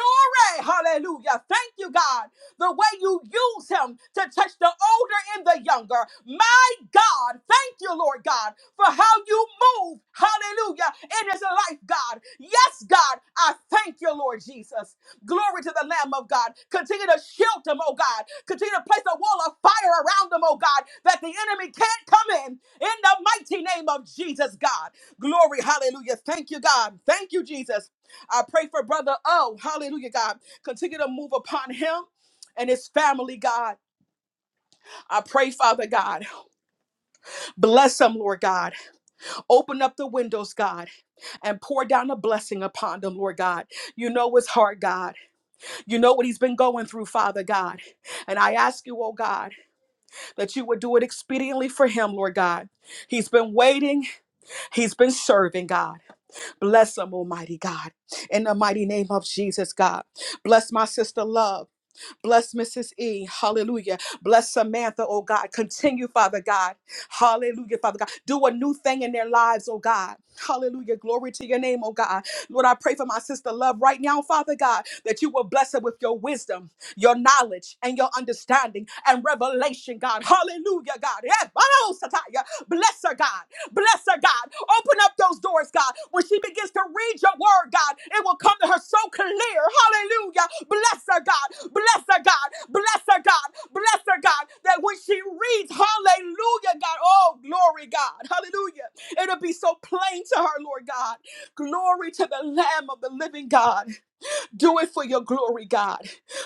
Speaker 2: Hallelujah. Thank you, God. The way you use him to touch the older and the younger. My God. Thank you, Lord God, for how you move. Hallelujah. In his life, God. Yes, God. I thank you, Lord Jesus. Glory to the Lamb of God. Continue to shield them, oh God. Continue to place a wall of fire around them, oh God, that the enemy can't come in. In the mighty name of Jesus, God. Glory, hallelujah. Thank you, God. Thank you, Jesus. I pray for Brother O. Hallelujah, God. Continue to move upon him and his family, God. I pray, Father God. Bless them, Lord God. Open up the windows, God, and pour down a blessing upon them, Lord God. You know it's hard, God. You know what he's been going through, Father God. And I ask you, oh God, that you would do it expediently for him, Lord God. He's been waiting, he's been serving, God. Bless him, Almighty God. In the mighty name of Jesus, God. Bless my sister, love. Bless Mrs. E. Hallelujah. Bless Samantha, oh God. Continue, Father God. Hallelujah, Father God. Do a new thing in their lives, oh God. Hallelujah. Glory to your name, oh God. Lord, I pray for my sister love right now, Father God, that you will bless her with your wisdom, your knowledge, and your understanding and revelation, God. Hallelujah, God. Yeah, Barosataya. Bless her, God. Bless her, God. Open up those doors, God. When she begins to read your word, God, it will come to her so clear. Hallelujah. Bless her, God. Bless her, God. Bless her, God. Bless her, God. That when she reads, hallelujah, God. Oh, glory, God. Hallelujah. It'll be so plain to her, Lord God. Glory to the Lamb of the living God. Do it for your glory, God,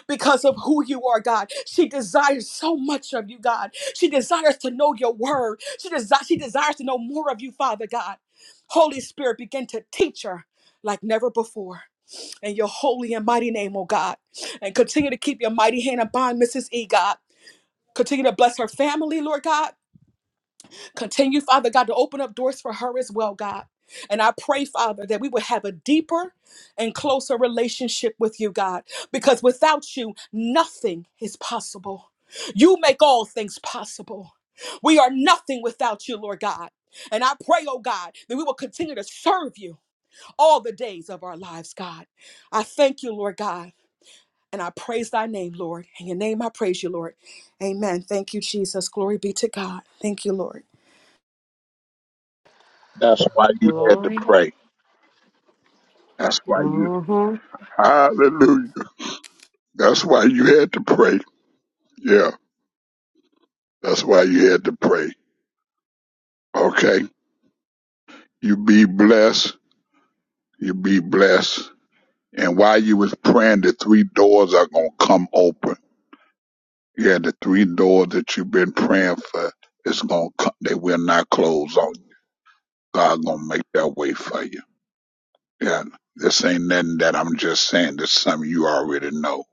Speaker 2: because of who you are, God. She desires so much of you, God. She desires to know your word. She, desi- she desires to know more of you, Father God. Holy Spirit, begin to teach her like never before. In your holy and mighty name, oh God. And continue to keep your mighty hand upon Mrs. E, God. Continue to bless her family, Lord God. Continue, Father God, to open up doors for her as well, God. And I pray, Father, that we would have a deeper and closer relationship with you, God, because without you, nothing is possible. You make all things possible. We are nothing without you, Lord God. And I pray, oh God, that we will continue to serve you all the days of our lives, God. I thank you, Lord God, and I praise thy name, Lord. In your name I praise you, Lord. Amen. Thank you, Jesus. Glory be to God. Thank you, Lord.
Speaker 6: That's why you had to pray. That's why you, hallelujah. That's why you had to pray. Yeah. That's why you had to pray. Okay. You be blessed. You be blessed. And while you was praying, the three doors are going to come open. Yeah. The three doors that you've been praying for, it's going to come. They will not close on you. God going to make that way for you. Yeah. This ain't nothing that I'm just saying. This is something you already know.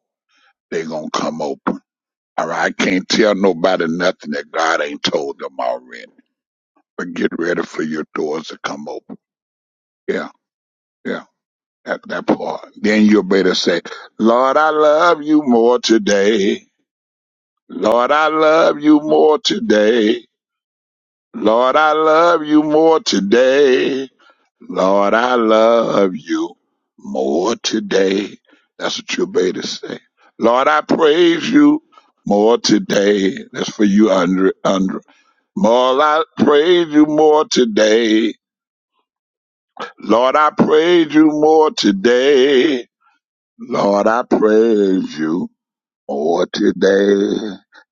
Speaker 6: they going to come open. All right, I can't tell nobody nothing that God ain't told them already. But get ready for your doors to come open. Yeah, yeah, that, that part. Then you'll better say, Lord, I love you more today. Lord, I love you more today. Lord, I love you more today. Lord, I love you more today. That's what you better say. Lord, I praise you more today. That's for you, Andre. More I praise you more today. Lord, I praise you more today. Lord, I praise you more today.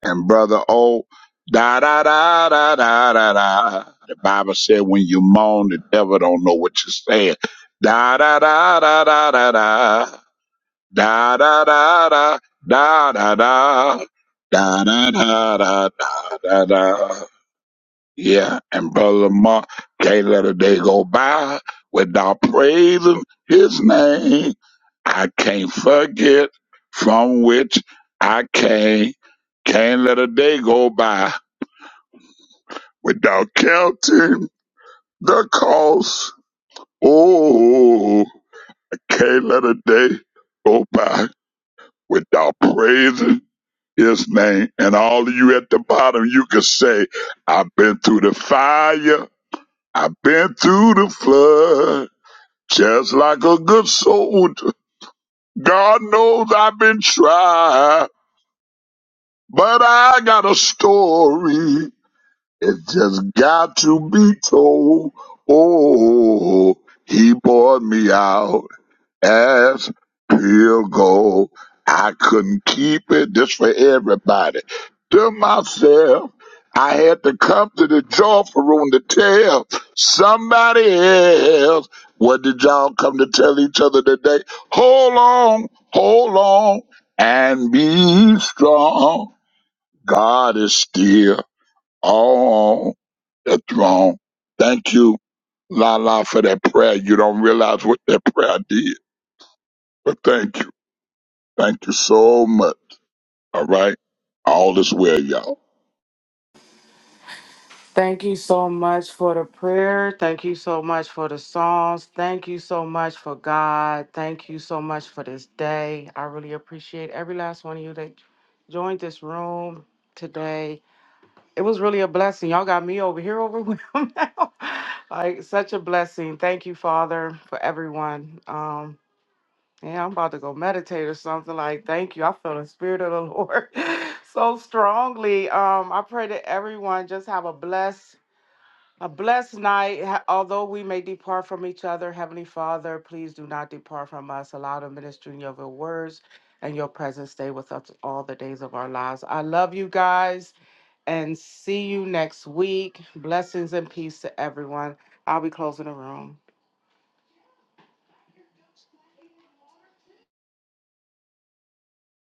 Speaker 6: And brother oh, da da da da da da da. The Bible said when you moan, the devil don't know what you're saying. Da da da da da da da. Da da da da da da da. Da da da da da da da. Yeah, and Brother Mark can't let a day go by without praising his name. I can't forget from which I came. Can't let a day go by without counting the cost. Oh, can't let a day go by without praising his name. And all of you at the bottom, you can say, I've been through the fire. I've been through the flood, just like a good soldier. God knows I've been tried, but I got a story. It just got to be told. Oh, he bought me out as pure gold. I couldn't keep it. This for everybody. To myself, I had to come to the joyful room to tell somebody else. What did y'all come to tell each other today? Hold on, hold on, and be strong. God is still on the throne. Thank you, La La, for that prayer. You don't realize what that prayer did, but thank you. Thank you so much. All right. All is well, y'all.
Speaker 1: Thank you so much for the prayer. Thank you so much for the songs. Thank you so much for God. Thank you so much for this day. I really appreciate every last one of you that joined this room today. It was really a blessing. Y'all got me over here overwhelmed now. like such a blessing. Thank you, Father, for everyone. Um, yeah, I'm about to go meditate or something. Like, thank you. I feel the spirit of the Lord so strongly. Um, I pray that everyone just have a blessed a blessed night. Ha- Although we may depart from each other, Heavenly Father, please do not depart from us. Allow the ministering of your words and your presence stay with us all the days of our lives. I love you guys and see you next week. Blessings and peace to everyone. I'll be closing the room.